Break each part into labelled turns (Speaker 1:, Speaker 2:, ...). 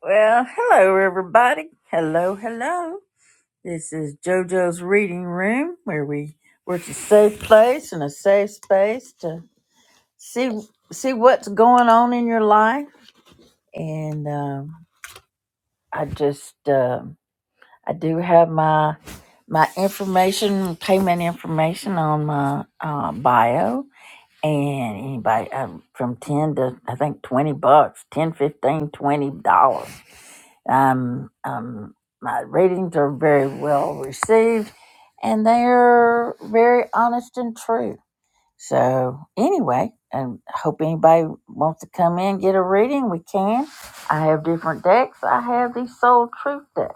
Speaker 1: Well, hello, everybody. Hello, hello. This is JoJo's Reading Room, where we work. a safe place and a safe space to see see what's going on in your life. And um, I just um I do have my my information, payment information on my uh, bio. And anybody um, from 10 to I think 20 bucks, 10 15 20 dollars. Um, um, my readings are very well received, and they are very honest and true. So anyway, and hope anybody wants to come in and get a reading. We can. I have different decks. I have the Soul Truth deck.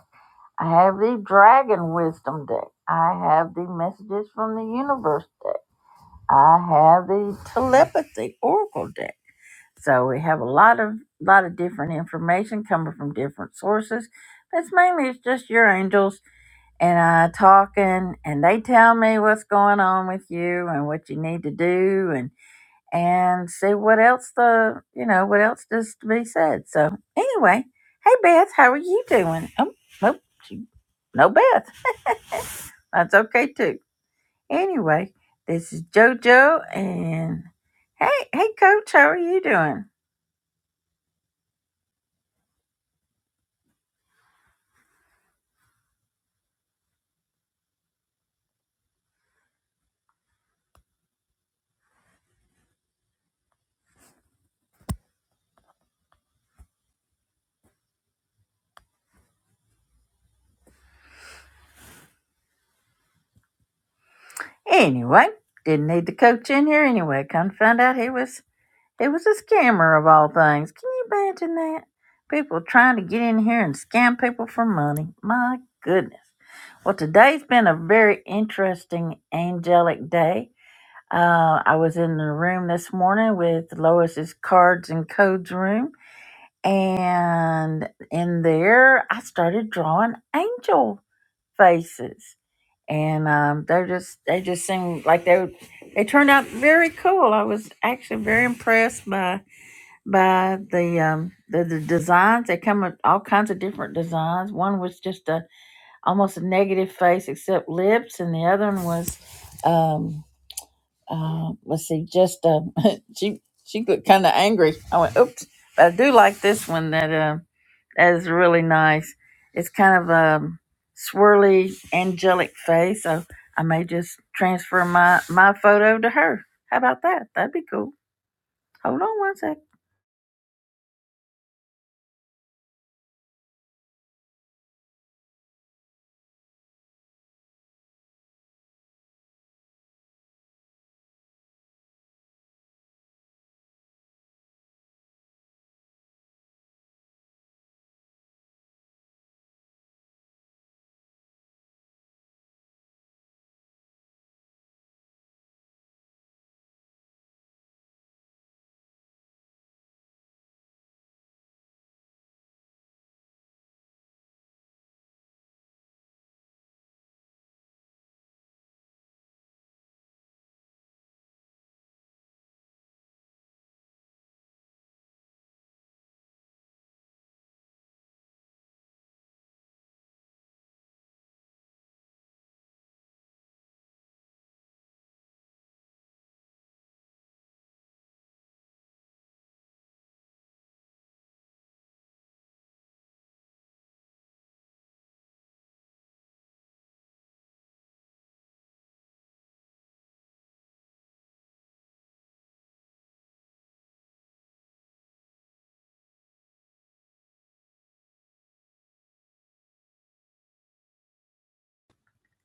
Speaker 1: I have the Dragon Wisdom deck. I have the Messages from the Universe deck. I have the Telepathy Oracle deck. So we have a lot of lot of different information coming from different sources. That's mainly it's just your angels and I talking and they tell me what's going on with you and what you need to do and and see what else the you know, what else does to be said. So anyway, hey Beth, how are you doing? Oh nope, she, no Beth. That's okay too. Anyway, this is JoJo and hey hey coach, how are you doing? Anyway, didn't need the coach in here anyway. Come to find out he was he was a scammer of all things. Can you imagine that? People trying to get in here and scam people for money. My goodness. Well, today's been a very interesting angelic day. Uh, I was in the room this morning with Lois's cards and codes room, and in there I started drawing angel faces and um, they just they just seemed like they they turned out very cool. I was actually very impressed by by the um, the, the designs. They come with all kinds of different designs. One was just a almost a negative face except lips, and the other one was um, uh, let's see, just uh, she she looked kind of angry. I went oops, but I do like this one that. Uh, that is really nice. It's kind of a swirly, angelic face. So I may just transfer my, my photo to her. How about that? That'd be cool. Hold on one sec.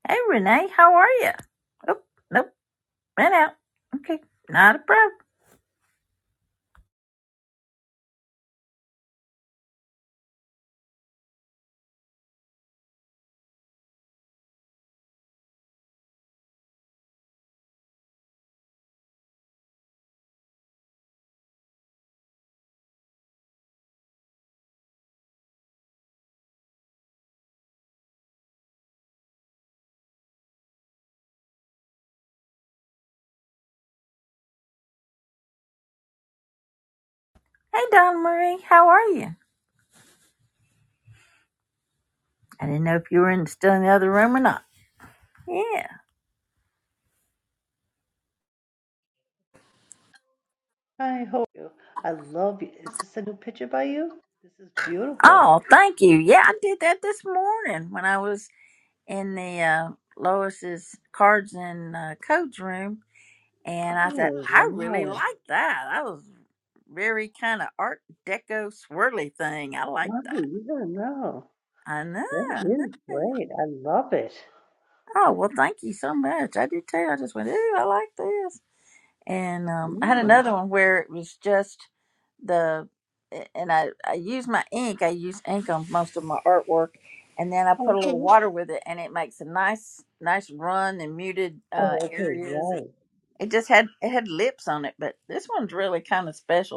Speaker 1: Hey, Renee, how are you? Oh, nope, ran out. Okay, not a problem. Hey, Donna Marie, how are you? I didn't know if you were in, still in the other room or not. Yeah.
Speaker 2: I hope you. I love you. Is this a new picture by you? This is beautiful.
Speaker 1: Oh, thank you. Yeah, I did that this morning when I was in the uh, Lois's cards and uh, codes room And I said,
Speaker 2: Oh,
Speaker 1: I really
Speaker 2: wow.
Speaker 1: like that. That was very kind of art deco swirly thing. I like
Speaker 2: Wow,
Speaker 1: that.
Speaker 2: you don't know.
Speaker 1: I know,
Speaker 2: That
Speaker 1: I know.
Speaker 2: is great. I love it.
Speaker 1: Oh, well, thank you so much. I did too. I just went, ooh, I like this. And um, I had
Speaker 2: Yeah.
Speaker 1: another one where it was just the, and I, I use my ink. I use ink on most of my artwork. And then I put a little
Speaker 2: Okay.
Speaker 1: water with it and it makes a nice, nice run and muted uh,
Speaker 2: Oh, okay,
Speaker 1: areas.
Speaker 2: right.
Speaker 1: It just had, it had lips on it, but this one's really kind of special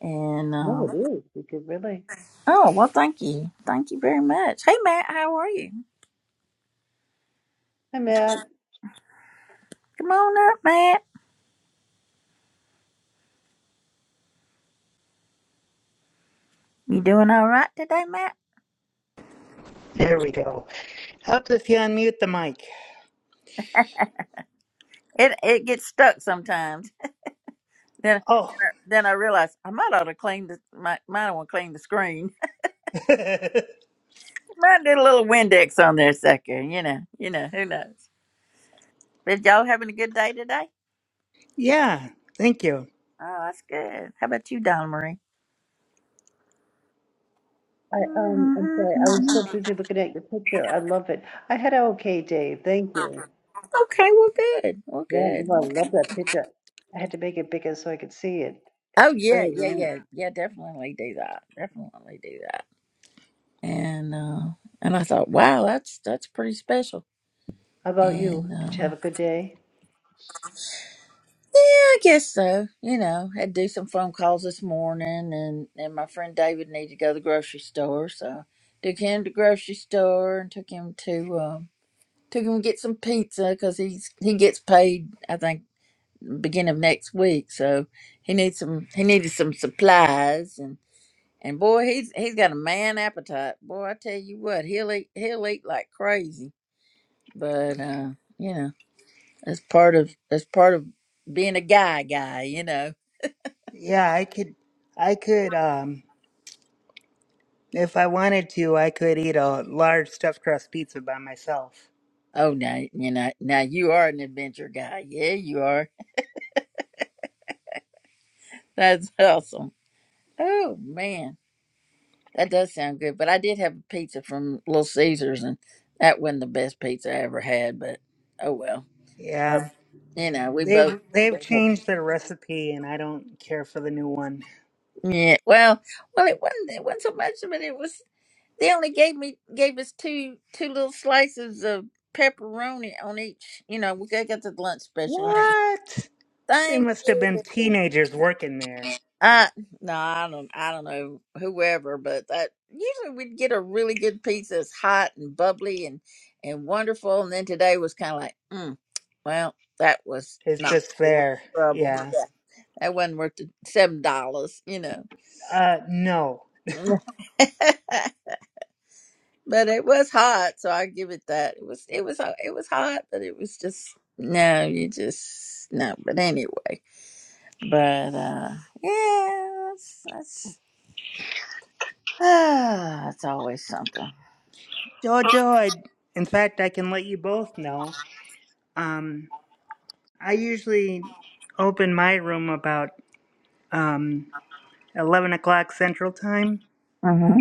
Speaker 1: And
Speaker 2: No, it
Speaker 1: um,
Speaker 2: is. You could really.
Speaker 1: oh well, thank you, thank you very much. Hey Matt, how are you?
Speaker 2: Hi, Matt.
Speaker 1: Come on up, Matt. You doing all right today, Matt?
Speaker 3: There we go. Helps if you unmute the mic.
Speaker 1: It it gets stuck sometimes. Then
Speaker 3: Oh,
Speaker 1: then I realize I might ought to clean the might might want to clean the screen. might need a little Windex on there, sucker. You know, you know who knows. But y'all having a good day today?
Speaker 3: yeah. Thank you.
Speaker 1: Oh, that's good. How about you, Donna Marie?
Speaker 2: I um, I'm sorry. I was so busy looking at your picture. I love it. I had an okay day. Thank you.
Speaker 1: Okay, well, good. Well,
Speaker 2: Yeah,
Speaker 1: good.
Speaker 2: no, I
Speaker 1: Well, good.
Speaker 2: love that picture. I had to make it bigger so I could see it.
Speaker 1: Oh yeah,
Speaker 2: Very
Speaker 1: yeah,
Speaker 2: nice.
Speaker 1: yeah, yeah. Definitely do that. Definitely do that. And uh, and I thought, wow, that's that's pretty special.
Speaker 2: How about you?
Speaker 1: And
Speaker 2: Did you
Speaker 1: uh,
Speaker 2: have a good day?
Speaker 1: yeah, I guess so. You know, had to do some phone calls this morning, and and my friend David needed to go to the grocery store, so took him to the grocery store and took him to um, took him to get some pizza because he's he gets paid. I think beginning of next week, so he needs some he needed some supplies And boy, he's he's got a man appetite. Boy, I tell you what, he'll eat he'll eat like crazy. But uh, you know, that's part of that's part of being a guy guy, you know.
Speaker 3: Yeah, I could, I could, um, if I wanted to, I could eat a large stuffed crust pizza by myself.
Speaker 1: Oh now you know now you are an adventure guy. Yeah, you are. That's awesome. Oh man. That does sound good. But I did have a pizza from Little Caesars and that wasn't the best pizza I ever had, but oh well. Uh,
Speaker 3: Yeah.
Speaker 1: You know, we
Speaker 3: They've,
Speaker 1: both
Speaker 3: they've changed their recipe and I don't care for the new one.
Speaker 1: yeah. Well, well, it wasn't. It wasn't so much but It was. They only gave me gave us two two little slices of pepperoni on each. You know, we got got the lunch special.
Speaker 3: What? They
Speaker 1: Thank
Speaker 3: must have been
Speaker 1: you.
Speaker 3: teenagers working there.
Speaker 1: I no, I don't. I don't know whoever, but that usually we'd get a really good pizza, that's hot and bubbly and and wonderful. And then today was kind of like, mm, well, that was
Speaker 3: It's
Speaker 1: not
Speaker 3: just
Speaker 1: it was
Speaker 3: fair.
Speaker 1: trouble.
Speaker 3: Yeah.
Speaker 1: Yeah, that wasn't worth the seven dollars, you know.
Speaker 3: Uh, no.
Speaker 1: But it was hot, so I give it that. It was it was uh, it was hot, but it was just no, you just no. But anyway, but uh, yeah, that's that's, ah, it's always something.
Speaker 3: Jojo, I, in fact, I can let you both know. Um. I usually open my room about um, 11 o'clock Central Time.
Speaker 1: hmm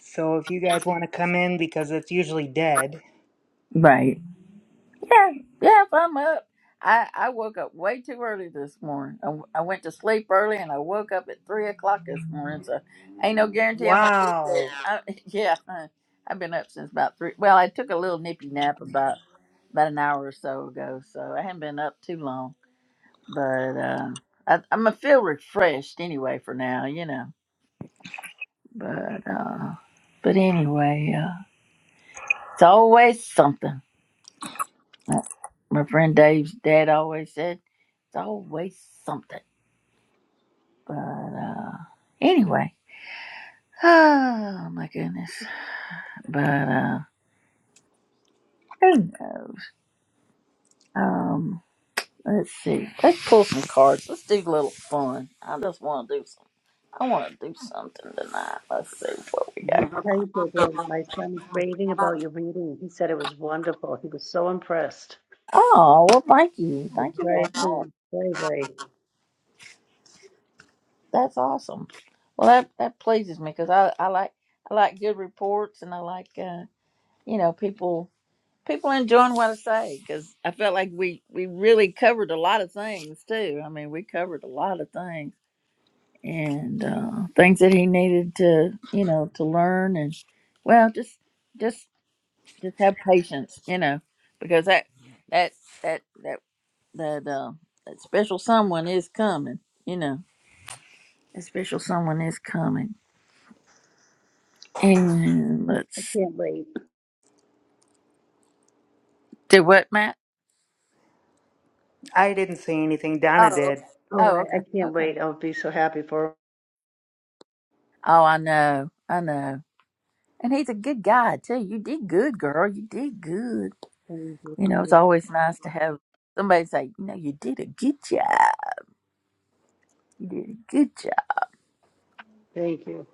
Speaker 3: So if you guys want to come in, because it's usually dead.
Speaker 1: Right. Yeah. Yeah. If I'm up, I I woke up way too early this morning. I, I went to sleep early and I woke up at three o'clock this morning. So ain't no guarantee I'm gonna. do
Speaker 3: Wow.
Speaker 1: that. I, yeah. I've been up since about three. Well, I took a little nippy nap about. about an hour or so ago, so I haven't been up too long. But uh, I, I'm gonna feel refreshed anyway for now, you know. But uh, but anyway, uh, it's always something. My friend Dave's dad always said it's always something. But uh, anyway, oh my goodness. But uh, who knows? Um, let's see. Let's pull some cards. Let's do a little fun. I just want to do. I want to do something tonight. Let's see what we
Speaker 2: I tell you,
Speaker 1: got.
Speaker 2: Gabriel, my son's raving about your reading. He said it was wonderful. He was so impressed.
Speaker 1: Oh, well, thank you. Thank you very
Speaker 2: Very
Speaker 1: much.
Speaker 2: pleased. Very, very.
Speaker 1: That's awesome. Well, that, that pleases me because I, I like I like good reports and I like uh, you know people people enjoying what I say because I felt like we we really covered a lot of things too. I mean, we covered a lot of things and uh, things that he needed to you know to learn and well just. just just have patience, you know, because that that that that that uh, that special someone is coming, you know. That special someone is coming. And
Speaker 2: I
Speaker 1: let's
Speaker 2: can't wait.
Speaker 1: do what, Matt?
Speaker 3: I didn't say anything. Donna
Speaker 1: Oh,
Speaker 3: did.
Speaker 1: okay.
Speaker 2: Oh,
Speaker 1: Oh,
Speaker 2: I,
Speaker 1: okay.
Speaker 2: I can't
Speaker 1: Okay.
Speaker 2: wait. I'll be so happy for
Speaker 1: Oh, I know. I know. And he's a good guy too. You did good, girl. You did good.
Speaker 2: him.
Speaker 1: You know, it's always nice to have somebody say, you know, you did a good job. You did a good job.
Speaker 2: Thank you.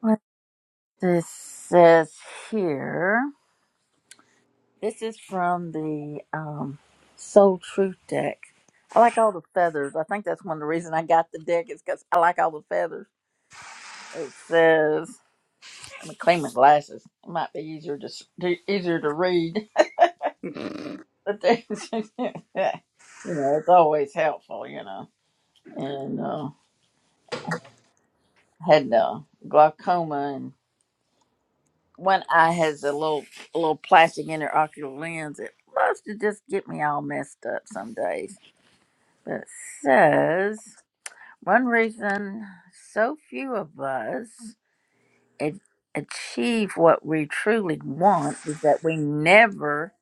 Speaker 1: What this says here. This is from the um, Soul Truth deck. I like all the feathers. I think that's one of the reasons I got the deck is because I like all the feathers. It says, "I'm gonna clean my glasses. It might be easier to s- to- easier to read, but they, you know, it's always helpful, you know." And uh, had uh, glaucoma, and one eye has a little a little plastic intraocular lens. It loves to just get me all messed up some days. But it says. One reason so few of us a- achieve what we truly want is that we never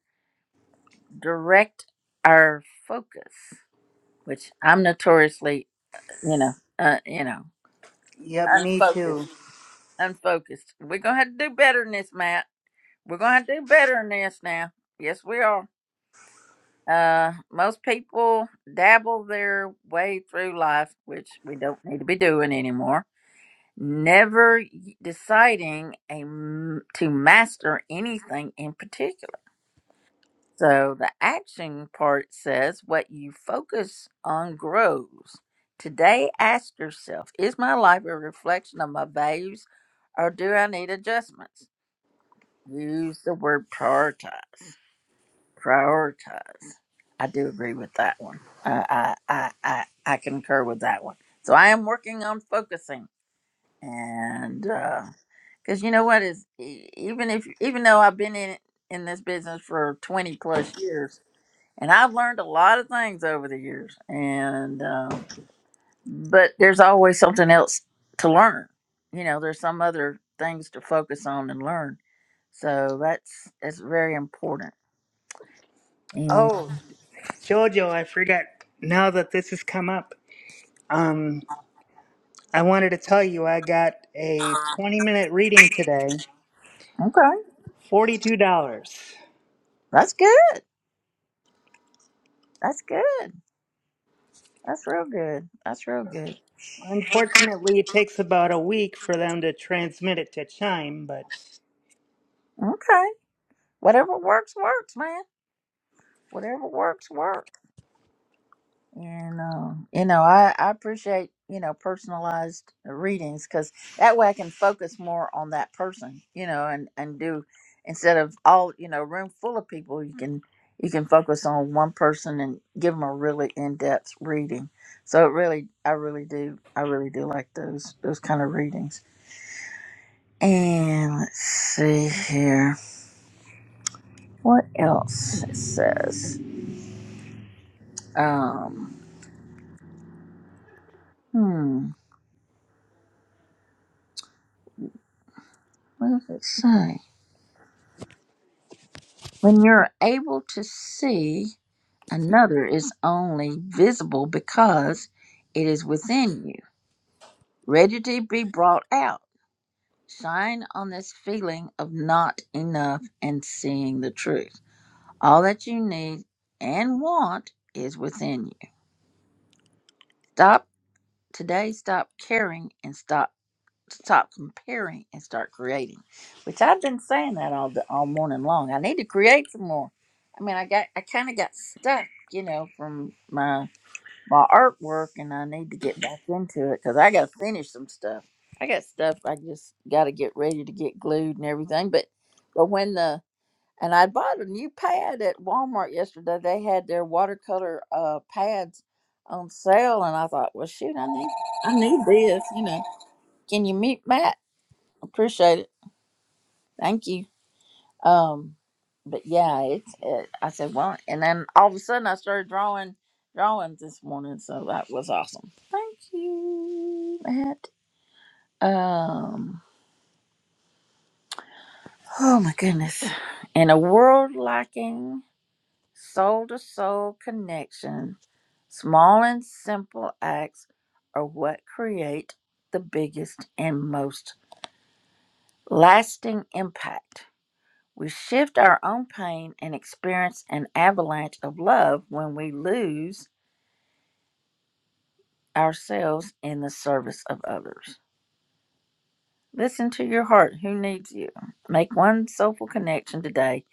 Speaker 1: direct our focus, which I'm notoriously, you know, uh, you know,
Speaker 3: Yep, me too.
Speaker 1: unfocused, unfocused. We're gonna have to do better than this, Matt. We're gonna have to do better than this now. Yes, we are. Uh, most people dabble their way through life, which we don't need to be doing anymore never deciding a, m- to master anything in particular. So the action part says what you focus on grows. Today, ask yourself Is my life a reflection of my values or do I need adjustments? Use the word prioritize. Prioritize. I do agree with that one. I, I, I, I, I concur with that one. So I am working on focusing and. uh, Because you know what is e- even if even though I've been in in this business for twenty plus years, and I've learned a lot of things over the years, and um, but there's always something else to learn. You know, there's some other things to focus on and learn. So that's that's very important. And
Speaker 3: Oh, Jojo, I forgot. Now that this has come up, um, I wanted to tell you I got a 20 minute reading today,
Speaker 1: okay,
Speaker 3: $42.
Speaker 1: that's good. That's good. That's real good. That's real good.
Speaker 3: Unfortunately, it takes about a week for them to transmit it to Chime, but.
Speaker 1: Okay, whatever works works, man. whatever works work and uh, you know I, I appreciate you know personalized readings because that way i can focus more on that person you know and and do instead of all you know room full of people you can you can focus on one person and give them a really in-depth reading so it really i really do i really do like those those kind of readings and let's see here what else it says um hmm what does it say When you're able to see, another is only visible because it is within you, ready to be brought out. Shine on this feeling of not enough and seeing the truth. All that you need and want is within you. Stop today, stop caring and stop. stop comparing and start creating, which I've been saying that all the, all morning long. I need to create some more. I mean, I got I kind of got stuck, you know, from my my artwork, and I need to get back into it because I got to finish some stuff. I got stuff I just got to get ready to get glued and everything. But but when the and I bought a new pad at Walmart yesterday. They had their watercolor uh, pads on sale, and I thought, well, shoot, I need I need this, you know. Can you meet Matt? Appreciate it. Thank you. Um, but yeah, it's. It, I said, well, and then all of a sudden I started drawing drawings this morning, so that was awesome. Thank you, Matt. Um, oh my goodness, in a world lacking soul to soul connection, small and simple acts are what create the biggest and most lasting impact. We shift our own pain and experience an avalanche of love when we lose ourselves in the service of others. Listen to your heart. Who needs you? Make one soulful connection today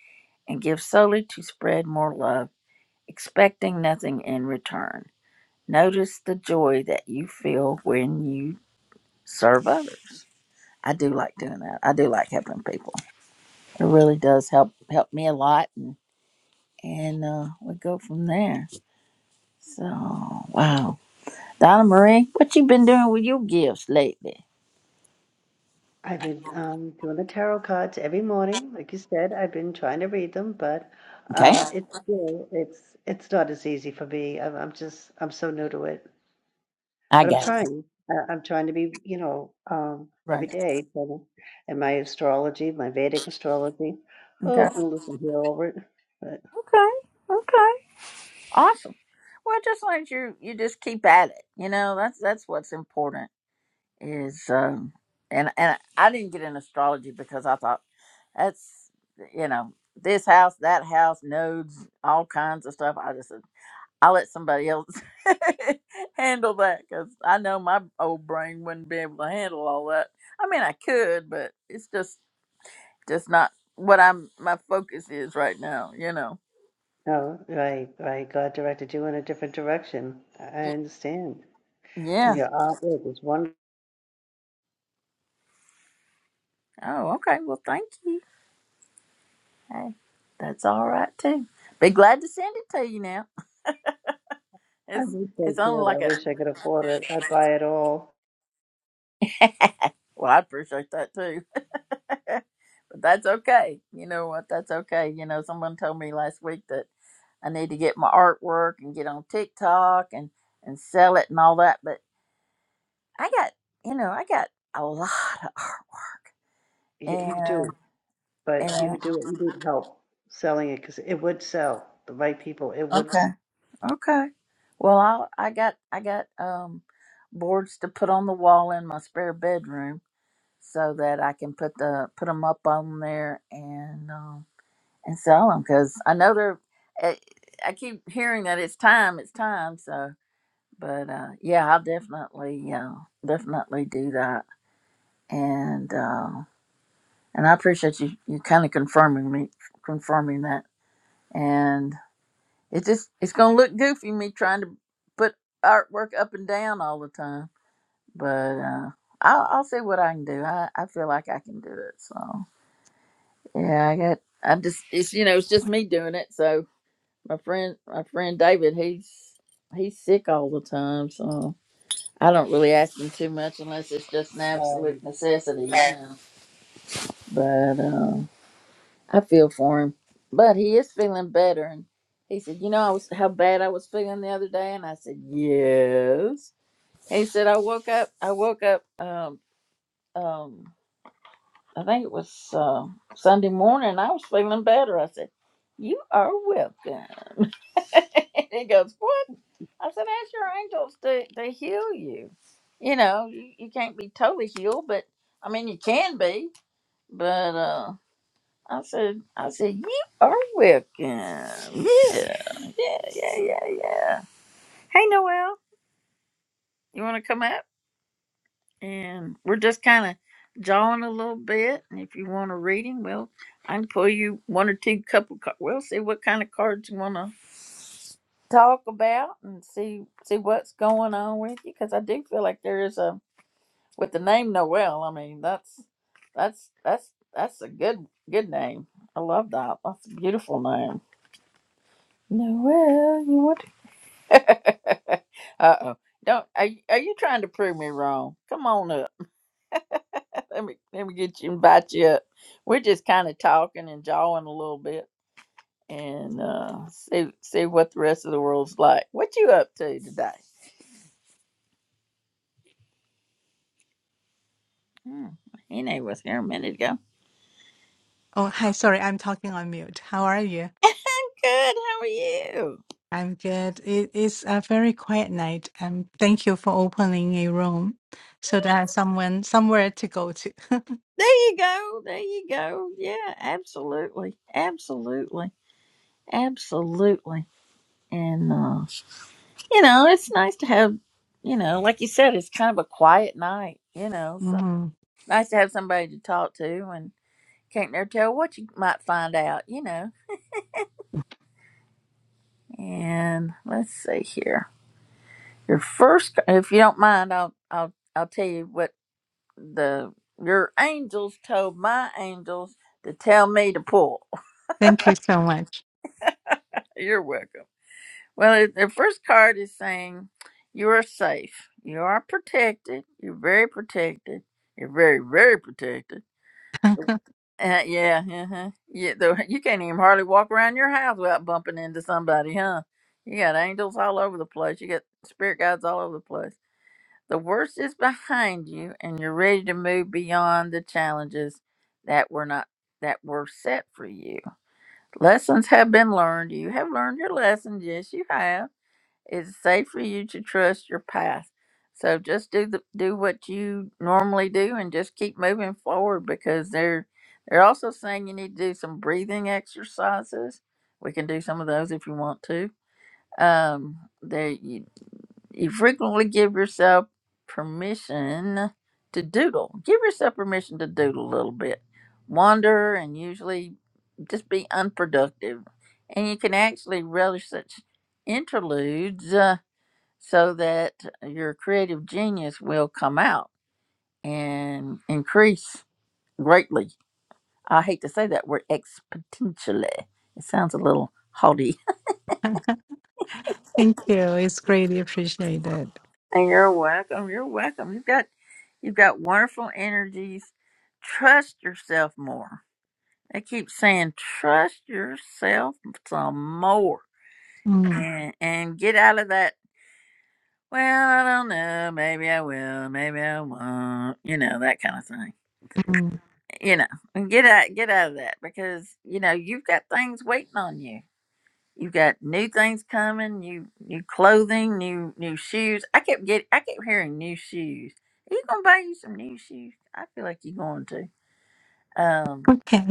Speaker 1: and give solely to spread more love, expecting nothing in return. Notice the joy that you feel when you serve others. I do like doing that. I do like helping people. It really does help help me a lot, and and uh, we go from there. So wow, Donna Marie, what you been doing with your gifts lately?
Speaker 2: I've been um, doing the tarot cards every morning. Like you said, I've been trying to read them, but
Speaker 1: Okay,
Speaker 2: um, it's still, it's, it's not as easy for me. I'm, I'm just, I'm so new to it.
Speaker 1: I
Speaker 2: But I'm
Speaker 1: got you.
Speaker 2: trying. I I'm trying to be, you know, um, every
Speaker 1: Right.
Speaker 2: day, trying to- and my astrology, my Vedic astrology.
Speaker 1: Okay.
Speaker 2: Oh, I'm looking here over it. But
Speaker 1: Okay. Okay. Awesome. Well, just like you, you just keep at it. You know, that's that's what's important. Is um, and and I didn't get in astrology because I thought that's you know this house, that house, nodes, all kinds of stuff. I just said, I'll let somebody else handle that because I know my old brain wouldn't be able to handle all that. I mean, I could, but it's just just not what I'm my focus is right now. You know.
Speaker 2: no, right, right. God directed you in a different direction. I
Speaker 1: Y-
Speaker 2: I understand. And
Speaker 1: Yeah.
Speaker 2: your artwork is wonderful.
Speaker 1: Oh, okay. Well, thank you. Hey, that's all right too. Be glad to send it to you now.
Speaker 2: I
Speaker 1: It's
Speaker 2: wish I
Speaker 1: it's only
Speaker 2: could. I
Speaker 1: like a
Speaker 2: wish I could afford it. I'd buy it all.
Speaker 1: well, I appreciate that too. but that's okay. You know what? That's okay. You know, someone told me last week that. I need to get my artwork and get on TikTok and and sell it and all that. But I got, you know, I got a lot of artwork.
Speaker 2: You, you
Speaker 1: And
Speaker 2: do, but you
Speaker 1: and
Speaker 2: do. You need help selling it because it would sell. The right people, it would. s-
Speaker 1: okay, okay. Well, I I got I got um boards to put on the wall in my spare bedroom so that I can put the put them up on there and um and sell them because I know they're. I, I keep hearing that it's time, it's time. So, but uh, yeah, I'll definitely, uh, definitely do that. and uh, and I appreciate you you kind of confirming me confirming that. And it just it's gonna look goofy me trying to put artwork up and down all the time, but uh, I'll I'll see what I can do. I I feel like I can do it. So yeah, I got I just it's you know it's just me doing it. So my friend my friend David he's he's sick all the time, so. I don't really ask him too much unless it's just an absolute
Speaker 2: Um,
Speaker 1: necessity, you know. But uh, I feel for him, but he is feeling better. And he said, "You know, I was how bad I was feeling the other day." And I said, "Yes." He said, "I woke up. I woke up. Um, um, I think it was uh, Sunday morning. I was feeling better." I said, "You are welcome." And he goes, "What?" I said, "Ask your angels to to heal you. You know, you, you can't be totally healed, but I mean, you can be, but." uh I said, I said, you are welcome. Yeah, yeah, yeah, yeah, yeah. Hey, Noel, you want to come up? And we're just kind of jawing a little bit. And if you want a reading, well, I can pull you one or two couple cards. We'll see what kind of cards you want to talk about and see see what's going on with you. Because I do feel like there is a with the name Noel. I mean, that's that's that's that's a good good name. I love that. That's a beautiful name. Noel, you want to? uh oh. Don't are you, are you trying to prove me wrong? Come on up. Let me let me get you invite you up. We're just kind of talking and jawing a little bit and uh see see what the rest of the world's like. What you up to today? Hmm. Hene was here a minute ago.
Speaker 4: Oh, hi. Sorry, I'm talking on mute. How are you?
Speaker 1: I'm good. How are you?
Speaker 4: I'm good. It is a very quiet night, Um, thank you for opening a room so that I have someone somewhere to go to.
Speaker 1: There you go. There you go. Yeah, absolutely. Absolutely. Absolutely. And uh you know, it's nice to have, you know, like you said, it's kind of a quiet night, you know, so
Speaker 4: hmm
Speaker 1: nice to have somebody to talk to and can't never tell what you might find out, you know. And let's see here. Your first, if you don't mind, I'll, I'll, I'll tell you what the, your angels told my angels to tell me to pull.
Speaker 4: Thank you so much.
Speaker 1: You're welcome. Well, the first card is saying you are safe. You are protected. You're very protected. You're very, very protected Uh, yeah, uh-huh. yeah. The, you can't even hardly walk around your house without bumping into somebody, huh? You got angels all over the place. You got spirit guides all over the place. The worst is behind you, and you're ready to move beyond the challenges that were not that were set for you. Lessons have been learned. You have learned your lessons. Yes, you have it's safe for you to trust your path. So just do the do what you normally do and just keep moving forward because they're they're also saying you need to do some breathing exercises. We can do some of those if you want to. Um, there you, you frequently give yourself permission to doodle. Give yourself permission to doodle a little bit, wander, and usually just be unproductive. And you can actually relish such interludes. uh, so that your creative genius will come out and increase greatly. I hate to say that word exponentially. It sounds a little haughty.
Speaker 4: Thank you. It's greatly appreciated.
Speaker 1: And you're welcome. You're welcome. You've got you've got wonderful energies. Trust yourself more. I keep saying trust yourself some more.
Speaker 4: Mm,
Speaker 1: And and get out of that, well, I don't know, maybe I will, maybe I won't, you know, that kind of thing
Speaker 4: mm.
Speaker 1: you know and get out get out of that because you know you've got things waiting on you you've got new things coming new new clothing new new shoes i kept get i kept hearing new shoes are you gonna buy you some new shoes i feel like you're going to um
Speaker 4: Okay.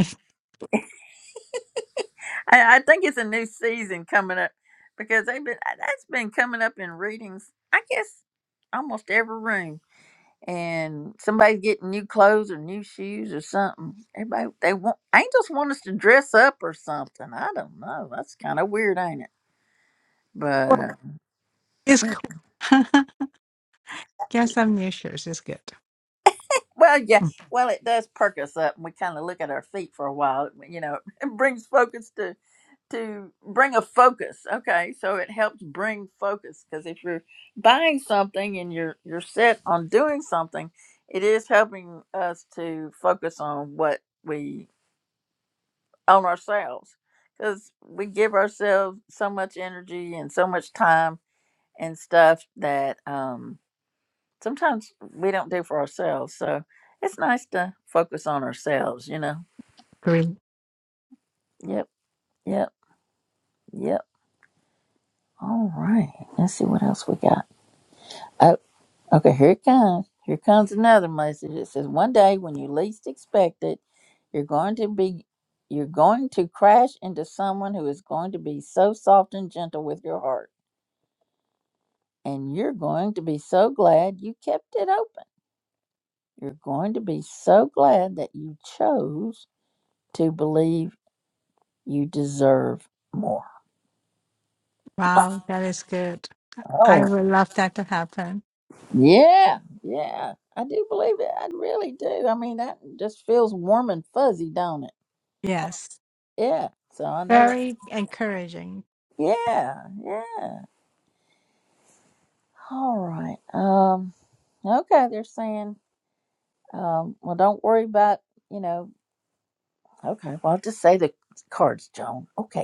Speaker 1: i, I think it's a new season coming up because they've been that's been coming up in readings i guess almost every room and somebody's getting new clothes or new shoes or something. Everybody they want angels want us to dress up or something. I don't know. That's kind of weird, ain't it? But
Speaker 4: Well,
Speaker 1: uh,
Speaker 4: it's
Speaker 1: mm,
Speaker 4: cool. Guess I'm new shoes is good.
Speaker 1: well, yeah,
Speaker 4: Mm,
Speaker 1: well, it does perk us up, and we kind of look at our feet for a while. You know, it brings focus to to bring a focus. Okay, so it helps bring focus because if you're buying something and you're you're set on doing something, it is helping us to focus on what we on ourselves because we give ourselves so much energy and so much time and stuff that um, sometimes we don't do for ourselves. So it's nice to focus on ourselves, you know.
Speaker 4: Great.
Speaker 1: Yep, yep, yep. All right. Let's see what else we got. Oh, okay. Here it comes. Here comes another message. It says, "One day when you least expect it, you're going to be." You're going to crash into someone who is going to be so soft and gentle with your heart. and you're going to be so glad you kept it open. You're going to be so glad that you chose to believe you deserve more.
Speaker 4: Wow, that is good. I
Speaker 1: Oh,
Speaker 4: would love that to happen.
Speaker 1: yeah, yeah. I do believe it. I really do. I mean, that just feels warm and fuzzy, don't it?
Speaker 4: Yes.
Speaker 1: Yeah. So I know that.
Speaker 4: Very encouraging.
Speaker 1: Yeah, yeah. All right. Um. Okay. They're saying, um. Well, don't worry about. You know. Okay. Well, I'll just say the cards, Joan. Okay.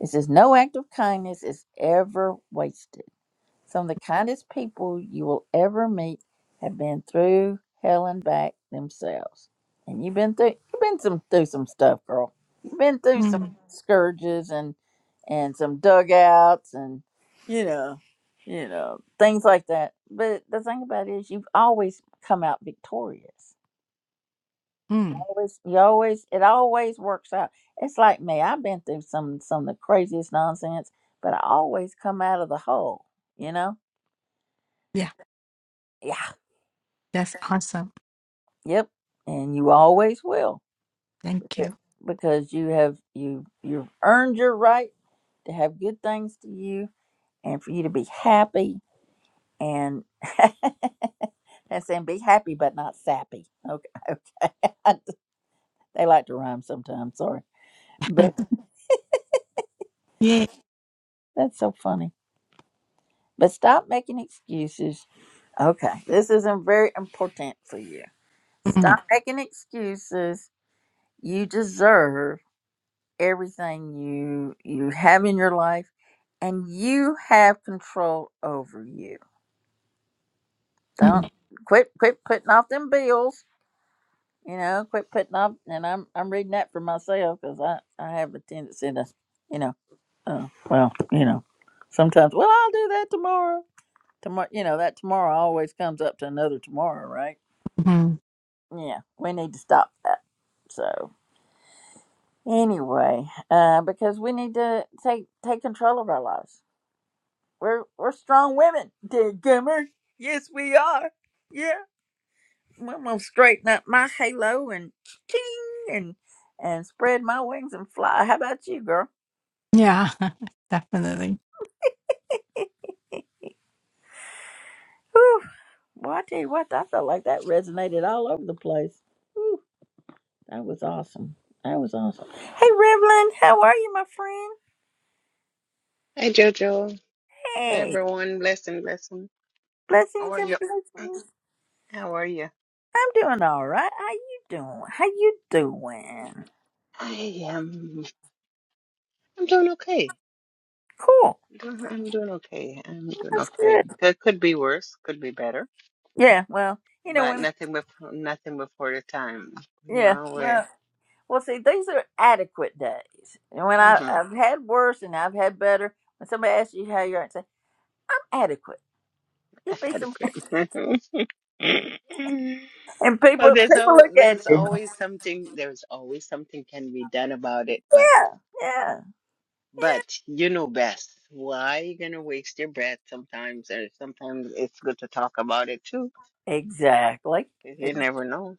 Speaker 1: It says, No act of kindness is ever wasted. Some of the kindest people you will ever meet have been through hell and back themselves. And you've been through you've been some through some stuff, girl. You've been through some
Speaker 4: Mm,
Speaker 1: scourges and and some dugouts and you know, you know, things like that. But the thing about it is you've always come out victorious
Speaker 4: mm.
Speaker 1: always you always it always works out it's like me i've been through some some of the craziest nonsense but i always come out of the hole you know
Speaker 4: yeah.
Speaker 1: yeah
Speaker 4: That's awesome.
Speaker 1: yep and you always will
Speaker 4: Thank
Speaker 1: beca-
Speaker 4: you.
Speaker 1: because you have you you've earned your right to have good things to you and for you to be happy and and saying be happy but not sappy okay okay they like to rhyme sometimes sorry but
Speaker 4: Yeah.
Speaker 1: that's so funny but stop making excuses Okay, this is im- very important for you.
Speaker 4: Mm,
Speaker 1: Stop making excuses. You deserve everything you you have in your life, and you have control over you. Don't
Speaker 4: mm,
Speaker 1: quit quit putting off them bills. You know, quit putting off. And I'm I'm reading that for myself because I I have a tendency to, you know, uh, well, you know, sometimes. Well, I'll do that tomorrow. Tomorrow, you know, that tomorrow always comes up to another tomorrow, right?
Speaker 4: mhm.
Speaker 1: yeah, we need to stop that. So anyway, uh, because we need to take take control of our lives. We're we're strong women, dear Gummer. Yes, we are. Yeah, I'm gonna straighten up my halo and ching and and spread my wings and fly. How about you, girl?
Speaker 4: Yeah, definitely.
Speaker 1: Whew. Well, I tell you what, I felt like that resonated all over the place. Whew, that was awesome. That was awesome. Hey, Revlon, how are you, my friend?
Speaker 5: Hey Jojo, hey
Speaker 1: Hey,
Speaker 5: everyone, blessing, blessing. How
Speaker 1: blessings
Speaker 5: are
Speaker 1: and
Speaker 5: you?
Speaker 1: blessings.
Speaker 5: How are you?
Speaker 1: I'm doing all right. How you doing? How you doing?
Speaker 5: I am. I'm doing okay.
Speaker 1: Cool.
Speaker 5: Doing- I'm doing okay. I'm doing
Speaker 1: That's
Speaker 5: okay.
Speaker 1: good.
Speaker 5: It could be worse, could be better,
Speaker 1: Yeah. Well, you know
Speaker 5: but
Speaker 1: when.
Speaker 5: nothing before nothing before the time. You
Speaker 1: Yeah.
Speaker 5: know, we're
Speaker 1: Well. Well. See, these are adequate days, and when I
Speaker 5: uh-huh,
Speaker 1: I've had worse and I've had better. When somebody asks you how you're, and say I'm adequate. You'd be some,
Speaker 5: adequate.
Speaker 1: and
Speaker 5: well,
Speaker 1: people
Speaker 5: there's
Speaker 1: people
Speaker 5: al-
Speaker 1: look at
Speaker 5: there's
Speaker 1: you.
Speaker 5: always something. There's always something can be done about it, but.
Speaker 1: Yeah. Yeah.
Speaker 5: But you know best. Why you gonna waste your breath sometimes? Or sometimes it's good to talk about it too,
Speaker 1: Exactly.
Speaker 5: 'cause you never know.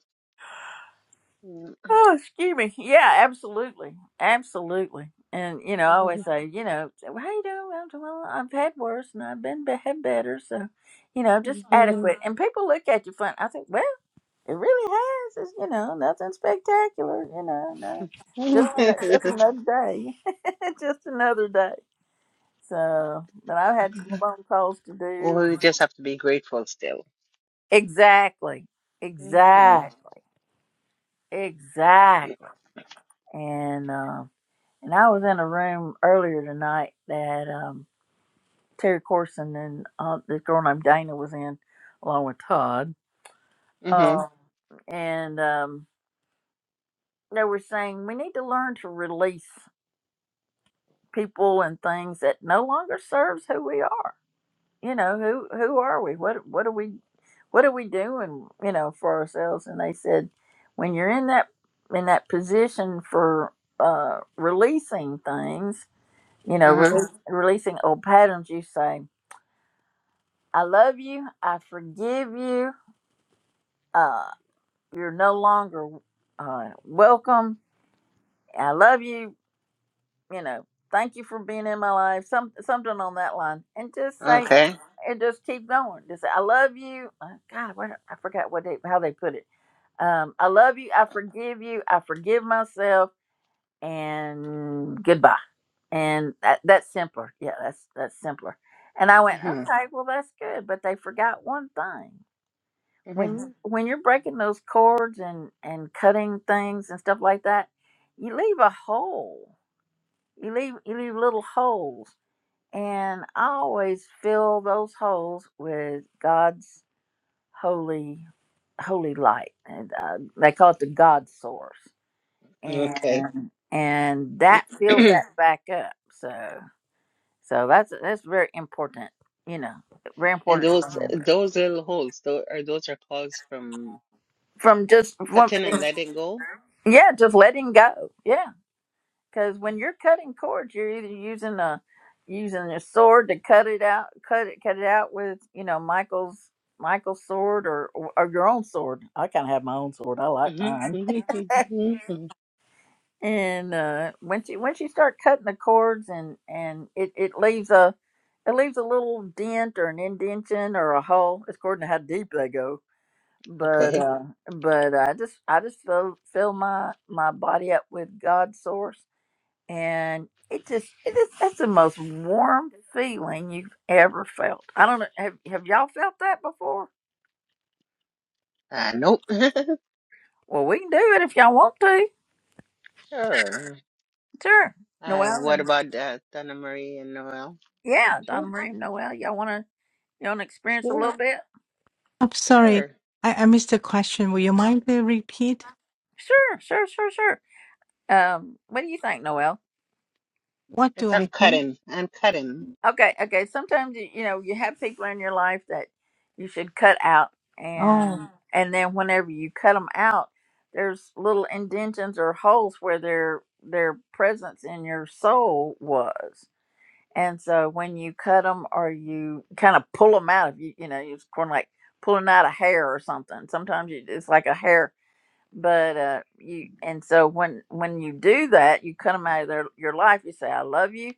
Speaker 1: Oh, excuse me. Yeah, absolutely, absolutely. And you know, I always say, you know, say, well, how you doing? Well, I'm- well, I've had worse, and I've been be- had better. So, you know, just adequate. And people look at you funny. I think, well, it really has. It's you know, nothing spectacular. You know, no, just an- just another day, just another day. So, but I've had some phone calls to do.
Speaker 5: Or you
Speaker 1: And
Speaker 5: just have to be grateful still.
Speaker 1: exactly,
Speaker 5: hmm
Speaker 1: exactly, exactly. And. uh, And I was in a room earlier tonight that um, Terry Corson and uh, this girl named Dana was in, along with Todd.
Speaker 5: Mm-hmm.
Speaker 1: Uh, and um, they were saying we need to learn to release people and things that no longer serves who we are. You know, who who are we? What what are we? What are we doing? You know, for ourselves. And they said, when you're in that in that position for uh, releasing things, you know,
Speaker 5: Uh-huh.
Speaker 1: rele- releasing old patterns, you say. I love you. I forgive you. Uh, you're no longer uh, welcome. I love you. You know, thank you for being in my life. Some something on that line, and just say,
Speaker 5: Okay.
Speaker 1: and just keep going. Just say, I love you. Uh, God, what I forgot what they how they put it. Um, I love you. I forgive you. I forgive myself. And goodbye. And that, that's simpler. Yeah, that's that's simpler. And I went,
Speaker 5: Mm-hmm.
Speaker 1: okay, well that's good. But they forgot one thing.
Speaker 5: Mm-hmm.
Speaker 1: when when you're breaking those cords and and cutting things and stuff like that you leave a hole you leave you leave little holes and i always fill those holes with god's holy holy light and uh, they call it the god source
Speaker 5: Okay.
Speaker 1: and and that fills
Speaker 5: And
Speaker 1: that back up so so that's that's very important you know very important to
Speaker 5: those
Speaker 1: remember
Speaker 5: those little holes, those are those are caused from
Speaker 1: from just from
Speaker 5: cutting and letting go.
Speaker 1: yeah just letting go yeah. because when you're cutting cords, you're either using a using a sword to cut it out, cut it, cut it out with you know Michael's Michael's sword or or, your own sword. I kind of have my own sword. I like mine.
Speaker 5: Mm-hmm.
Speaker 1: And uh, once you once you start cutting the cords and and it, it leaves a it leaves a little dent or an indention or a hole. It's according to how deep they go. But
Speaker 5: Okay.
Speaker 1: uh, but I just I just fill fill my my body up with God's source and it just it is that's the most warm feeling you've ever felt. I don't know have have y'all felt that before?
Speaker 5: Uh, nope.
Speaker 1: Well, we can do it if y'all want to.
Speaker 5: Sure.
Speaker 1: Sure,
Speaker 5: Uh,
Speaker 1: Noel
Speaker 5: what
Speaker 1: and
Speaker 5: about uh, Donna Marie and Noel?
Speaker 1: yeah,
Speaker 2: sure,
Speaker 1: Donna Marie and Noel, y'all want to you want to experience a
Speaker 2: sure.
Speaker 1: little bit?
Speaker 4: I'm sorry.
Speaker 5: Sure.
Speaker 4: I, I missed the question. Will you mind to repeat?
Speaker 1: Sure, sure, sure, sure. Um, what do you think, Noel?
Speaker 4: What
Speaker 5: It's
Speaker 4: do I think?
Speaker 5: uncutting, uncutting.
Speaker 1: Okay, okay. Sometimes you you know you have people in your life that you should cut out, and
Speaker 4: Oh,
Speaker 1: Uh-huh. and then whenever you cut them out, there's little indentions or holes where their their presence in your soul was. And so when you cut them or you kind of pull them out, if you you know it's kind of like pulling out a hair or something. Sometimes you, it's like a hair, but uh, you and so when when you do that, you cut them out of their your life. You say, "I love you."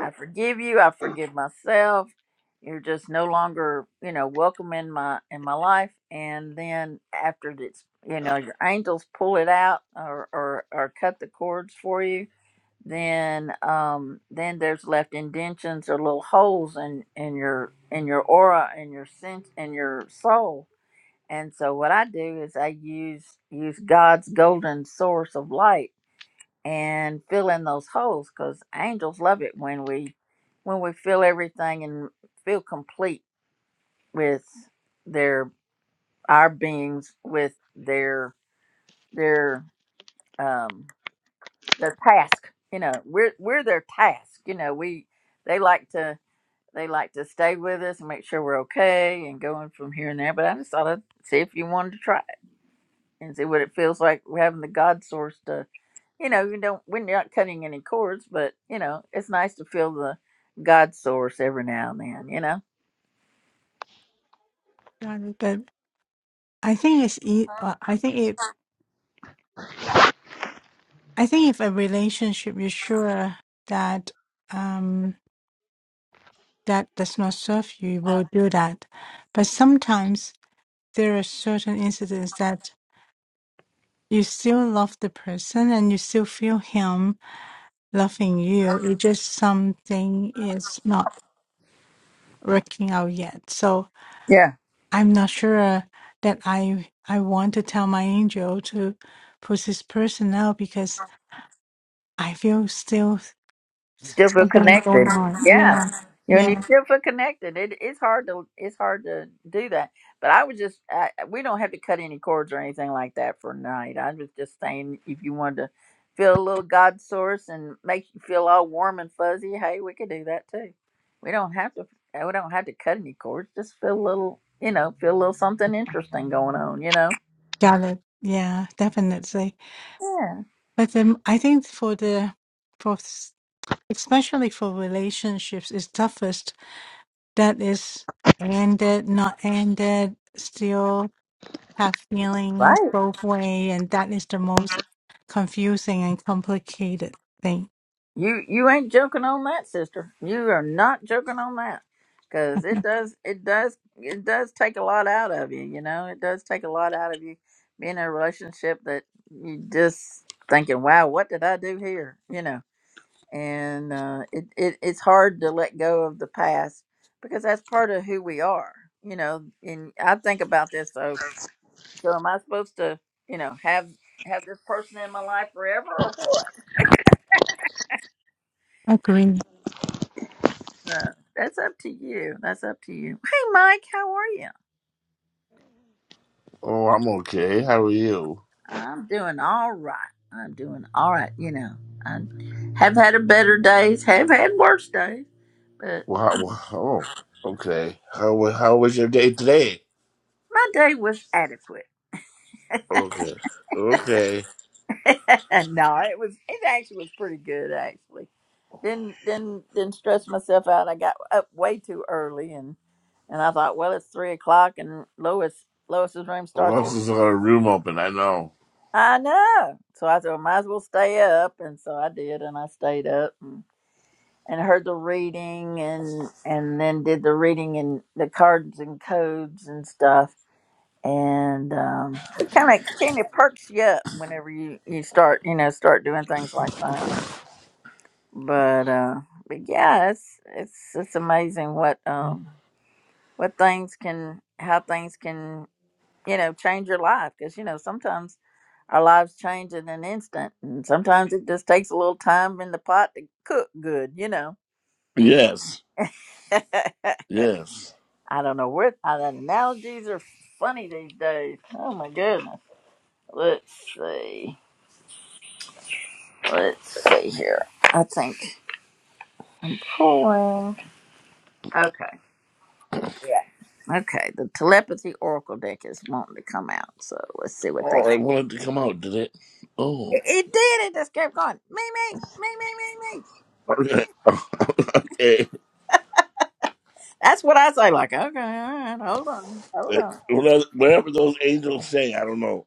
Speaker 1: I forgive you. I forgive myself. You're just no longer, you know, welcome in my in my life. And then after it's, you know, your angels pull it out or or, or cut the cords for you. Then um then there's left indentions or little holes in in your in your aura and your sense and your soul. And so what I do is I use use God's golden source of light and fill in those holes because angels love it when we when we fill everything and feel complete with their our beings with their their um their task you know we're we're their task you know we they like to they like to stay with us and make sure we're okay and going from here and there but i just thought i'd see if you wanted to try it and see what it feels like having the god source to. you know, you don't when you're not cutting any cords, but you know, it's nice to feel the God source every now and then, you know?
Speaker 4: got it. But I think it's, e- uh, I think it, I think if a relationship you're sure that, um, that does not serve you, you will do that. But sometimes there are certain incidents that you still love the person and you still feel him loving you. It's just something is not working out yet. So
Speaker 1: Yeah.
Speaker 4: I'm not sure that I I want to tell my angel to push this person out because I feel still
Speaker 1: still feel
Speaker 4: something
Speaker 1: connected.
Speaker 4: going on.
Speaker 1: Yeah,
Speaker 4: Yeah,
Speaker 1: you know, and you
Speaker 4: yeah,
Speaker 1: still feel connected. It, it's hard to it's hard to do that. But I was just I, we don't have to cut any cords or anything like that for night. I was just saying if you wanted to feel a little God source and make you feel all warm and fuzzy, hey, we could do that too. We don't have to uh, we don't have to cut any cords. Just feel a little, you know, feel a little something interesting going on. You know.
Speaker 4: got it. Yeah, definitely.
Speaker 1: Yeah.
Speaker 4: But then I think for the for s- especially for relationships, it's toughest that is ended, not ended, still. have feelings
Speaker 1: Right.
Speaker 4: both way, and that is the most confusing and complicated thing.
Speaker 1: You you ain't joking on that, sister. You are not joking on that, because it does it does it does take a lot out of you. You know, it does take a lot out of you being in a relationship that you just thinking, "Wow, what did I do here?" You know, and uh, it, it it's hard to let go of the past because that's part of who we are. You know, and I think about this. So so am I supposed to you know have have this person in my life forever or what?
Speaker 4: Agree.
Speaker 1: So that's up to you. That's up to you. Hey, Mike, how are you?
Speaker 6: Oh, I'm okay. How are you?
Speaker 1: I'm doing all right. I'm doing all right. You know, I have had a better days, have had worse days, but
Speaker 6: Wow. wow. Oh, okay. How wa- how was your day today?
Speaker 1: my day was adequate.
Speaker 6: Okay. Okay.
Speaker 1: no, it was. It actually was pretty good. Actually, didn't didn't didn't stress myself out. I got up way too early, and and I thought, well, it's three o'clock, and Lois Lois's room
Speaker 6: Well,
Speaker 1: starts at
Speaker 6: lots of other room open. I know.
Speaker 1: I know. So I said, I might as well stay up. And so I did, and I stayed up. and heard the reading and and then did the reading and the cards and codes and stuff and um it kind of kind of perks you up whenever you you start you know start doing things like that but uh but yeah it's it's it's amazing what um what things can how things can you know change your life because you know sometimes our lives change in an instant and sometimes it just takes a little time in the pot to cook good you know
Speaker 6: Yes. Yes.
Speaker 1: I don't know where uh, the analogies are funny these days. Oh my goodness. Let's see. Let's see here. I think I'm pulling. Okay. Yeah. Okay. The telepathy oracle deck is wanting to come out, so let's see what they.
Speaker 6: Oh, I wanted to come out. Did it? Oh.
Speaker 1: It, it did. It just kept going. Me, me, me, me, me, me.
Speaker 6: Okay. okay.
Speaker 1: That's what I say. Like, okay, all right, hold on, hold on.
Speaker 6: Whatever whatever those angels say, I don't know.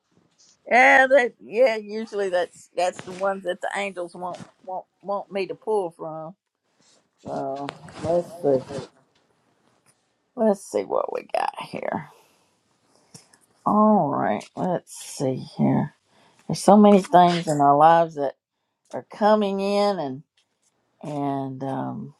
Speaker 1: Yeah, that. Yeah, usually that's that's the ones that the angels want want want me to pull from. So let's see. Let's see what we got here. All right, let's see here. There's so many things in our lives that are coming in and and um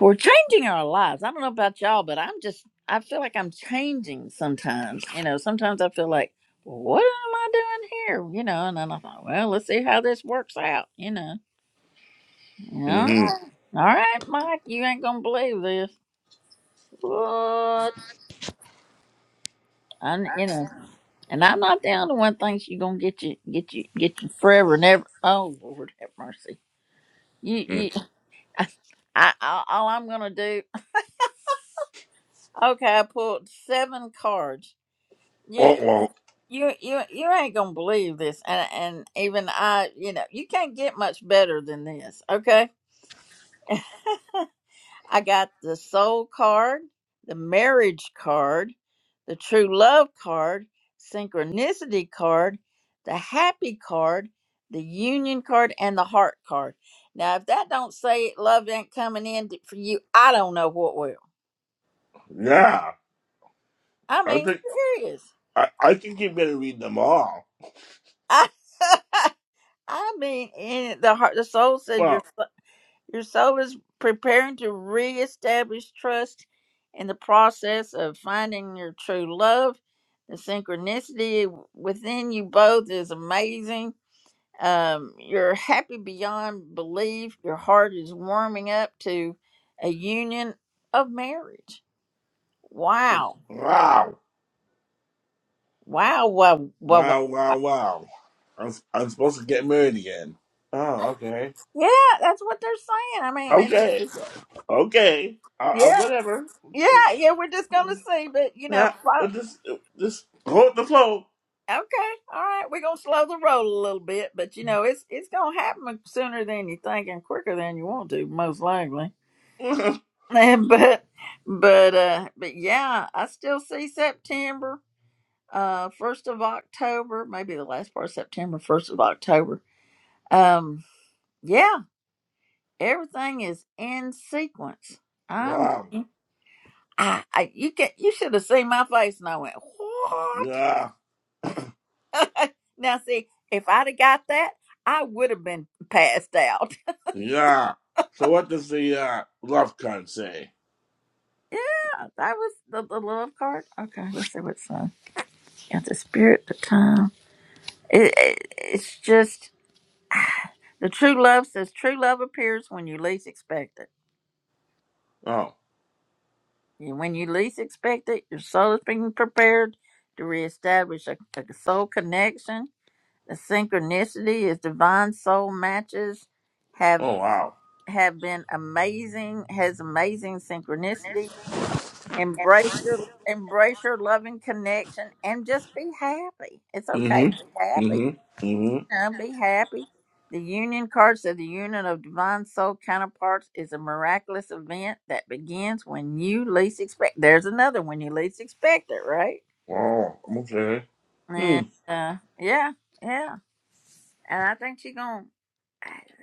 Speaker 1: we're changing our lives. I don't know about y'all, but I'm just I feel like I'm changing sometimes. You know, sometimes I feel like, well, what am I doing here? You know, and then I thought, well, let's see how this works out, you know. Yeah.
Speaker 6: Mm-hmm.
Speaker 1: All right, Mike, you ain't gonna believe this. What? I, you know. And I'm not down to one thing she gonna get you, get you, get you forever and ever. Oh Lord, have mercy. You,
Speaker 6: Mm.
Speaker 1: you, I, I, all I'm gonna do. Okay, I pulled seven cards. You,
Speaker 6: Oh well.
Speaker 1: you, you, you ain't gonna believe this. And and even I, you know, you can't get much better than this. Okay I got the soul card, the marriage card, the true love card, synchronicity card, the happy card, the union card, and the heart card. Now, if that don't say it, love ain't coming in t- for you, I don't know what will.
Speaker 6: Yeah.
Speaker 1: I
Speaker 6: I
Speaker 1: mean,
Speaker 6: think
Speaker 1: serious.
Speaker 6: I, I think you better read them all.
Speaker 1: I, I mean, in it, the heart, the soul says
Speaker 6: Well.
Speaker 1: you're. Your soul is preparing to reestablish trust in the process of finding your true love. The synchronicity within you both is amazing. Um, you're happy beyond belief. Your heart is warming up to a union of marriage. Wow.
Speaker 6: Wow.
Speaker 1: Wow. Wow. Wow. wow.
Speaker 6: Wow,
Speaker 1: wow.
Speaker 6: wow, wow. I'm, I'm supposed to get married again. Oh, okay.
Speaker 1: Yeah, that's what they're saying. I mean, and it's,
Speaker 6: Okay. Okay. I, I,
Speaker 1: yeah,
Speaker 6: whatever. It's-
Speaker 1: yeah, yeah. We're just gonna see, but you know,
Speaker 6: Yeah, but just, just hold the flow.
Speaker 1: Okay, all right. We're gonna slow the roll a little bit, but you know it's it's gonna happen sooner than you think and quicker than you want to, most likely.
Speaker 6: wow.
Speaker 1: but but uh but yeah, I still see September, uh, first of October, maybe the last part of September, first of October. Um, yeah, everything is in sequence. I'm I, I you can you should have seen my face, and I went what
Speaker 6: Yeah.
Speaker 1: now, see, if I'd have got that, I would have been passed out.
Speaker 6: Yeah. So what does the uh, love card say?
Speaker 1: Yeah, that was the, the love card. Okay, let's see what's on. Got the spirit, the time. It, it, it's just the true love says true love appears when you least expect it.
Speaker 6: Oh.
Speaker 1: And When you least expect it, your soul is being prepared to reestablish a, a soul connection. The synchronicity is divine soul matches have
Speaker 6: Oh, wow.
Speaker 1: have been amazing has amazing synchronicity Embrace your embrace your loving connection and just be happy. It's okay to be
Speaker 6: Mm-hmm.
Speaker 1: happy.
Speaker 6: Mm-hmm. Mm-hmm.
Speaker 1: You know, be happy. The union card said the union of divine soul counterparts is a miraculous event that begins when you least expect. There's another when you least expect it, right?
Speaker 6: Oh, okay. Hmm.
Speaker 1: And uh, yeah, yeah. And I think she gonna.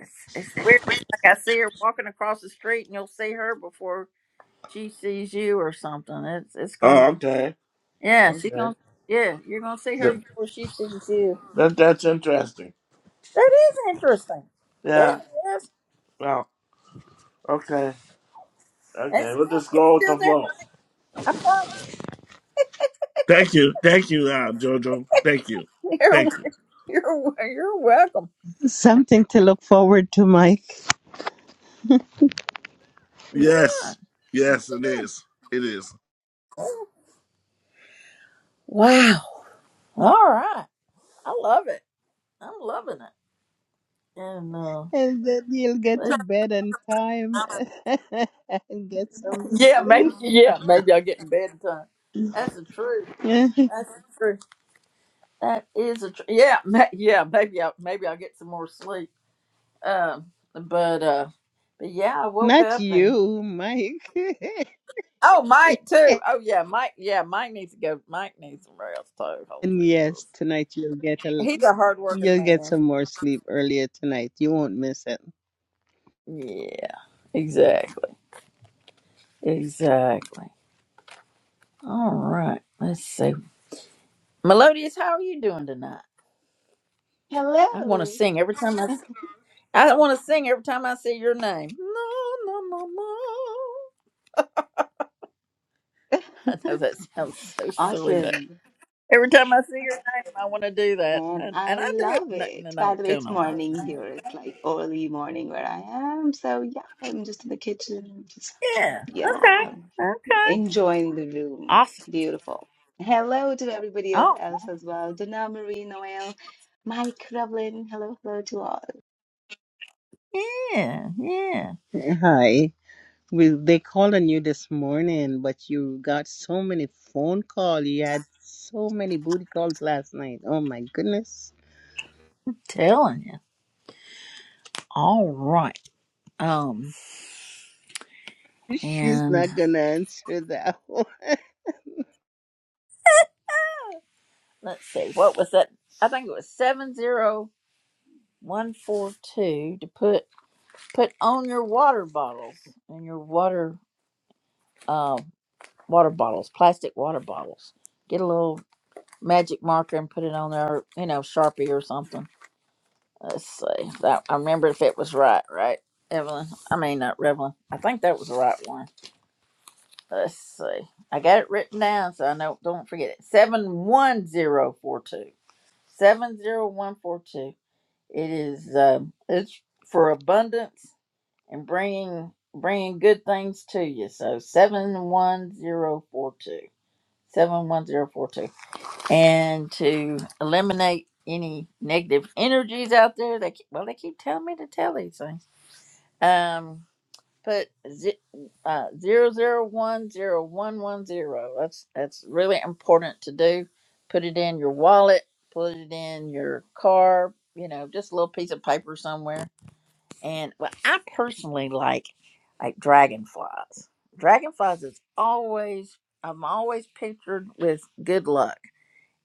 Speaker 1: It's, it's weird. It's like I see her walking across the street, and you'll see her before she sees you or something. It's it's gonna be.
Speaker 6: Oh, okay.
Speaker 1: Yeah, she
Speaker 6: Okay.
Speaker 1: gonna. Yeah, you're gonna see her
Speaker 6: That,
Speaker 1: before she sees you.
Speaker 6: that that's interesting.
Speaker 1: That is interesting. Yeah,
Speaker 6: Yeah.
Speaker 1: yes,
Speaker 6: Well, okay.
Speaker 1: it's
Speaker 6: Okay, we'll
Speaker 1: still,
Speaker 6: just
Speaker 1: it's
Speaker 6: go with
Speaker 1: still
Speaker 6: the
Speaker 1: there.
Speaker 6: flow.
Speaker 1: But I promise.
Speaker 6: Thank you. Thank you, uh, Jojo. Thank you.
Speaker 1: You're
Speaker 6: Thank you.
Speaker 1: you're you're welcome.
Speaker 5: Something to look forward to, Mike.
Speaker 1: Yeah.
Speaker 6: Yes. Yes, it is. It is.
Speaker 1: Wow. All right. I love it. I'm loving it. And uh,
Speaker 5: And then you'll get to
Speaker 1: it's-
Speaker 5: bed on time and get some
Speaker 1: yeah, maybe.
Speaker 5: sleep.
Speaker 1: Yeah, maybe I'll get in bed in time. That's the truth. That's the truth. That is a tr- yeah, ma- yeah. Maybe I maybe I'll get some more sleep. Um, but uh, but yeah, I woke
Speaker 5: Not
Speaker 1: up and
Speaker 5: you, Mike.
Speaker 1: oh, Mike too. Oh yeah, Mike. Yeah, Mike needs to go. Mike needs some rest too.
Speaker 5: and
Speaker 1: Holy Jesus,
Speaker 5: yes, tonight you'll get a
Speaker 1: He's a hardworking
Speaker 5: you'll get
Speaker 1: man.
Speaker 5: some more sleep earlier tonight. You won't miss it.
Speaker 1: yeah, exactly, exactly. All right, let's see. Melodious, how are you doing tonight? I want to
Speaker 7: Hello.
Speaker 1: sing every time I. s- I want to sing every time I say your name. No, no, no, no. I know that sounds so silly,
Speaker 7: Awesome.
Speaker 1: Every time I see your name, I want to do that,
Speaker 7: And
Speaker 1: and and
Speaker 7: I
Speaker 1: I do it.
Speaker 7: love
Speaker 1: No,
Speaker 7: it.
Speaker 1: no,
Speaker 7: By
Speaker 1: don't
Speaker 7: the way,
Speaker 1: tell
Speaker 7: it's
Speaker 1: nobody.
Speaker 7: morning here. It's like early morning where I am. So yeah, I'm just in the kitchen, just
Speaker 1: Yeah.
Speaker 7: yeah,
Speaker 1: Okay. Okay.
Speaker 7: enjoying the room.
Speaker 1: Awesome.
Speaker 7: Beautiful. Hello to everybody else,
Speaker 1: Oh.
Speaker 7: else as well. Donna Marie, Noel, Mike, Revlin. Hello, hello to all.
Speaker 1: Yeah. Yeah.
Speaker 5: Hi. We, they called on you this morning, but you got so many phone calls. You had so many booty calls last night. Oh my goodness.
Speaker 1: Telling you. All right. Um.
Speaker 5: She's
Speaker 1: And
Speaker 5: not gonna answer that one.
Speaker 1: let's see. What was that? I think it was seven zero one four two to put put on your water bottles and your water uh water bottles, plastic water bottles. Get a little magic marker and put it on there. You know, sharpie or something Let's see. That I remember if it was right, right, Evelyn. I mean, not Evelyn. I think that was the right one. Let's see. I got it written down, so I know. Don't forget it. Seven one zero four two. Seven zero one four two. It is. Um, it's for abundance and bringing bringing good things to you. So seven one zero four two. Seven one zero four two. And to eliminate any negative energies out there, they keep, well, they keep telling me to tell these things Um, put z- uh, 00101110. That's that's really important to do. Put it in your wallet, put it in your car, you know, just a little piece of paper somewhere. And well, I personally like like dragonflies. Dragonflies is always I'm always pictured with good luck.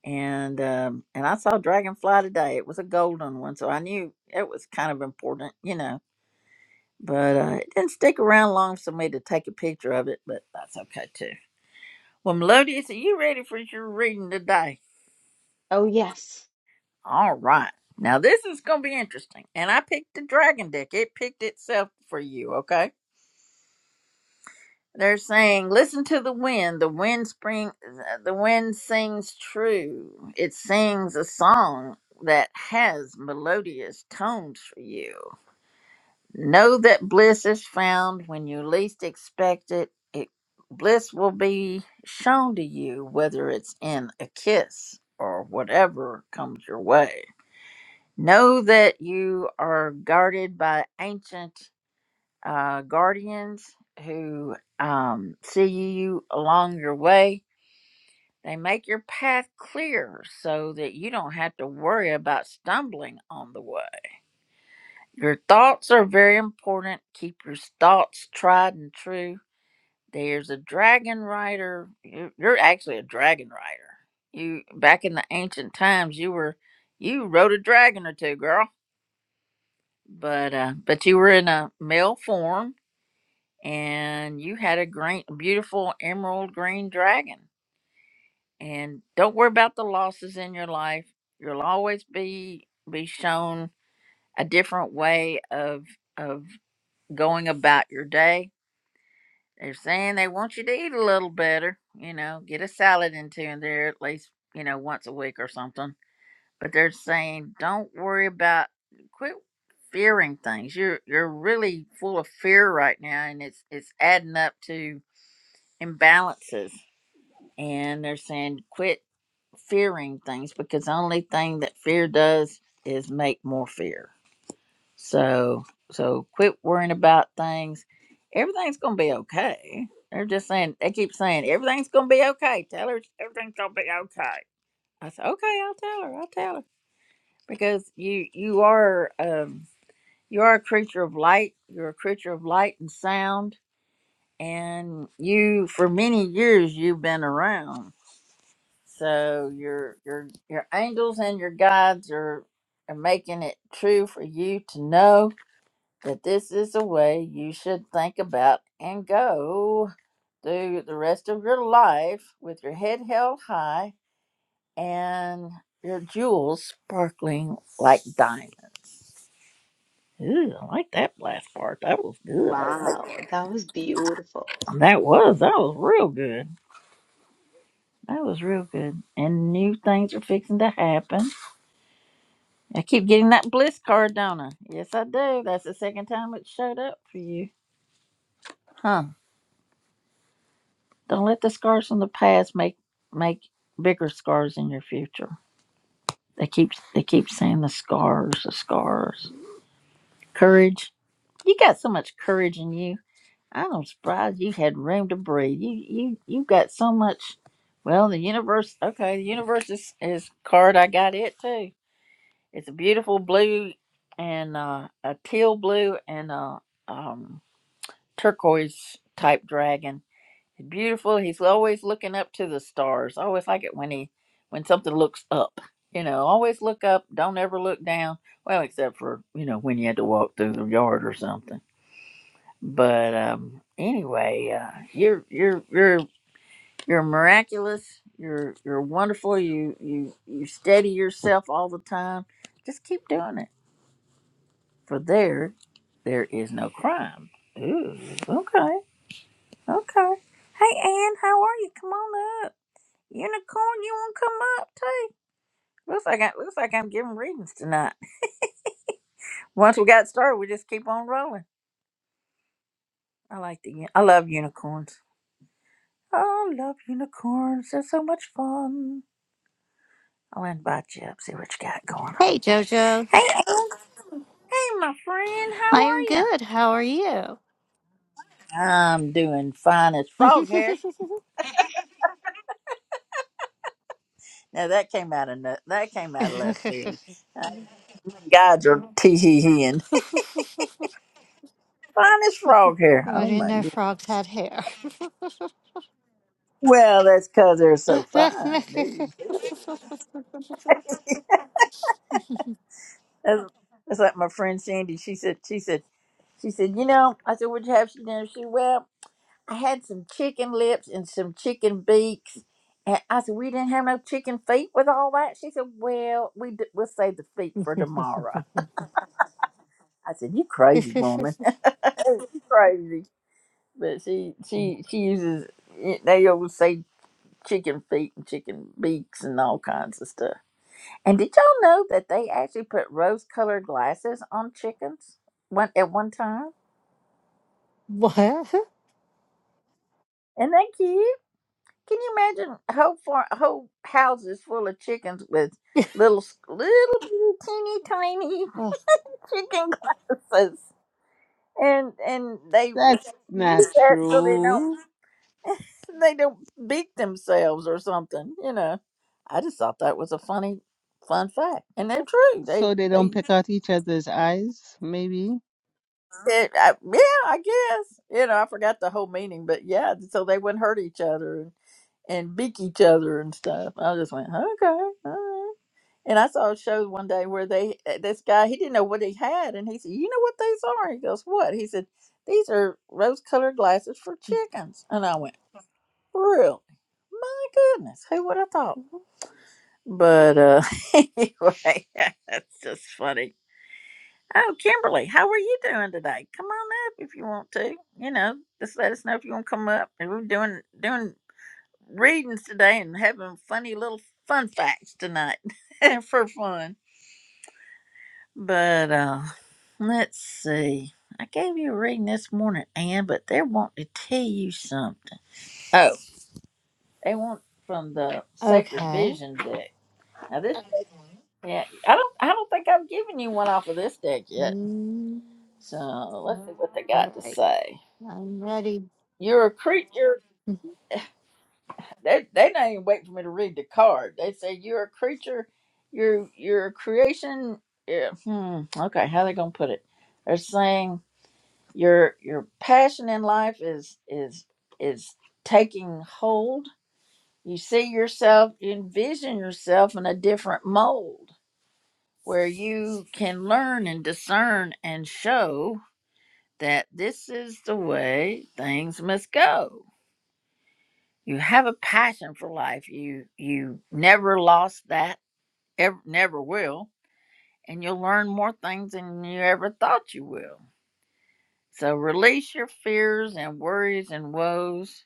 Speaker 1: And um, and I saw a dragonfly today. It was a golden one, so I knew it was kind of important, you know but uh, it didn't stick around long for me to take a picture of it, but that's okay too. Well, Melodious, are you ready for your reading today?
Speaker 7: Oh yes.
Speaker 1: All right. Now, this is going to be interesting. And I picked the dragon deck, it picked itself for you, okay? They're saying, listen to the wind. The wind spring, the wind sings true. It sings a song that has melodious tones for you. Know that bliss is found when you least expect it. it bliss will be shown to you, whether it's in a kiss or whatever comes your way. Know that you are guarded by ancient uh, guardians who um, see you along your way. They make your path clear so that you don't have to worry about stumbling on the way. Your thoughts are very important. Keep your thoughts tried and true. There's a dragon rider. You're, you're actually a dragon rider. You back in the ancient times, you were you rode a dragon or two, girl. But uh, but you were in a male form, and you had a great, beautiful emerald green dragon. And don't worry about the losses in your life. You'll always be be shown a different way of of going about your day They're saying they want you to eat a little better, you know, get a salad into in there at least, you know, once a week or something. But they're saying don't worry about quit fearing things. You're you're really full of fear right now and it's it's adding up to imbalances. And they're saying quit fearing things because the only thing that fear does is make more fear. So so quit worrying about things. Everything's gonna be okay. They're just saying they keep saying everything's gonna be okay. Tell her everything's gonna be okay. I said, Okay, I'll tell her, I'll tell her. Because you you are um you are a creature of light. You're a creature of light and sound and you for many years you've been around. So your your your angels and your guides are, are making it true for you to know But this is a way you should think about and go through the rest of your life with your head held high and your jewels sparkling like diamonds. Ooh, I like that last part. That was good. I like-
Speaker 7: Wow, that was beautiful.
Speaker 1: That was that was real good. That was real good. And new things are fixing to happen. I keep getting that bliss card, don't I? Yes, I do. That's the second time it showed up for you. Huh? Don't let the scars from the past make make bigger scars in your future. They keep they keep saying the scars, the scars. Courage. You got so much courage in you. I'm surprised you had room to breathe. You you you got so much. Well, the universe. Okay, the universe is is card. I got it too. It's a beautiful blue and uh, a teal blue and a um, turquoise type dragon beautiful. He's always looking up to the stars. I always like it when he when something looks up. You know, always look up. Don't ever look down. Well, except for you know when you had to walk through the yard or something. But um, anyway, uh, you're you're you're you're miraculous. You're you're wonderful. You you you steady yourself all the time. Just keep doing it. For there, there is no crime. Ooh, okay, okay. Hey, Ann, how are you? Come on up. Unicorn, you wanna come up too? Looks like I looks like I'm giving readings tonight. Once we got started, we just keep on rolling. I like the uni- I love unicorns. I love unicorns. They're so much fun. I'll invite you up, see what you got going on.
Speaker 8: Hey, Jojo.
Speaker 1: Hey, Ang- hey, my friend, how are
Speaker 8: I'm
Speaker 1: you?
Speaker 8: good. How are you?
Speaker 1: I'm doing fine as frog hair. Now that came out of no- that came out of left field. Uh, Guys are tee hee heeing. Fine as frog hair.
Speaker 8: I
Speaker 1: Oh
Speaker 8: didn't
Speaker 1: my
Speaker 8: know
Speaker 1: goodness.
Speaker 8: frogs had hair.
Speaker 1: Well, that's because they're so fine. There you That's, that's like my friend Sandy. She said, she said, she said, you know, I said, what'd you have for dinner? She said, well, I had some chicken lips and some chicken beaks. And I said, we didn't have no chicken feet with all that. She said, well, we d- we'll save the feet for tomorrow. I said, you crazy woman. you crazy. But she, she, she uses, eh, they always say chicken feet and chicken beaks and all kinds of stuff. And did y'all know that they actually put rose colored glasses on chickens one, at one time?
Speaker 8: what?
Speaker 1: And they keep. Can you imagine whole far, whole houses full of chickens with little s- little bitty, teeny tiny
Speaker 8: Oh,
Speaker 1: chicken glasses, and and they would
Speaker 5: That's not
Speaker 1: use that so they don't
Speaker 5: true.
Speaker 1: so they don't beat themselves or something. You know, I just thought that was a funny fun fact, and they're true. They
Speaker 5: So they don't
Speaker 1: they
Speaker 5: pick out each other's eyes, maybe?
Speaker 1: it, I, yeah, I guess you know I forgot the whole meaning, but yeah, so they wouldn't hurt each other and beak each other and stuff. I just went okay. all right. And I saw a show one day where they uh, this guy he didn't know what he had, and he said, "You know what these are?" He goes, "What?" He said, "These are rose-colored glasses for chickens." And I went, "Really? My goodness, who would have thought?" But uh, anyway, that's just funny. Oh, Kimberly, how are you doing today? Come on up if you want to. You know, just let us know if you want to come up. And we're doing doing readings today and having funny little fun facts tonight for fun. But uh, let's see. I gave you a reading this morning, Anne, but they want to tell you something. Oh, they want from the Sacred
Speaker 8: okay.
Speaker 1: Vision deck. Now this, deck, yeah, I don't, I don't think I've given you one off of this deck yet.
Speaker 8: Mm,
Speaker 1: So let's see what they
Speaker 8: all
Speaker 1: got to
Speaker 8: right.
Speaker 1: say.
Speaker 8: I'm ready.
Speaker 1: You're a creature. They, they not even wait for me to read the card. They say you're a creature. You're, you're a creation. Yeah, hmm. Okay, how they gonna put it? They're saying your your passion in life is is is taking hold you see yourself you envision yourself in a different mold where you can learn and discern and show that this is the way things must go you have a passion for life you you never lost that ever, never will and you'll learn more things than you ever thought you will so release your fears and worries and woes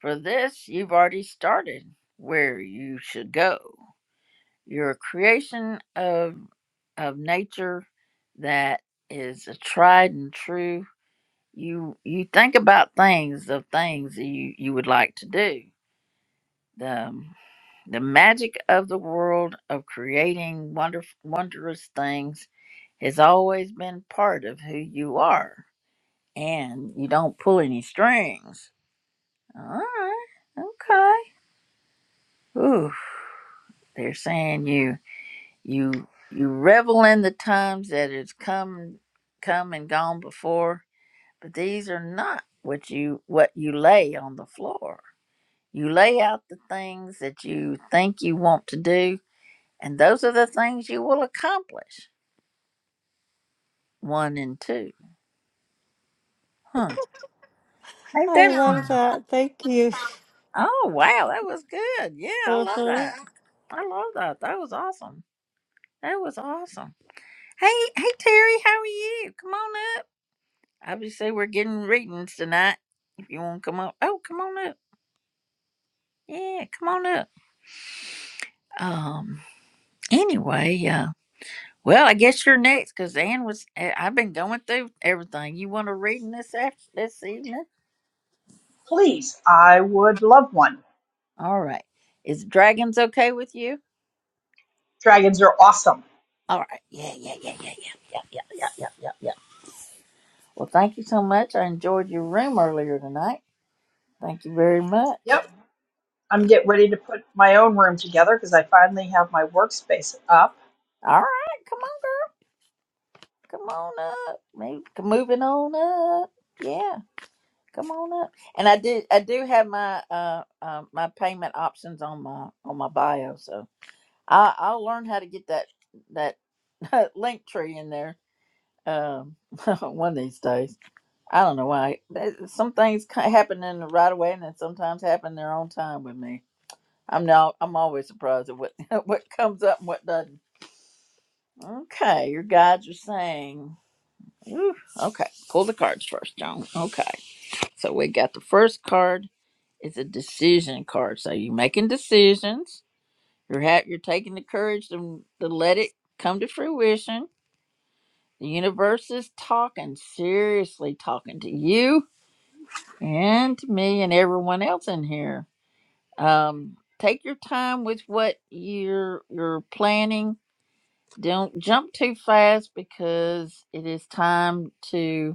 Speaker 1: For this, you've already started where you should go. You're a creation of, of nature that is a tried and true. You you think about things of things that you, you would like to do. The, the magic of the world of creating wonder wondrous things has always been part of who you are. And you don't pull any strings. All right. Okay. Ooh. They're saying you you you revel in the times that has come come and gone before, but these are not what you what you lay on the floor. You lay out the things that you think you want to do, and those are the things you will accomplish. One and two. Huh. Ain't
Speaker 8: I
Speaker 1: that
Speaker 8: love
Speaker 1: fun?
Speaker 8: that. Thank you.
Speaker 1: Oh wow, that was good. Yeah, I love that. I love that. That was awesome. That was awesome. Hey, hey Terry, how are you? Come on Obviously, we're getting readings tonight. If you want to come up, oh, come on up. Yeah, come on up. Um. Anyway, uh, well, I guess you're next because Ann was. I- I've been going through everything. You want a reading this after this evening?
Speaker 9: Please, I would love one.
Speaker 1: All right. Is dragons okay with you?
Speaker 9: Dragons are awesome.
Speaker 1: All right. Yeah, yeah, yeah, yeah, yeah, yeah, yeah, yeah, yeah, yeah. yeah. Well, thank you so much. I enjoyed your room earlier tonight. Thank you very much.
Speaker 9: Yep, I'm getting ready to put my own room together because I finally have my workspace up.
Speaker 1: All right, come on, girl. Come on up. Maybe moving on up. Yeah. Come on up. And I do I do have my uh, uh my payment options on my on my bio, so I I'll learn how to get that that link tree in there um one of these days. I don't know why. That- Some things ca- happen in the right away and then sometimes happen their own time with me. I'm now I'm always surprised at what what comes up and what doesn't. Okay, your guides are saying. Ooh, okay, pull the cards first, John. Okay. So we got the first card is a decision card. So you're making decisions. You're ha- you're taking the courage to, to let it come to fruition. The universe is talking, seriously talking to you and to me and everyone else in here. Um, take your time with what you're you're planning. Don't jump too fast because it is time to.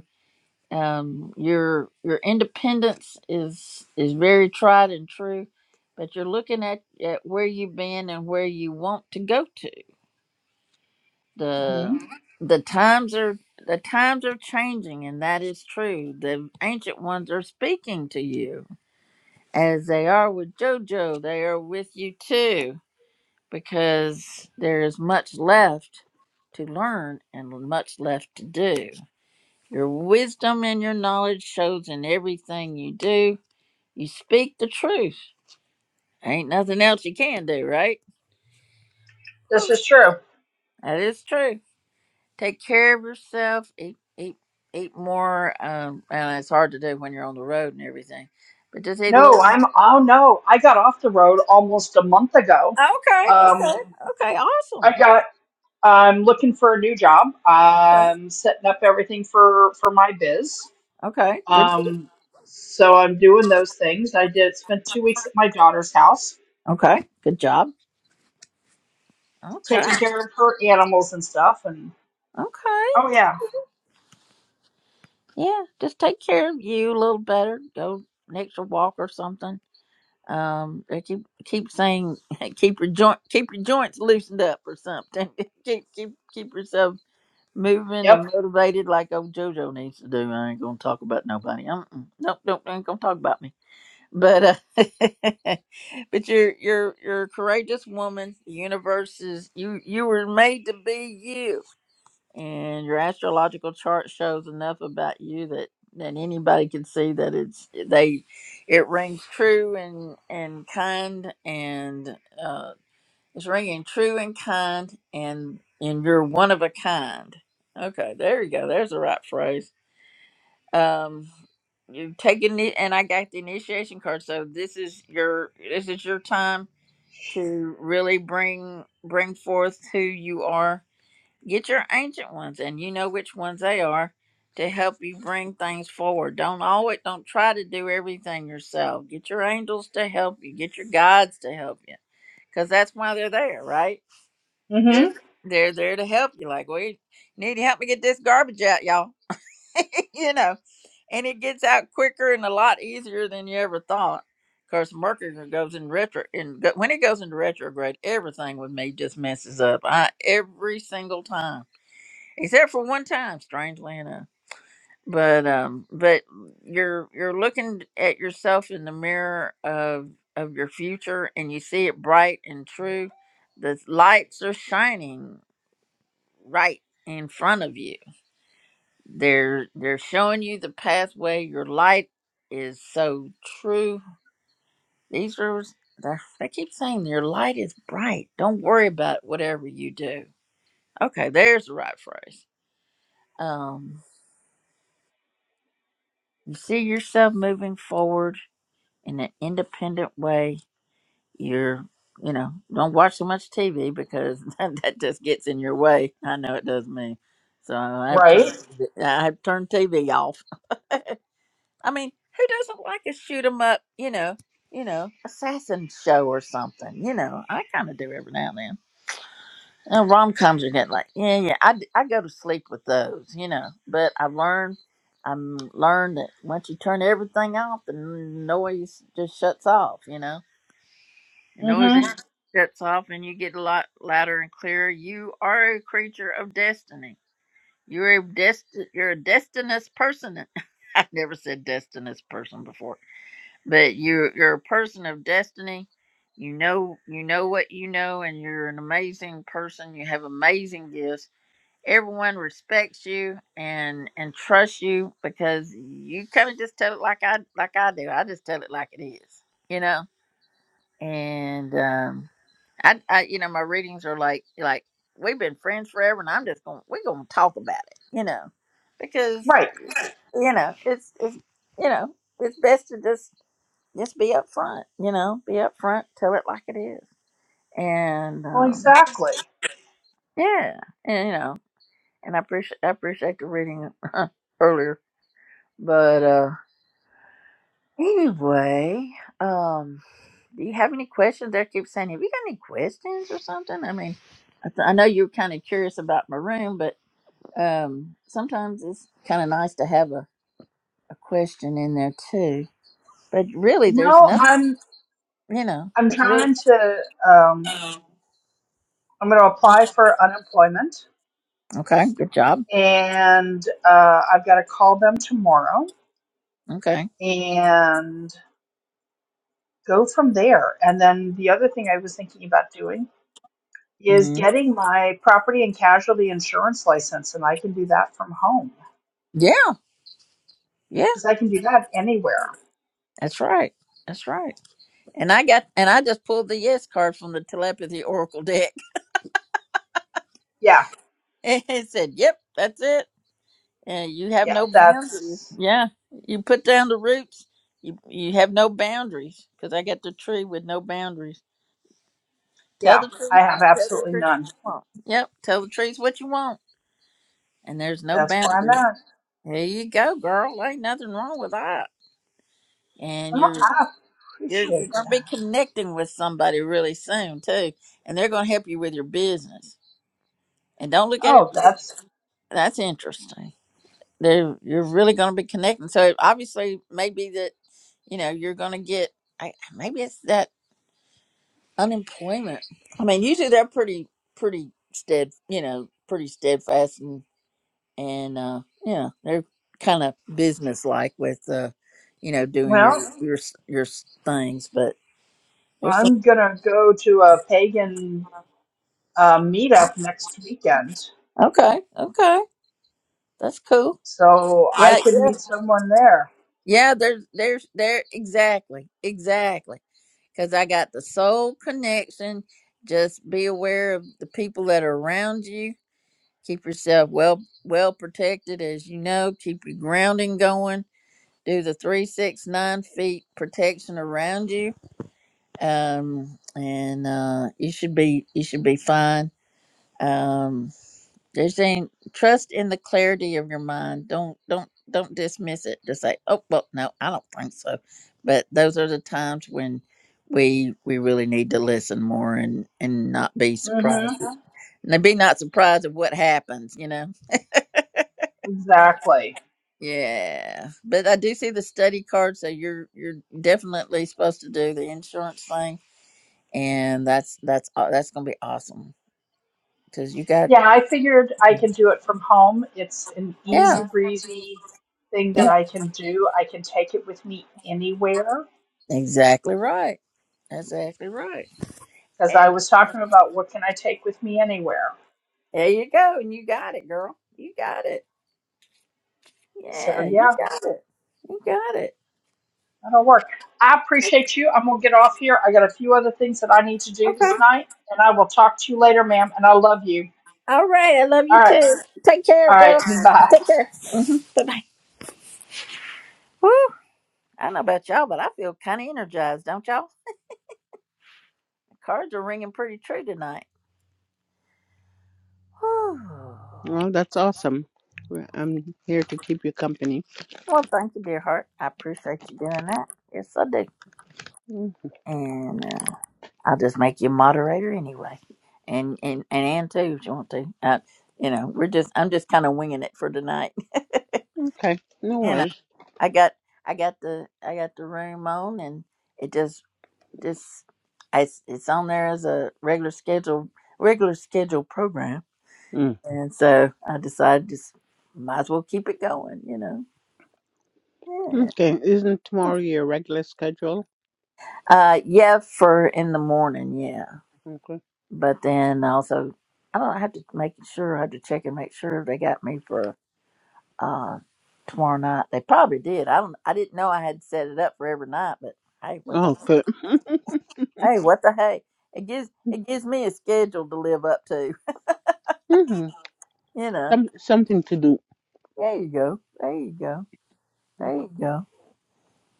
Speaker 1: um, your your independence is is very tried and true, but you're looking at, at where you've been and where you want to go to. The
Speaker 9: hmm
Speaker 1: the times are the times are changing, and that is true. The ancient ones are speaking to you, as they are with JoJo. They are with you too, because there is much left to learn and much left to do. Your wisdom and your knowledge shows in everything you do. You speak the truth. Ain't nothing else you can do, right?
Speaker 9: This is true.
Speaker 1: That is true. Take care of yourself. Eat, eat, eat more. Um, and it's hard to do when you're on the road and everything. But just eat a
Speaker 9: No,
Speaker 1: little more.
Speaker 9: I'm. Oh no, I got off the road almost a month ago.
Speaker 1: Okay,
Speaker 9: Um,
Speaker 1: okay, okay. Awesome.
Speaker 9: I got. I'm looking for a new job. I'm setting up everything for for my biz.
Speaker 1: Okay, good.
Speaker 9: Um, so I'm doing those things. I did spent two weeks at my daughter's house,
Speaker 1: Okay, good job. Okay,
Speaker 9: taking care of her animals and stuff. And
Speaker 1: okay.
Speaker 9: oh yeah,
Speaker 1: Yeah, just take care of you a little better. Go next a walk or something Um, they keep keep saying keep your joint keep your joints loosened up or something. keep keep keep yourself moving
Speaker 9: Yep.
Speaker 1: and motivated like old JoJo needs to do. I ain't gonna talk about nobody. Um, am nope, don't ain't gonna talk about me. But uh, but you're you're you're a courageous woman. The universe is you you were made to be you and your astrological chart shows enough about you that that anybody can see that it's they it rings true and and kind and uh it's ringing true and kind and and you're one of a kind okay there you go there's the right phrase um you taking it and i got the initiation card so this is your this is your time to really bring bring forth who you are Get your ancient ones, and you know which ones they are, to help you bring things forward. Don't always don't try to do everything yourself. Get your angels to help you. Get your guides to help you, because that's why they're there, right? They're
Speaker 9: Mm-hmm.
Speaker 1: they're there to help you. Like, we need to help me get this garbage out, y'all. you know, and it gets out quicker and a lot easier than you ever thought. Of course, Mercury goes in retro, and when it goes into retrograde, everything with me just messes up. I every single time except for one time, strangely enough. But um, but you're you're looking at yourself in the mirror of of your future, and you see it bright and true. The lights are shining right in front of you. They're they're showing you the pathway. Your light is so true. These are they they keep saying your light is bright. Don't worry about whatever you do. Okay, there's the right phrase. Um, you see yourself moving forward in an independent way. You're, you know, don't watch so much TV because that, that just gets in your way. I know it does me. So I've turned,
Speaker 9: Right.
Speaker 1: Right. I've turned TV off. I mean, who doesn't like a shoot 'em up, you know, you know, assassin show or something? You know, I kind of do every now and then. And rom coms are getting like, yeah, yeah. I, d- I go to sleep with those, you know. But I've learned, I'm learned that once you turn everything off, the noise just shuts off, you know The noise in
Speaker 9: Mm-hmm.
Speaker 1: shuts off and you get a lot louder and clearer. You are a creature of destiny. You're a dest you're a destinous person. I've never said destinous person before. But you are you're a person of destiny. You know you know what you know and you're an amazing person. You have amazing gifts. Everyone respects you and and trusts you because you kind of just tell it like I like I do. I just tell it like it is, you know? And um I, I you know my readings are like like we've been friends forever and i'm just gonna we're gonna talk about it you know because
Speaker 9: Right.
Speaker 1: you know it's it's you know it's best to just just be up front you know be up front tell it like it is and
Speaker 9: Well,
Speaker 1: um
Speaker 9: exactly.
Speaker 1: yeah and you know and i appreciate i appreciate the reading earlier but uh anyway um do you have any questions they keep saying have you got any questions or something i mean i, th- I know you're kind of curious about my room but um, sometimes it's kind of nice to have a, a question in there too. But really, there's
Speaker 9: No,
Speaker 1: nothing,
Speaker 9: I'm
Speaker 1: you know,
Speaker 9: I'm
Speaker 1: there's really.
Speaker 9: trying to um, I'm going to apply for unemployment,
Speaker 1: Okay, good job.
Speaker 9: and uh, I've got to call them tomorrow
Speaker 1: Okay.
Speaker 9: and go from there. And then the other thing I was thinking about doing is
Speaker 1: hmm
Speaker 9: getting my property and casualty insurance license, and I can do that from home
Speaker 1: Yeah, yeah,
Speaker 9: because I can do that anywhere.
Speaker 1: that's right. That's right. And I got, and I just pulled the yes card from the telepathy oracle deck
Speaker 9: Yeah.
Speaker 1: and it said, yep, that's it. And you have
Speaker 9: Yeah.
Speaker 1: no boundaries.
Speaker 9: That's
Speaker 1: Yeah. You put down the roots. You, you have no boundaries because I got the tree with no boundaries. Tell
Speaker 9: yeah.
Speaker 1: the trees,
Speaker 9: I have
Speaker 1: tell the
Speaker 9: absolutely
Speaker 1: trees what
Speaker 9: none.
Speaker 1: you want. Yep, tell the trees what you want, and there's no
Speaker 9: That's where I'm
Speaker 1: boundaries.
Speaker 9: at.
Speaker 1: There you go, girl. Ain't nothing wrong with that. And you're
Speaker 9: Well, I
Speaker 1: you're, you're
Speaker 9: appreciate
Speaker 1: gonna be
Speaker 9: that.
Speaker 1: connecting with somebody really soon too, and they're gonna help you with your business. And don't look at it.
Speaker 9: Oh, that's
Speaker 1: That's interesting. They're you're really gonna be connecting. So it obviously, maybe that you know you're gonna get. I, maybe it's that unemployment. I mean, usually they're pretty pretty stead. You know, pretty steadfast and and uh, yeah, they're kind of business like with uh, you know doing your
Speaker 9: well.
Speaker 1: Right. your s- your s- things. But there's some,
Speaker 9: I'm gonna go to a pagan uh, meetup next weekend,
Speaker 1: okay, okay, that's cool.
Speaker 9: so I
Speaker 1: Yeah,
Speaker 9: could
Speaker 1: yeah,
Speaker 9: meet someone there.
Speaker 1: yeah. There's there's there exactly exactly because I got the soul connection. Just be aware of the people that are around you. Keep yourself well well protected, as you know. Keep your grounding going. Do the three six nine feet protection around you um, and uh, you should be you should be fine. Um, they're saying trust in the clarity of your mind. Don't don't don't dismiss it. Just say, oh well, no, I don't think so. But those are the times when we we really need to listen more and and not be surprised.
Speaker 9: Mm-hmm.
Speaker 1: Uh-huh. And be not surprised of what happens, you know.
Speaker 9: Exactly.
Speaker 1: Yeah, but I do see the study card, so you're you're definitely supposed to do the insurance thing, and that's that's aw- that's gonna be awesome. because you got
Speaker 9: Yeah, I figured I can do it from home. It's an
Speaker 1: yeah
Speaker 9: easy breezy thing that
Speaker 1: yeah
Speaker 9: I can do. I can take it with me anywhere
Speaker 1: exactly right that's exactly right
Speaker 9: because I
Speaker 1: and
Speaker 9: was talking about what can I take with me anywhere.
Speaker 1: there you go and you got it girl you got it yeah
Speaker 9: So
Speaker 1: you
Speaker 9: yeah.
Speaker 1: got it you got it
Speaker 9: That'll work. I appreciate you. I'm gonna get off here. I got a few other things that I need to do this
Speaker 1: okay
Speaker 9: night, and I will talk to you later, ma'am. And I love you.
Speaker 1: all right i love you
Speaker 9: All right.
Speaker 1: too take care
Speaker 9: All right.
Speaker 1: girl
Speaker 9: Bye.
Speaker 1: take care hmm bye-bye Woo. i don't know about y'all but i feel kind of energized don't y'all cards are ringing pretty true tonight Whew.
Speaker 5: Well, that's awesome. Well, I'm here to keep you company.
Speaker 1: well thank you dear heart i appreciate you doing that yes i do
Speaker 5: Mm,
Speaker 1: And uh, I'll just make you a moderator anyway, and and and Ann too if you want to. Uh, you know, we're just I'm just kind of winging it for tonight.
Speaker 5: Okay, no
Speaker 1: you know,
Speaker 5: worries.
Speaker 1: I got I got the I got the room on, and it just just I, it's it's on there as a regular schedule regular schedule program,
Speaker 5: Mm.
Speaker 1: and so I decided just might as well keep it going. You know, yeah.
Speaker 5: Okay, isn't tomorrow your regular schedule?
Speaker 1: uh, yeah, for in the morning, yeah.
Speaker 5: Okay.
Speaker 1: But then also, I don't know, I have to make sure, I have to check and make sure they got me for uh, tomorrow night. They probably did. I don't, I didn't know I had set it up for every night, but hey, what the,
Speaker 5: Oh, good.
Speaker 1: hey, what the hey? It gives, it gives me a schedule to live up to,
Speaker 5: hmm
Speaker 1: you know.
Speaker 5: Some, something to do.
Speaker 1: There you go. There you go. There you go.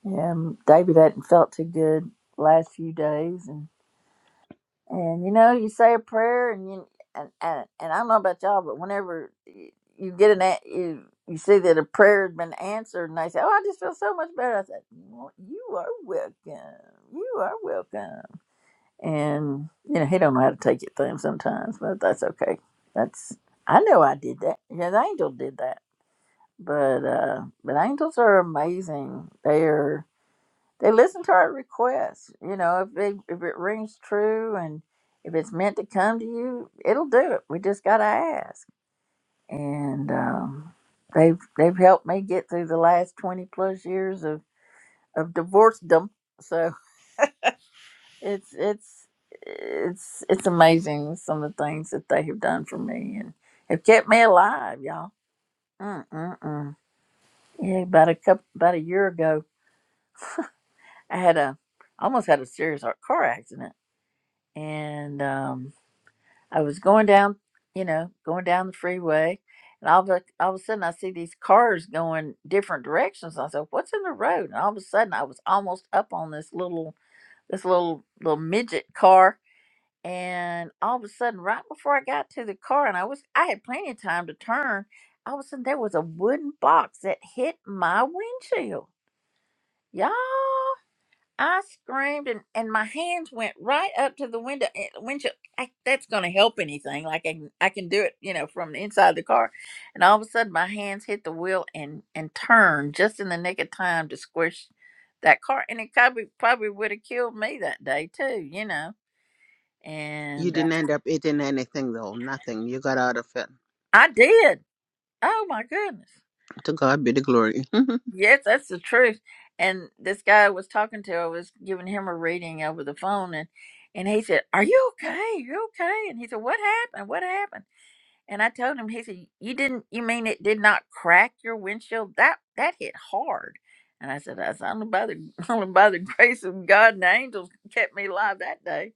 Speaker 1: Yeah, um, David hadn't felt too good last few days, And you know, you say a prayer, and you and and, and I don't know about y'all, but whenever y- you get an a- you you see that a prayer has been answered, and they say, "Oh, I just feel so much better," I said, well, "You are welcome. You are welcome." And you know, he don't know how to take it to him sometimes, but that's okay. That's I know I did that. Yeah, the angel did that. But uh but angels are amazing. They are they listen to our requests. You know, if it if it rings true and if it's meant to come to you, it'll do it. We just gotta ask. And um, they've they've helped me get through the last twenty plus years of of divorcedom. So it's it's it's it's amazing some of the things that they have done for me and have kept me alive, y'all. Mm mm mm. Yeah, about a couple about a year ago, I had a almost had a serious car accident and. um I was going down, you know, going down the freeway, and all of a, all of a sudden I see these cars going different directions. I said, "What's in the road?" And all of a sudden I was almost up on this little this little little midget car, and all of a sudden, right before I got to the car, and I was I had plenty of time to turn. All of a sudden, there was a wooden box that hit my windshield. Y'all. I screamed and, and my hands went right up to the window. eh, windshield. I, that's going to help anything. Like I can, I can do it, you know, from the inside the car. And all of a sudden, my hands hit the wheel and and turned just in the nick of time to squish that car. And it probably probably would have killed me that day too, you know.
Speaker 5: You
Speaker 1: And uh,
Speaker 5: didn't end up eating anything, though. Nothing. You got out of it.
Speaker 1: I did. Oh my goodness.
Speaker 5: To God be the glory.
Speaker 1: Yes, that's the truth. And this guy I was talking to, I was giving him a reading over the phone, and and he said, "Are you okay? Are you okay?" And he said, "What happened? What happened?" And I told him, he said, "You didn't. You mean it did not crack your windshield? That that hit hard." And I said, "I said only by the only by the grace of God and the angels kept me alive that day."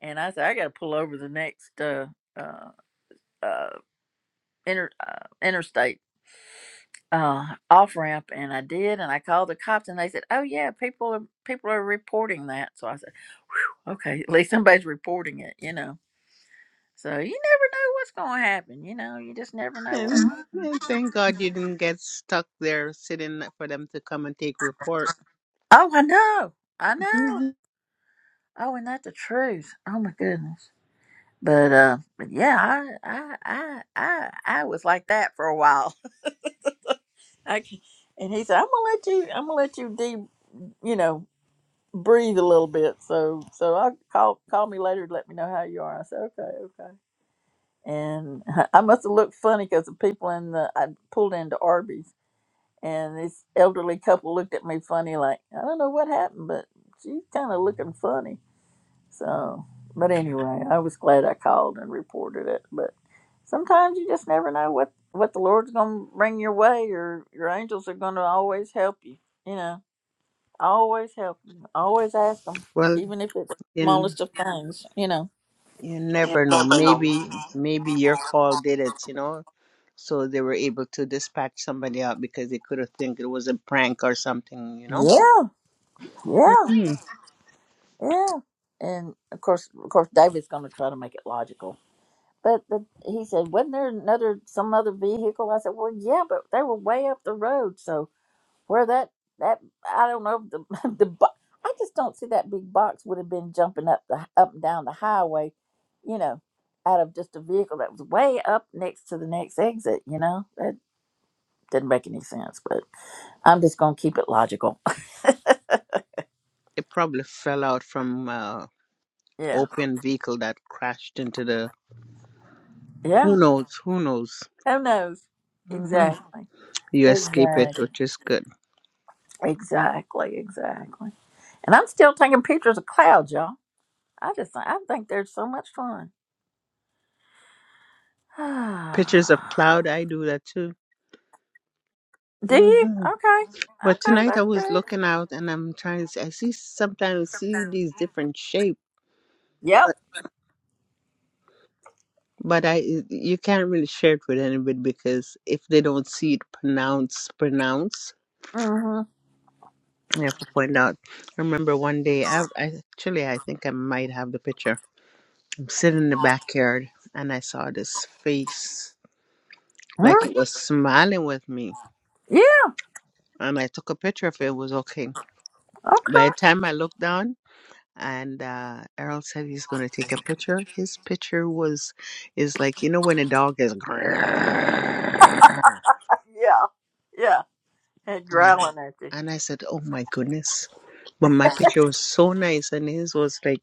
Speaker 1: And I said, "I got to pull over the next uh uh uh, inter, uh interstate." uh, off ramp, and I did, and I called the cops, and they said, "Oh yeah, people are people are reporting that." So I said, "Okay, at least somebody's reporting it," you know. So you never know what's going to happen, you know. You just never know
Speaker 5: and,
Speaker 1: what.
Speaker 5: and thank God you didn't get stuck there sitting for them to come and take report.
Speaker 1: Oh, I know, I know. Oh, and that's the truth. Oh my goodness. But uh, but yeah, I I I I, I was like that for a while. I, c- and he said, "I'm gonna let you. I'm gonna let you de, you know." breathe a little bit. So so I call call me later to let me know how you are. I said okay, okay. And I must have looked funny because the people in the I pulled into Arby's and this elderly couple looked at me funny like I don't know what happened, but she's kind of looking funny. So but anyway, I was glad I called and reported it. But sometimes you just never know what what the Lord's gonna bring your way, or your angels are gonna always help you. You know Always help you. Always ask them,
Speaker 5: well,
Speaker 1: even if it's the
Speaker 5: then
Speaker 1: smallest of things. You know.
Speaker 5: You never know. Maybe maybe your call did it, you know. So they were able to dispatch somebody out because they could have think it was a prank or something, you know.
Speaker 1: Yeah, yeah,
Speaker 5: Mm.
Speaker 1: yeah. And of course, of course, David's going to try to make it logical. But the, he said, wasn't there another some other vehicle? I said, well, yeah, but they were way up the road. So where that that I don't know the the bo- I just don't see that big box would have been jumping up the up and down the highway, you know, out of just a vehicle that was way up next to the next exit. You know, did not make any sense, but I'm just gonna keep it logical.
Speaker 5: It probably fell out from uh
Speaker 1: Yeah.
Speaker 5: open vehicle that crashed into the who
Speaker 1: Yeah.
Speaker 5: knows, who knows.
Speaker 1: Who knows?
Speaker 5: hmm
Speaker 1: Exactly.
Speaker 5: You escape it,
Speaker 1: Exactly.
Speaker 5: which is good.
Speaker 1: Exactly. Exactly. And I'm still taking pictures of clouds, y'all. I just I think they're so much fun.
Speaker 5: Pictures of cloud, I do that too.
Speaker 1: Do you?
Speaker 5: hmm
Speaker 1: Okay.
Speaker 5: But
Speaker 1: Okay,
Speaker 5: tonight I
Speaker 1: that's
Speaker 5: was
Speaker 1: good.
Speaker 5: looking out and I'm trying to see, I see sometimes see these different shapes.
Speaker 1: Yep.
Speaker 5: but I you can't really share it with anybody because if they don't see it pronounced pronounce.
Speaker 1: Mm-hmm.
Speaker 5: I have to point out. I remember one day I, I actually I think I might have the picture. I'm sitting in the backyard and I saw this face like
Speaker 1: Hmm?
Speaker 5: it was smiling with me,
Speaker 1: Yeah.
Speaker 5: and I took a picture of it. It was okay.
Speaker 1: Okay.
Speaker 5: By the time I looked down. And uh, Errol said he's gonna take a picture. His picture was, is like you know when a dog is, and I
Speaker 1: Yeah. Yeah. And growling at you.
Speaker 5: And I said, Oh my goodness. But my picture was so nice, and his was like,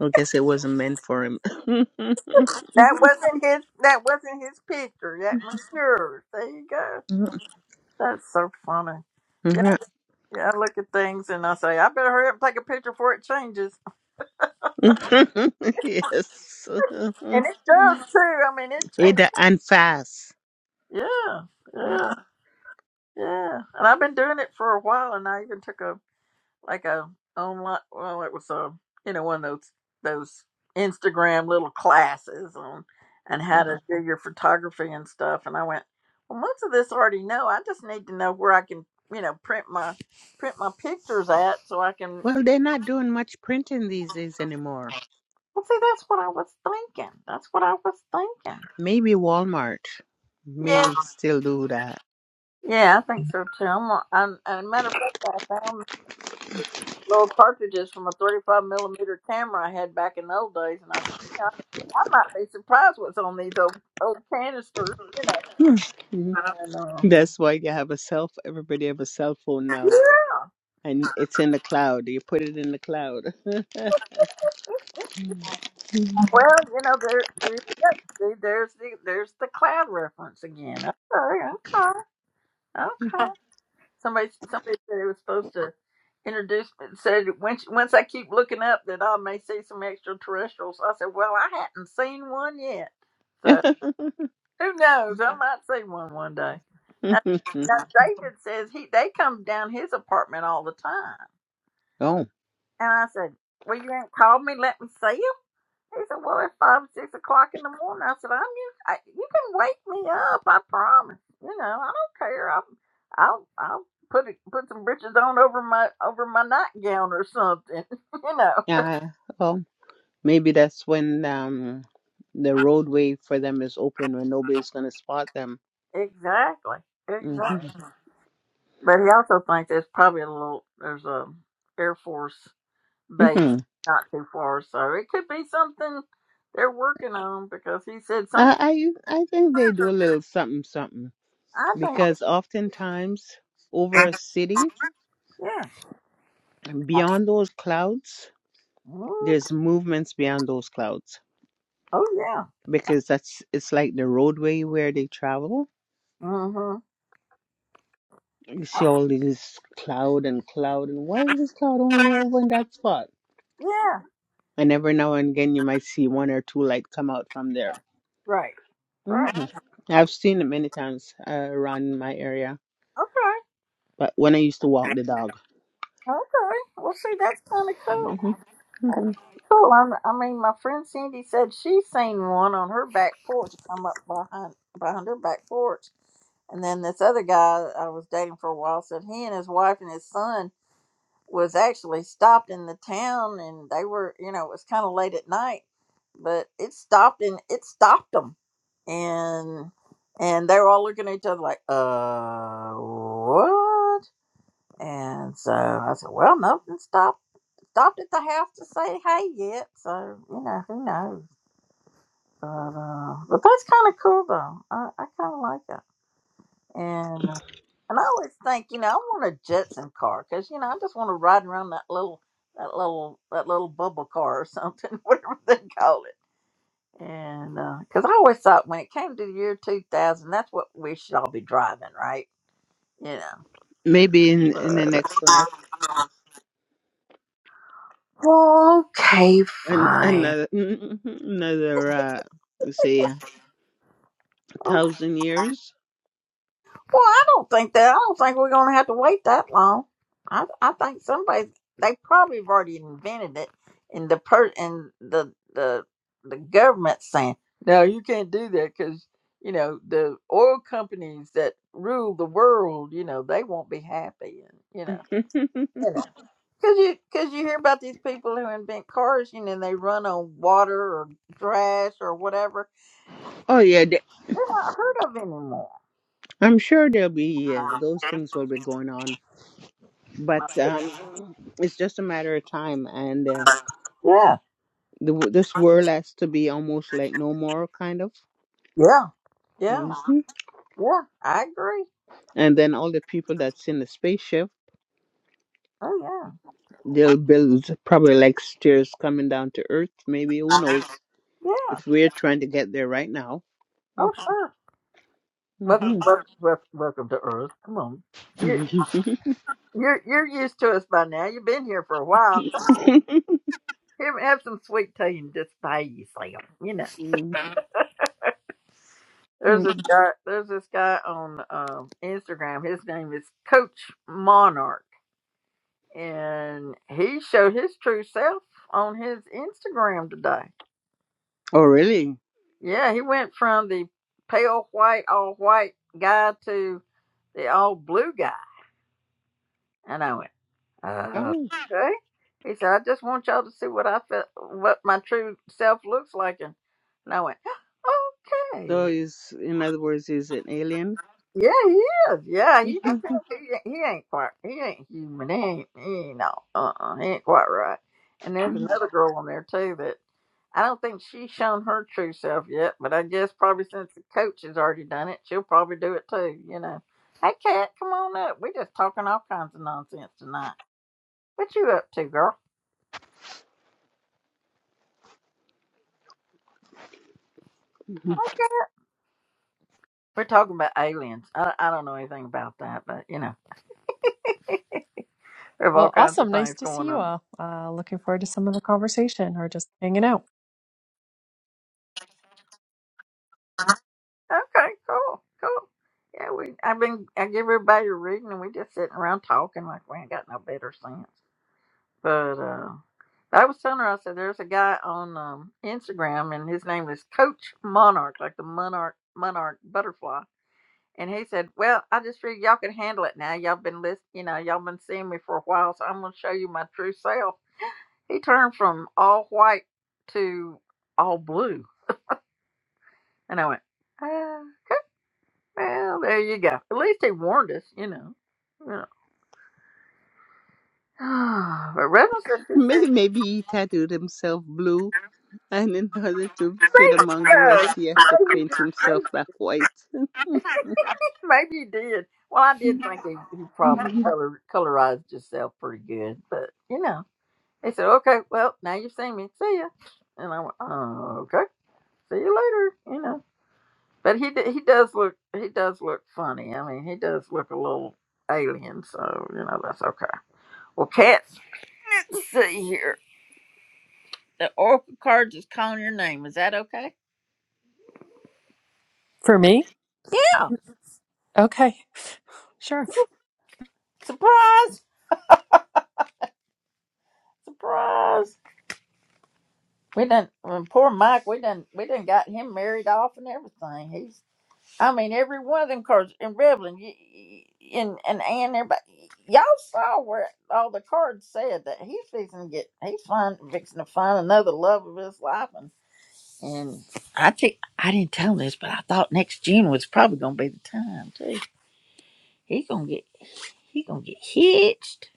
Speaker 5: I guess it wasn't meant for him.
Speaker 1: That wasn't his. That wasn't his picture. That was yours. There you go. That's so funny. Yeah, I look at things and I say, I better hurry up and take a picture before it changes.
Speaker 5: yes.
Speaker 1: And it does too. I mean, it changes.
Speaker 5: Ada and fast.
Speaker 1: Yeah,
Speaker 5: Yep.
Speaker 1: yeah, yeah. And I've been doing it for a while, and I even took a like a online. Well, it was a you know one of those those Instagram little classes on and how
Speaker 5: Mhm.
Speaker 1: to do your photography and stuff. And I went, well, most of this I already know. I just need to know where I can you know print my print my pictures at so I can.
Speaker 5: Well, they're not doing much printing these days anymore.
Speaker 1: Well, see, that's what I was thinking. That's what I was thinking.
Speaker 5: Maybe Walmart
Speaker 1: Yeah,
Speaker 5: may still do
Speaker 1: yeah, I think so too. I'm, a- I'm, as a matter of fact, I found little cartridges from a 35 millimeter camera I had back in the old days, and I said, yeah, I might be surprised what's on these old old canisters, you know.
Speaker 5: Mhm.
Speaker 1: And, uh,
Speaker 5: That's why you have a cell. ph- Everybody have a cell phone now,
Speaker 1: yeah,
Speaker 5: and it's in the cloud. You put it in the cloud.
Speaker 1: well, you know, there, there, yeah, see, there's the there's the cloud reference again. Okay, okay, okay. Somebody somebody said it was supposed to introduce me. Said once once I keep looking up that I may see some extraterrestrials. I said, well, I hadn't seen one yet, so who knows? I might see one one day. Now, now David says he they come down his apartment all the time,
Speaker 5: oh,
Speaker 1: and I said, well, you ain't called me. Let me see 'em. He said, "Well, it's five, six o'clock in the morning." I said, "I'm you. I, you can wake me up. I promise. You know, I don't care. I'll, I'll, I'll put it, put some britches on over my over my nightgown or something. you know,
Speaker 5: yeah. Well, maybe that's when um the roadway for them is open when nobody's gonna spot them.
Speaker 1: exactly,
Speaker 5: hmm
Speaker 1: exactly. But he also thinks there's probably a little there's a Air Force base
Speaker 5: hmm
Speaker 1: not too far, so it could be something they're working on because he said
Speaker 5: Uh,
Speaker 1: sometimes
Speaker 5: I I think they do a little something something
Speaker 1: I think
Speaker 5: because oftentimes over a city
Speaker 1: yeah,
Speaker 5: beyond those clouds,
Speaker 1: mm,
Speaker 5: there's movements beyond those clouds.
Speaker 1: oh yeah,
Speaker 5: because that's it's like the roadway where they travel.
Speaker 1: hmm
Speaker 5: You see all these cloud and cloud, and why is this cloud only over in that spot?
Speaker 1: yeah,
Speaker 5: And every now and again, you might see one or two light come out from there.
Speaker 1: right. Right.
Speaker 5: hmm I've seen it many times uh, around my area,
Speaker 1: Okay.
Speaker 5: but when I used to walk the dog,
Speaker 1: Okay. Well, see, that's kind of
Speaker 5: hmm
Speaker 1: cool. That's
Speaker 5: hmm
Speaker 1: kinda cool. I'm, I mean, my friend Cindy said she seen one on her back porch come up behind behind her back porch, and then this other guy I was dating for a while said he and his wife and his son was actually stopped in the town, and they were, you know, it was kind of late at night, but it stopped and it stopped them, and and they were all looking at each other like, uh, what? And so I said, well, nothing stopped stopped at the house to say hey yet. So you know who knows. But uh, but that's kind of cool though. I, I kind of like it. And uh, and I always think, you know, I want a Jetson car because you know I just want to ride around that little that little that little bubble car or something, whatever they call it. And because I always thought when it came to the year two thousand, that's what we should all be driving, right? You know.
Speaker 5: maybe in in the
Speaker 1: But,
Speaker 5: next life,
Speaker 1: uh, okay,
Speaker 5: and
Speaker 1: fine.
Speaker 5: another another uh, say a thousand years.
Speaker 1: Well, I don't think that. I don't think we're going to have to wait that long. I I think somebody they probably have already invented it, and the per and the the the government saying no, you can't do that because you know the oil companies that rule the world, you know they won't be happy, and you know. Cause you, cause you hear about these people who invent cars, you know, and they run on water or trash or whatever.
Speaker 5: oh yeah,
Speaker 1: They're not heard of anymore.
Speaker 5: I'm sure there'll be yes, those things will be going on, but um, it's just a matter of time, and uh,
Speaker 1: Yeah,
Speaker 5: the, w- this world has to be almost like no more, kind of.
Speaker 1: yeah,
Speaker 5: hmm
Speaker 1: yeah. Yeah, I agree.
Speaker 5: And then all the people that's in the spaceship,
Speaker 1: Oh yeah,
Speaker 5: they'll build probably like stairs coming down to Earth. Maybe who knows
Speaker 1: yeah.
Speaker 5: if we're trying to get there right now.
Speaker 1: Oh sure. Welcome,
Speaker 5: hmm
Speaker 1: welcome, welcome, welcome to Earth. Come on, you're you're you're used to us by now. You've been here for a while. So,
Speaker 5: oh,
Speaker 1: Here, have some sweet tea and just pay yourself. You know, there's this guy. There's this guy on um, Instagram. His name is Coach Monarch, and he showed his true self on his Instagram today.
Speaker 5: really?
Speaker 1: Yeah, he went from the pale white, all white guy to the all blue guy. And I went, oh,
Speaker 5: Oh.
Speaker 1: okay. He said, I just want y'all to see what I felt, what my true self looks like. And, and I went,
Speaker 5: So
Speaker 1: okay.
Speaker 5: is in other words, is an alien?
Speaker 1: Yeah, he is. Yeah, you can tell he, ain't- he ain't quite, he ain't human. He ain't, he ain't, all- uh-uh, he ain't quite right. And there's another girl on there too that I don't think she's shown her true self yet, but I guess probably since the coach has already done it, she'll probably do it too, you know. Hey, Kat, come on up. We're just talking all kinds of nonsense tonight. What you up to, girl? We're talking about aliens. I, I don't know anything about that, but you know, we have all
Speaker 10: Well,
Speaker 1: kinds of
Speaker 10: awesome. Nice
Speaker 1: things
Speaker 10: to see
Speaker 1: going
Speaker 10: you
Speaker 1: on.
Speaker 10: all. Uh, looking forward to some of the conversation or just hanging out.
Speaker 1: Okay, cool, cool. Yeah, we. I've been. I give everybody a reading, and we just sitting around talking like we ain't got no better sense. But uh, I was telling her, I said, there's a guy on um, Instagram, and his name is Coach Monarch, like the monarch monarch butterfly. And he said, "Well, I just figured y'all could handle it now. Y'all been listening, you know, y'all been seeing me for a while, so I'm gonna show you my true self." He turned from all white to all blue. And I went, ah, okay, well, there you go. At least he warned us, you know. You know. but Reynolds said, she said,
Speaker 5: May- Maybe he tattooed himself blue, and in order to fit
Speaker 1: "Think
Speaker 5: among the rest,
Speaker 1: so.
Speaker 5: he had to
Speaker 1: Maybe,
Speaker 5: paint himself
Speaker 1: maybe
Speaker 5: back white.
Speaker 1: maybe he did. Well, I
Speaker 5: he
Speaker 1: did think he, he probably color, colorized himself pretty good. But, you know, he said, okay, well, now you've seen me. See ya. And I went, oh, okay. See you later. You know. But he d- he does look he does look funny. I mean, he does look a little alien, so you know that's okay. Well, cats, let's see here. The oracle card is calling your name. Is that okay?
Speaker 10: For me?
Speaker 1: Yeah.
Speaker 10: Okay, sure.
Speaker 1: Surprise! Surprise! We didn't. Poor Mike. We didn't. We didn't got him married off and everything. I mean, every one of them cars in Revlon, y y- and and and everybody, y'all saw where all the cards said that he's fixing to get, he's fine, fixing to find another love of his life, and and I think I didn't tell him this, but I thought next June was probably gonna be the time too. He gonna get, he gonna get hitched.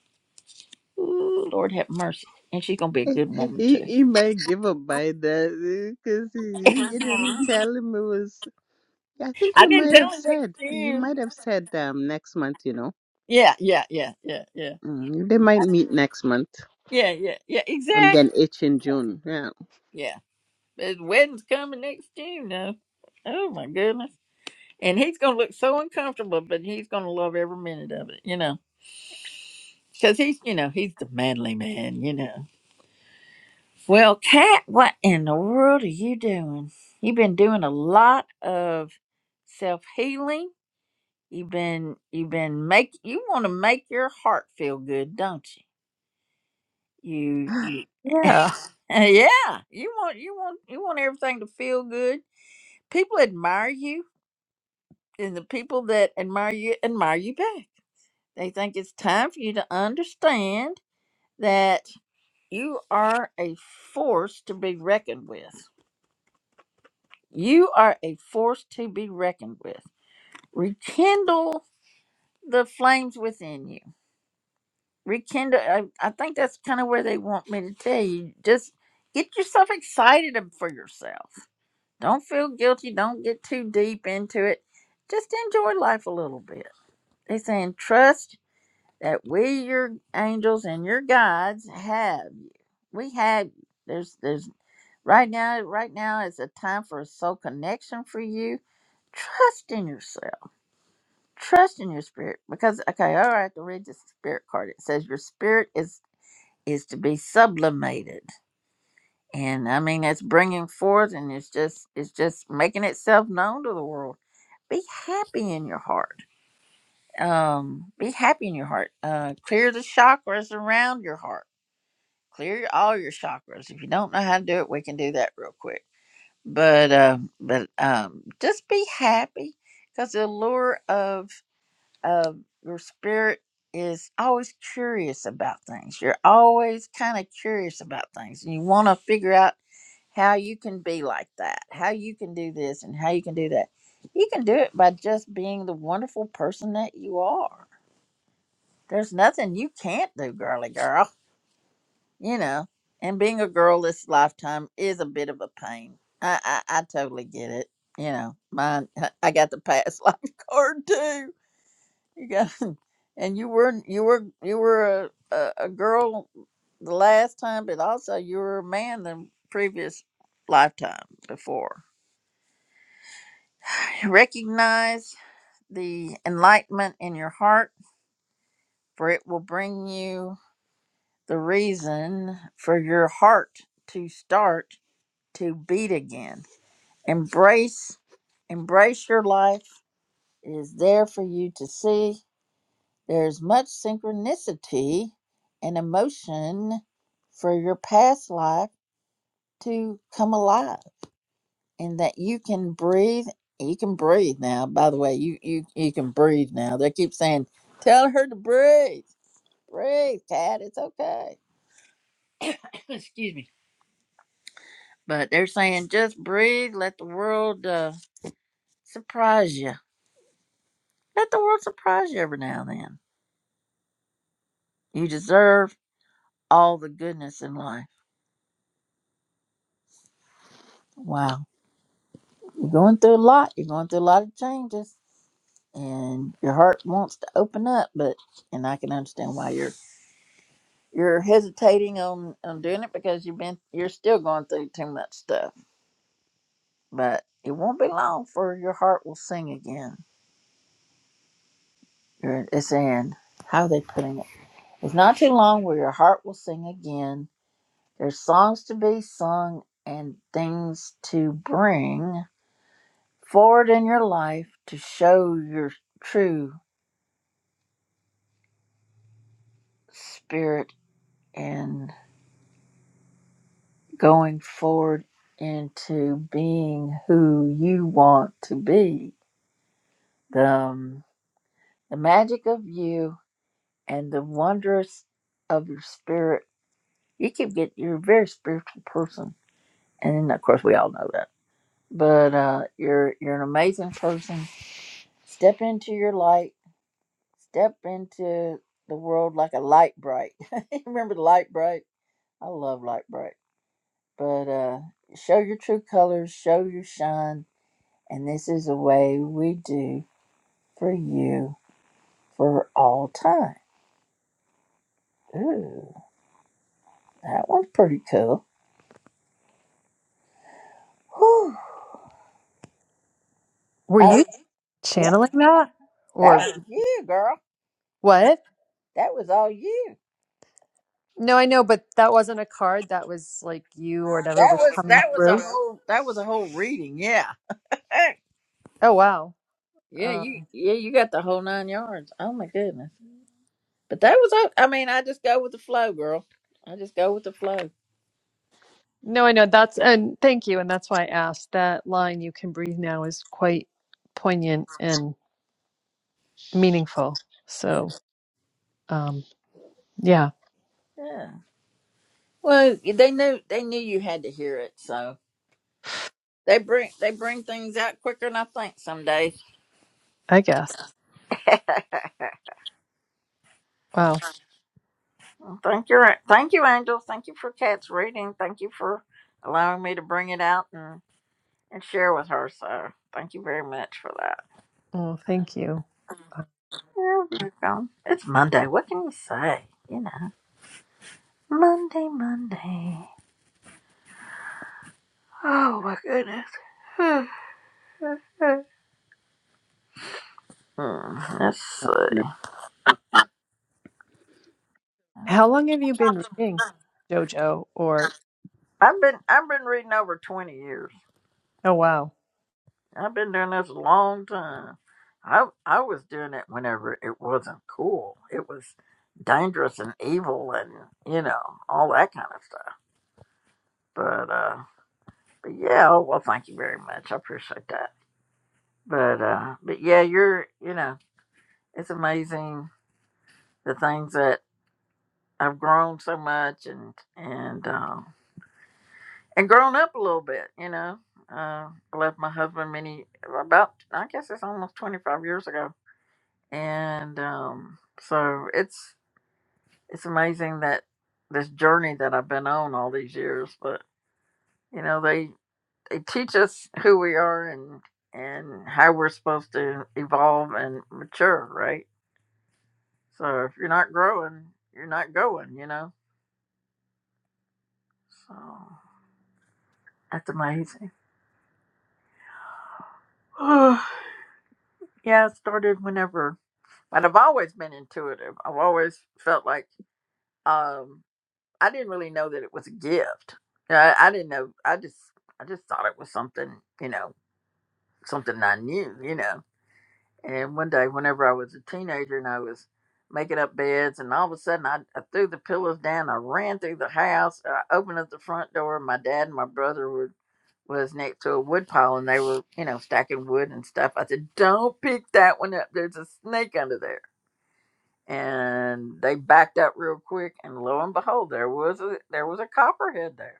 Speaker 1: Ooh, Lord have mercy, and she's gonna be a good woman too.
Speaker 5: he might give up by that because you you didn't tell him it was. I think
Speaker 1: I
Speaker 5: you
Speaker 1: didn't
Speaker 5: might
Speaker 1: tell
Speaker 5: have
Speaker 1: him next
Speaker 5: said you
Speaker 1: June.
Speaker 5: might have said um next month. You know,
Speaker 1: Yeah, yeah, yeah, yeah, yeah,
Speaker 5: mm, they might meet next month,
Speaker 1: yeah, yeah, yeah,
Speaker 5: and then
Speaker 1: exactly.
Speaker 5: H in June. Yeah.
Speaker 1: His wedding's coming next June now. Oh my goodness. And he's gonna look so uncomfortable, but he's gonna love every minute of it, you know. Cause he's you know, he's the manly man, you know. Well, Kat, what in the world are you doing? You've been doing a lot of self healing. You've been you've been make you wanna make your heart feel good, don't you? You
Speaker 10: Yeah.
Speaker 1: yeah. You want you want you want everything to feel good. People admire you and the people that admire you admire you back. They think it's time for you to understand that you are a force to be reckoned with. You are a force to be reckoned with. Rekindle the flames within you. Rekindle. I, I think that's kind of where they want me to tell you. Just get yourself excited ab- for yourself. Don't feel guilty. Don't get too deep into it. Just enjoy life a little bit. They're saying trust that we your angels and your guides have we have you. there's there's right now right now is a time for a soul connection for you trust in yourself trust in your spirit because okay all right I have to read the spirit card it says your spirit is is to be sublimated and i mean it's bringing forth and it's just it's just making itself known to the world be happy in your heart um be happy in your heart uh clear the chakras around your heart clear all your chakras. If you don't know how to do it, we can do that real quick. But um, but um, just be happy because the lure of of your spirit is always curious about things. You're always kind of curious about things, and you want to figure out how you can be like that, how you can do this, and how you can do that. You can do it by just being the wonderful person that you are. There's nothing you can't do, girly girl you know, and being a girl this lifetime is a bit of a pain. I I, I totally get it. You know, mine. I got the past life card too. You got, and you were you were you were a, a, a girl the last time, but also you were a man the previous lifetime before. Recognize the enlightenment in your heart, for it will bring you the reason for your heart to start to beat again Embrace, embrace your life. It is there for you to see. There is much synchronicity and emotion for your past life to come alive, and that you can breathe. You can breathe now. By the way, you you you can breathe now. They keep saying, "Tell her to breathe, breathe, Cat. It's okay." Excuse me. But they're saying, "Just breathe. Let the world uh, surprise you. Let the world surprise you every now and then." You deserve all the goodness in life. Wow. You're going through a lot. You're going through a lot of changes and your heart wants to open up, but and I can understand why you're you're hesitating on, on doing it because you've been you're still going through too much stuff. But it won't be long for your heart will sing again. You're- It's in how are they putting it? It's not too long where your heart will sing again. There's songs to be sung and things to bring forward in your life to show your true spirit and going forward into being who you want to be. The, um, the magic of you and the wondrous of your spirit. You can get you're a very spiritual person, and of course we all know that. But uh, you're you're an amazing person. Step into your light. Step into the world like a light bright. Remember the light bright? I love light bright. But uh, show your true colors, show your shine, and this is a way we do for you for all time. Ooh, that one's pretty cool. Whew.
Speaker 10: Were
Speaker 1: I,
Speaker 10: you
Speaker 1: yeah,
Speaker 10: channeling that?
Speaker 1: that
Speaker 10: Or
Speaker 1: was you, girl.
Speaker 10: what?
Speaker 1: That was all you.
Speaker 10: No, I know, but that wasn't a card. That was like you or whatever
Speaker 1: That
Speaker 10: was
Speaker 1: was
Speaker 10: coming
Speaker 1: that was a
Speaker 10: through.
Speaker 1: whole that was a whole reading. Yeah. Hey.
Speaker 10: Oh, wow.
Speaker 1: Yeah,
Speaker 10: Um,
Speaker 1: you yeah you got the whole nine yards. Oh my goodness. But that was all- I mean I just go with the flow, girl. I just go with the flow.
Speaker 10: no, I know. That's, and thank you. And that's why I asked. That line, you can breathe now, is quite poignant and meaningful. So, um, yeah,
Speaker 1: Yeah. Well, they knew they knew you had to hear it, so they bring they bring things out quicker than I think some days.
Speaker 10: I guess. Wow.
Speaker 1: Well, Thank you, Ra- thank you, Angel. Thank you for Kat's reading. Thank you for allowing me to bring it out and, and share with her. So thank you very much for that.
Speaker 10: Oh, thank you.
Speaker 1: You're welcome. It's Monday. What can you say? You know, Monday, Monday. Oh my goodness. Hmm, Let's
Speaker 5: Oh,
Speaker 1: see.
Speaker 5: no.
Speaker 10: How long have you been reading JoJo? Or
Speaker 1: I've been I've been reading over twenty years.
Speaker 10: oh wow,
Speaker 1: I've been doing this a long time. I I was doing it whenever it wasn't cool. It was dangerous and evil and you know all that kind of stuff. But uh, but yeah. Oh, well, thank you very much. I appreciate that. But uh, but yeah, you're you know it's amazing the things that I've grown so much and and um, and grown up a little bit. You know, uh, I left my husband many about I guess it's almost twenty five years ago and um, so it's it's amazing that this journey that I've been on all these years. But you know, they they teach us who we are and and how we're supposed to evolve and mature, right? So if you're not growing, you're not going. You know, so that's amazing. yeah, it started whenever, but I've always been intuitive. I've always felt like. um, I didn't really know that it was a gift. I, I didn't know. I just I just thought it was something, you know, something I knew, you know. And one day, whenever I was a teenager and I was making up beds, and all of a sudden I, I threw the pillows down, I ran through the house, I opened up the front door. My dad and my brother were was next to a wood pile, and they were, you know, stacking wood and stuff. I said, "Don't pick that one up. There's a snake under there." And they backed up real quick, and lo and behold, there was a there was a copperhead there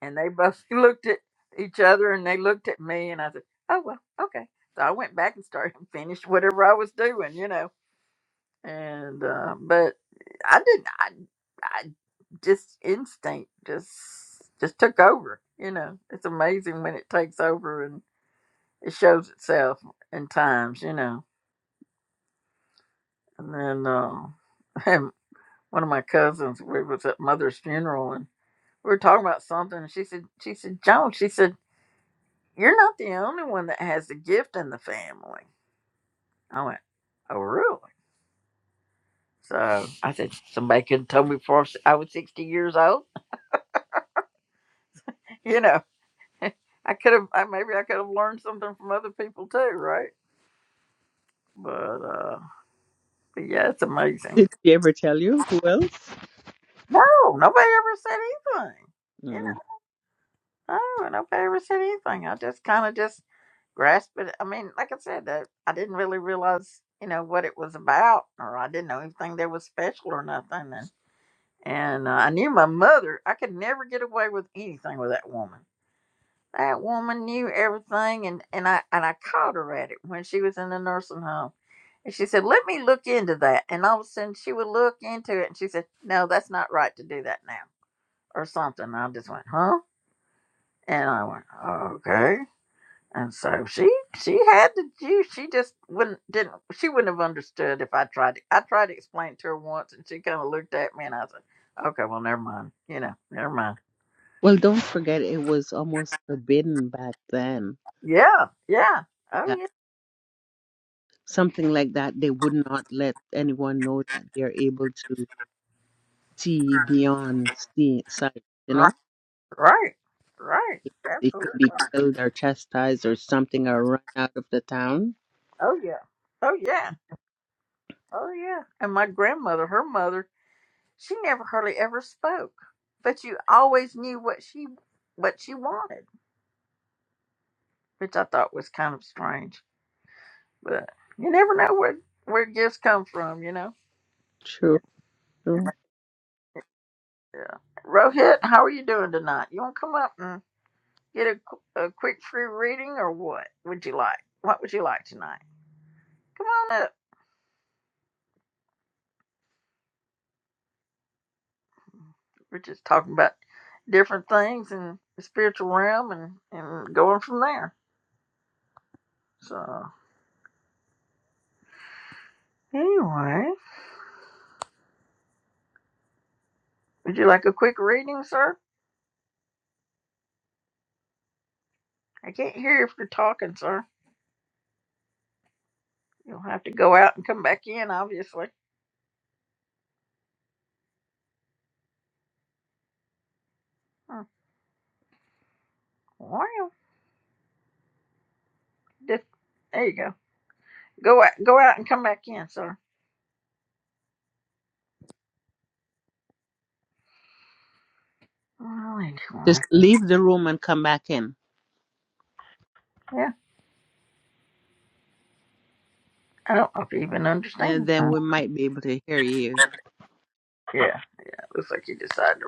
Speaker 1: And they both looked at each other and they looked at me and I said, Oh well, okay. So I went back and started and finished whatever I was doing, you know. And uh, but I didn't I I just instinct just just took over, you know. It's amazing when it takes over and it shows itself in times, you know. And then uh, and one of my cousins, we was at mother's funeral and we were talking about something and she said she said, Joan, she said You're not the only one that has the gift in the family. I went, Oh, really? So I said, Somebody could have told me before I was 60 years old. You know, I could have, I, maybe I could have learned something from other people too, right? But, uh, but yeah, it's
Speaker 5: Did
Speaker 1: amazing.
Speaker 5: she ever tell you who else?
Speaker 1: No, nobody ever said anything. You
Speaker 5: Mm.
Speaker 1: know, no, nobody ever said anything. I just kind of just grasped it. I mean, like I said, that I didn't really realize, you know, what it was about, or I didn't know anything that was special or nothing. and. And uh, I knew my mother. I could never get away with anything with that woman. That woman knew everything, and and I and I caught her at it when she was in the nursing home. And she said, "Let me look into that." And all of a sudden, she would look into it, and she said, "No, that's not right to do that now," or something. I just went, "Huh?" And I went, "Okay." And so she she had the juice. She just wouldn't didn't she wouldn't have understood if I tried to I tried to explain it to her once and she kinda looked at me and I said, Okay, well never mind. You know, never mind.
Speaker 5: Well, don't forget it was almost forbidden back then.
Speaker 1: Yeah, yeah. Oh yeah.
Speaker 5: something like that, they would not let anyone know that they're able to see beyond see sight. You
Speaker 1: Right
Speaker 5: know,
Speaker 1: right. Right.
Speaker 5: they could
Speaker 1: Absolutely.
Speaker 5: be killed or chastised or something or run out of the town.
Speaker 1: Oh yeah. Oh yeah. Oh yeah. And my grandmother, her mother, she never hardly ever spoke. But you always knew what she what she wanted, which I thought was kind of strange. But you never know where where gifts come from, you know.
Speaker 5: True, true.
Speaker 1: Yeah. Rohit, how are you doing tonight? You want to come up and get a, qu- a quick free reading, or what would you like? What would you like tonight? Come on up. We're just talking about different things in the spiritual realm and and going from there. So anyway, would you like a quick reading, sir? I can't hear if you're talking, sir. You'll have to go out and come back in, obviously. Hmm. Well, just- there you go. Go out, go out, and come back in, sir. Well, anyway,
Speaker 5: Just leave the room and come back in,
Speaker 1: yeah, I don't know if he even
Speaker 5: and
Speaker 1: understands.
Speaker 5: then
Speaker 1: Huh?
Speaker 5: we might be able to hear you.
Speaker 1: Yeah, it looks like he decided to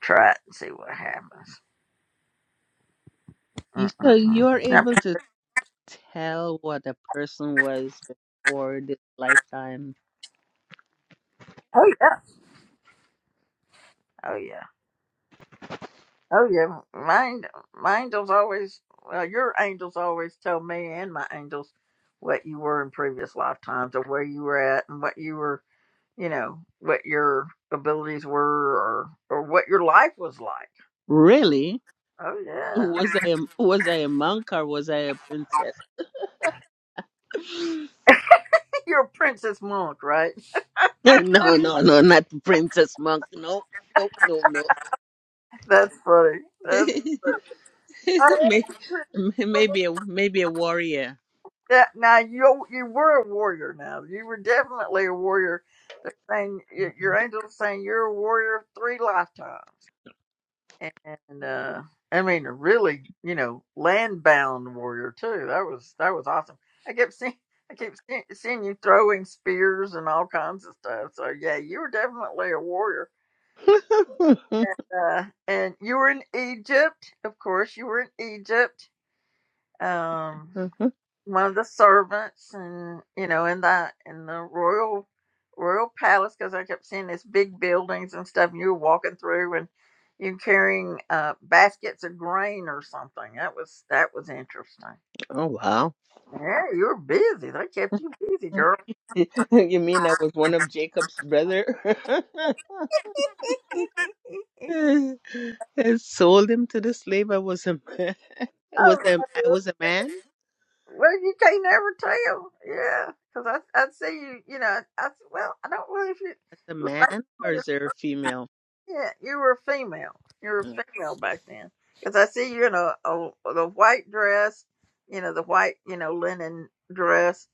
Speaker 1: try it and see what happens.
Speaker 5: You so
Speaker 1: Mm-mm-mm.
Speaker 5: you're
Speaker 1: Yep.
Speaker 5: able to tell what a person was before this lifetime.
Speaker 1: Oh yeah, oh yeah, oh yeah. My, my angels always, well, your angels always tell me and my angels what you were in previous lifetimes or where you were at and what you were, you know, what your abilities were or or what your life was like.
Speaker 5: Really?
Speaker 1: Oh yeah,
Speaker 5: Was I a, was I a monk or was I a princess?
Speaker 1: you're a princess monk, right?
Speaker 5: no, no, no, not the princess monk. No, nope, no, no.
Speaker 1: That's funny. That's I
Speaker 5: May-
Speaker 1: appreciate
Speaker 5: maybe a maybe a warrior.
Speaker 1: that. Now you you were a warrior. Now you were definitely a warrior. They're saying your your angel's saying you're a warrior of three lifetimes, and uh, I mean a really you know land bound warrior too. That was that was awesome. I kept seeing. I keep seeing, seeing you throwing spears and all kinds of stuff. So yeah, you were definitely a warrior.
Speaker 5: oh
Speaker 1: Uh, and you were in Egypt, of course. You were in Egypt. Um, one of the servants and you know in the in the royal royal palace because i kept seeing these big buildings and stuff and you were walking through and you're carrying uh baskets of grain or something that was that was interesting
Speaker 5: wow.
Speaker 1: yeah you were busy they kept you busy girl
Speaker 5: You mean I was one of Jacob's brother? I sold him to the slave. I was a man. Was
Speaker 1: oh
Speaker 5: a I was a man?
Speaker 1: well you can't never tell yeah because i i see you you know i well i don't really if
Speaker 5: As a man
Speaker 1: you
Speaker 5: or is there a female?
Speaker 1: Yeah, you were a female. You were
Speaker 5: Mm.
Speaker 1: a female back then. Because I see you in a, a the white dress, you know, the white, you know, linen dress,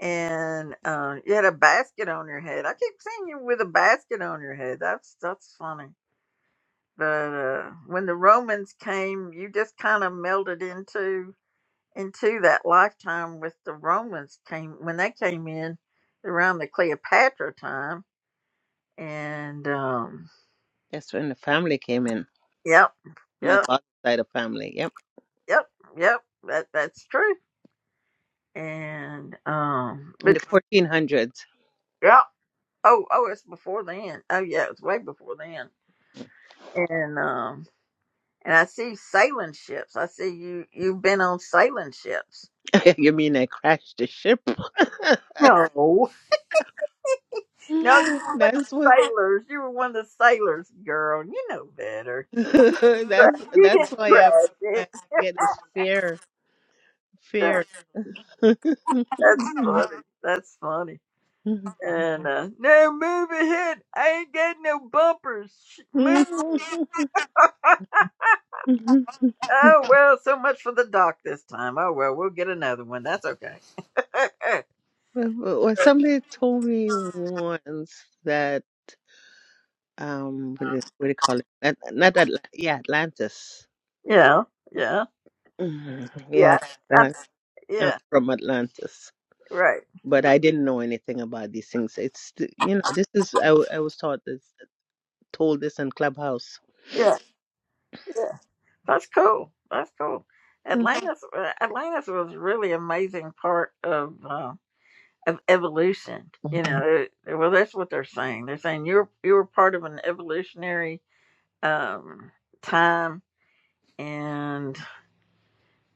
Speaker 1: and uh, you had a basket on your head. I keep seeing you with a basket on your head. That's that's funny. But uh, when the Romans came, you just kind of melded into into that lifetime with the Romans came when they came in around the Cleopatra time, and um,
Speaker 5: That's when the family came in.
Speaker 1: yep,
Speaker 5: My
Speaker 1: Yep.
Speaker 5: father's side of family. Yep.
Speaker 1: Yep, yep, that that's true. And um,
Speaker 5: In
Speaker 1: but
Speaker 5: the 1400s.
Speaker 1: yeah, oh oh, it's before then. Oh yeah, it's way before then. And um, and I see sailing ships. I see you you've been on sailing ships.
Speaker 5: you mean I crashed the ship?
Speaker 1: No. No, you were one of the
Speaker 5: that's what.
Speaker 1: sailors. You were one of the sailors, girl. You know better.
Speaker 5: that's
Speaker 1: You
Speaker 5: that's
Speaker 1: didn't
Speaker 5: why I,
Speaker 1: crash
Speaker 5: I
Speaker 1: it.
Speaker 5: get this fear, fear. well,
Speaker 1: That's funny. That's funny. And uh, no, move ahead. I ain't got no bumpers. Sh- Move. Oh well, so much for the dock this time. Oh well, we'll get another one. That's okay.
Speaker 5: somebody told me once that um, what do, what do you call it? Not, not that, yeah, Atlantis.
Speaker 1: yeah, yeah,
Speaker 5: Mhm.
Speaker 1: yeah,
Speaker 5: Yeah, that,
Speaker 1: That's
Speaker 5: I'm
Speaker 1: yeah.
Speaker 5: from Atlantis,
Speaker 1: Right.
Speaker 5: but I didn't know anything about these things. It's th- you know, this is I w- I was taught this. told this in Clubhouse.
Speaker 1: Yeah, yeah. That's cool. That's cool.
Speaker 5: Mm.
Speaker 1: Atlantis, uh, Atlantis was really amazing part of uh, of evolution. You know, it- it- well, that's what they're saying. They're saying you're you were part of an evolutionary um, time, and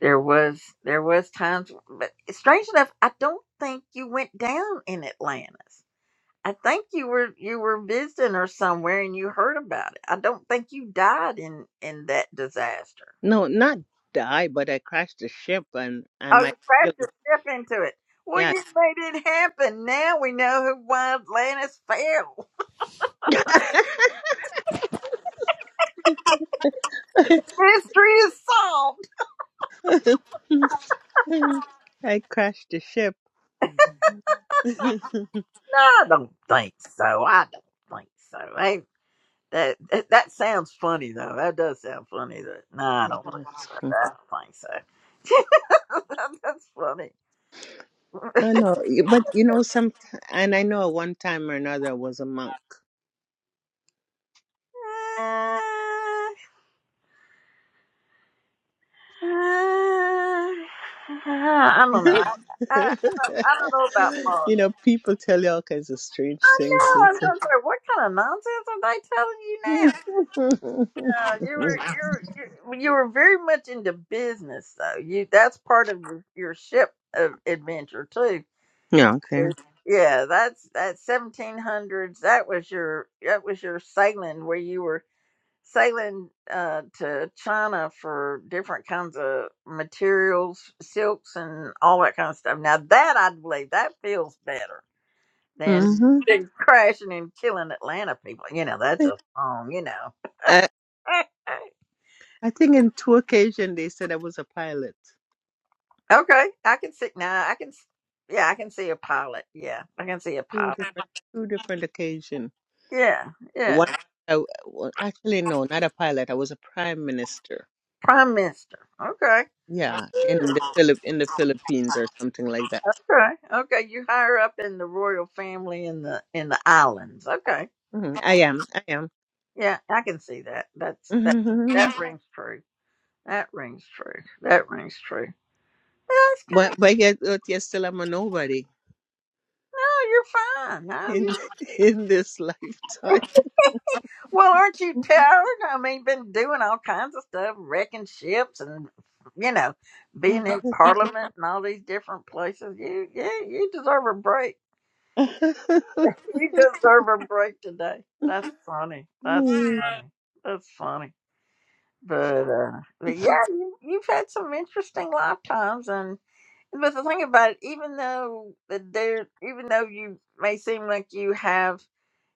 Speaker 1: There was there was times, but strange enough, I don't think you went down in Atlantis. I think you were you were visiting or somewhere and you heard about it. I don't think you died in in that disaster.
Speaker 5: No, not die, but I crashed the ship and I
Speaker 1: Oh, you
Speaker 5: might kill.
Speaker 1: crashed your ship into it. Well,
Speaker 5: Yeah.
Speaker 1: you made it happen. Now we know who why Atlantis fell. Mystery is solved.
Speaker 5: I crashed the ship.
Speaker 1: No, I don't think so. I don't think so. Hey, that that, that sounds funny though. That does sound funny. That no, I don't think so. I don't think so. That's funny.
Speaker 5: I know, but you know, some, and I know at one time or another I was a monk.
Speaker 1: Uh, uh, I don't know. I, I, I don't know about Mark.
Speaker 5: you know, people tell you all kinds of strange
Speaker 1: I
Speaker 5: things.
Speaker 1: know. I'm gonna what kind of nonsense are they telling you now? No, you were you're, you're you were very much into business though. You that's part of your, your ship of adventure too.
Speaker 5: yeah, okay.
Speaker 1: is- Yeah, that's that 1700s. That was your that was your sailing where you were sailing uh, to China for different kinds of materials, silks, and all that kind of stuff. Now that I believe that feels better than
Speaker 5: hmm
Speaker 1: than crashing and killing Atlanta people. You know, that's a song. You know.
Speaker 5: I think in two occasions they said I was a pilot.
Speaker 1: okay, I can see now. I can. s- Yeah, I can see a pilot. Yeah, I can see a
Speaker 5: Two
Speaker 1: pilot.
Speaker 5: different, two different occasion.
Speaker 1: Yeah, yeah.
Speaker 5: One, I, well, actually, no, not a pilot. I was a prime minister.
Speaker 1: Prime Minister. Okay.
Speaker 5: Yeah, in the
Speaker 1: Yeah.
Speaker 5: Philip in the Philippines or something like that.
Speaker 1: Okay. Okay. You higher up in the royal family in the in the islands. Okay.
Speaker 5: Mhm, I am, I am.
Speaker 1: Yeah, I can see that. That's that. That rings true. That rings true. That rings true. That's kind
Speaker 5: But
Speaker 1: of
Speaker 5: but yet, but yet still I'm a nobody
Speaker 1: no. You're fine. No,
Speaker 5: in
Speaker 1: you.
Speaker 5: in this lifetime.
Speaker 1: Well, aren't you tired? I mean, been doing all kinds of stuff, wrecking ships, and you know, being in Parliament and all these different places. You, yeah, you deserve a break. You deserve a break today. That's funny. That's funny. That's funny. But uh, but yeah, you, you've had some interesting lifetimes, and. But the thing about it, even though that there, even though you may seem like you have,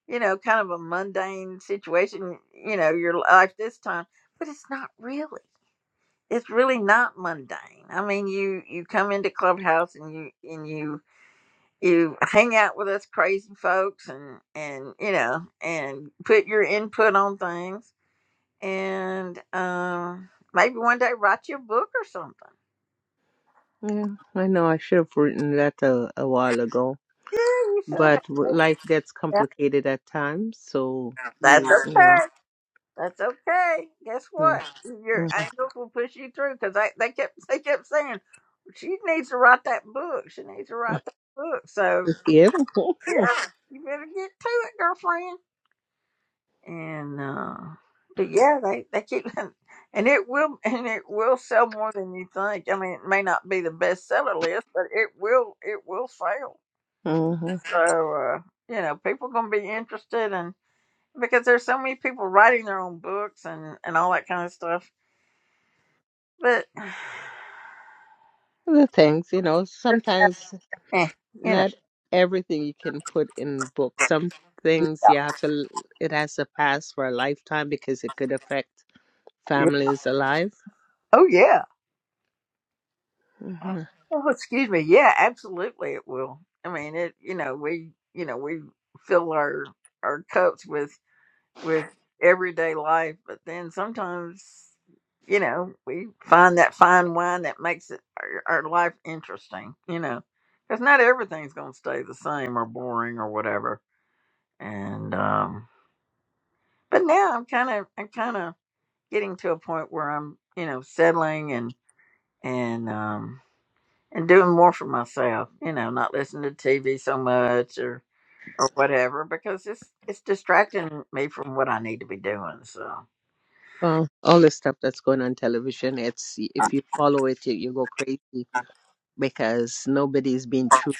Speaker 1: you know, kind of a mundane situation, you know, your life this time, but it's not really. It's really not mundane. I mean, you you come into Clubhouse and you and you you hang out with us crazy folks and and you know and put your input on things and um maybe one day write your book or something.
Speaker 5: yeah, I know I should have written that a, a while ago.
Speaker 1: Yeah, you should.
Speaker 5: but w- life gets
Speaker 1: Yeah,
Speaker 5: complicated at times. So
Speaker 1: that's
Speaker 5: you, you know,
Speaker 1: okay. That's okay. Guess
Speaker 5: mm,
Speaker 1: what? Your
Speaker 5: mhm.
Speaker 1: angels will push you through because they, they kept they kept saying she needs to write that book. She needs to write that book. So
Speaker 5: yeah,
Speaker 1: yeah, you better get to it, girlfriend. And uh, but yeah, they they keep and it will and it will sell more than you think. I mean, it may not be the bestseller list, but it will it will sell.
Speaker 5: Mhm.
Speaker 1: So uh, you know, people gonna be interested and because there's so many people writing their own books and and all that kind of stuff But
Speaker 5: the things, you know, sometimes
Speaker 1: eh, you know,
Speaker 5: not everything you can put in books. Some things you have to, l- it has to pass for a lifetime because it could affect
Speaker 1: yeah.
Speaker 5: families alive.
Speaker 1: oh yeah,
Speaker 5: hmm
Speaker 1: oh excuse me, yeah, absolutely, it will. I mean, it you know we you know we fill our our cups with with everyday life, but then sometimes you know we find that fine wine that makes it our, our life interesting. You know, because not everything's gonna stay the same or boring or whatever. And um, but now I'm kind of I'm kind of getting to a point where I'm you know settling and um and doing more for myself you know not listening to tv so much or or whatever because it's it's distracting me from what i need to be doing so
Speaker 5: Well, all the stuff that's going on television, it's if you follow it, you, you go crazy because nobody's being true,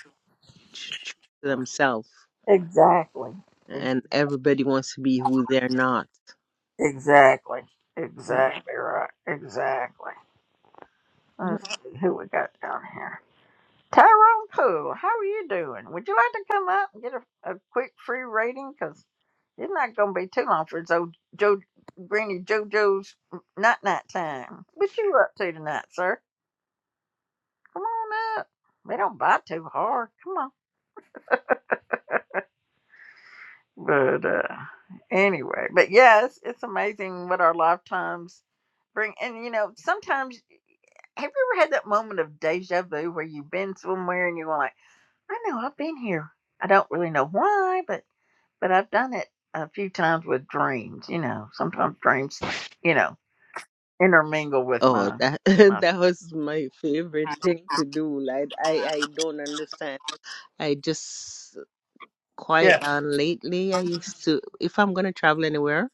Speaker 5: tr- true to themselves.
Speaker 1: exactly Ex-
Speaker 5: and everybody wants to be who they're not.
Speaker 1: exactly
Speaker 5: Uh,
Speaker 1: exactly right exactly
Speaker 5: uh,
Speaker 1: let's see who we got down here Tyrone Poole, how are you doing? Would you like to come up and get a, a quick free rating? Because it's not going to be too long for it's old Joe, Granny JoJo's night night time. What you up to tonight, sir? Come on up. They don't bite too hard. Come on. But uh, anyway, but yes, it's amazing what our lifetimes bring. And you know, sometimes have you ever had that moment of deja vu where you've been somewhere and you're like, I know I've been here. I don't really know why, but. but I've done it a few times with dreams. You know, sometimes dreams, you know, intermingle with
Speaker 5: Oh,
Speaker 1: my
Speaker 5: that
Speaker 1: my.
Speaker 5: that was my favorite thing to do. Like I, I don't understand. I just quiet
Speaker 1: Yeah.
Speaker 5: down lately. I used to, if I'm gonna travel anywhere,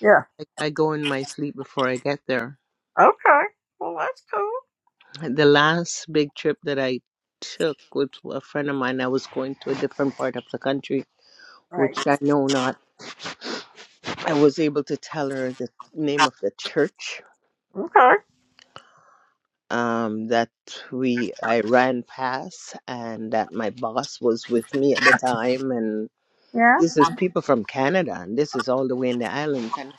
Speaker 1: Yeah.
Speaker 5: I, I go in my sleep before I get there.
Speaker 1: Okay. Well, that's cool.
Speaker 5: The last big trip that I took with a friend of mine, I was going to a different part of the country,
Speaker 1: Right.
Speaker 5: which I know not. I was able to tell her the name of the church
Speaker 1: Okay.
Speaker 5: um, that we I ran past, and that my boss was with me at the time. And
Speaker 1: Yeah.
Speaker 5: this is people from Canada, and this is all the way in the islands. And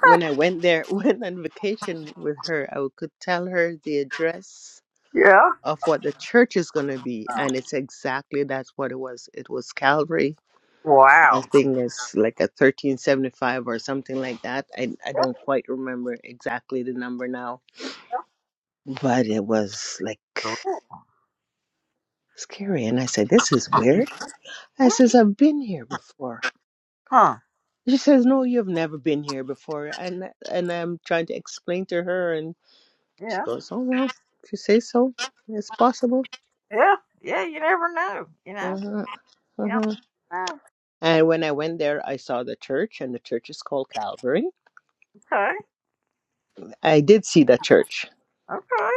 Speaker 5: when I went there, went on vacation with her, I could tell her the address
Speaker 1: Yeah.
Speaker 5: of what the church is going to be, and it's exactly that's what it was. It was Calvary. I
Speaker 1: Wow.
Speaker 5: think it's like a thirteen seventy five or something like that. I I don't quite remember exactly the number now, but it was like. scary. And I said, This is weird. I says, I've been here before.
Speaker 1: Huh.
Speaker 5: She says, No, you've never been here before. And and I'm trying to explain to her, and she
Speaker 1: Yeah.
Speaker 5: goes, Oh well, if you say so, it's possible.
Speaker 1: Yeah. Yeah. You never know. You know.
Speaker 5: Uh-huh.
Speaker 1: Yeah.
Speaker 5: Uh-huh.
Speaker 1: Ah,
Speaker 5: And when I went there, I saw the church, and the church is called Calvary.
Speaker 1: okay.
Speaker 5: I did see the church,
Speaker 1: Okay.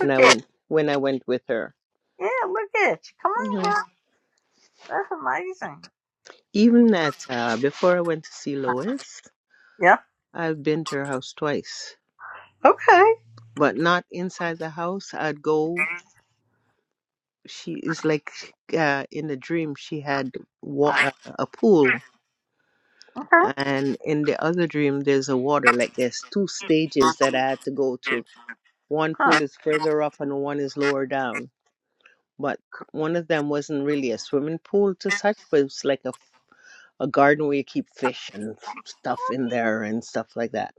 Speaker 5: and I
Speaker 1: at.
Speaker 5: went when I went with her.
Speaker 1: Yeah. Look at you. Come on,
Speaker 5: hmm
Speaker 1: girl. That's amazing.
Speaker 5: Even at uh, before I went to see Lois,
Speaker 1: Yeah.
Speaker 5: I've been to her house twice,
Speaker 1: Okay.
Speaker 5: but not inside the house. I'd go she is like uh, in the dream she had wa- uh, a pool
Speaker 1: Okay.
Speaker 5: and in the other dream there's a water like there's two stages that i had to go to one
Speaker 1: Huh.
Speaker 5: pool is further up and one is lower down but
Speaker 1: Cool.
Speaker 5: one of them wasn't really a swimming pool to such but it's like a, a garden where you keep fish and f- stuff in there and stuff like that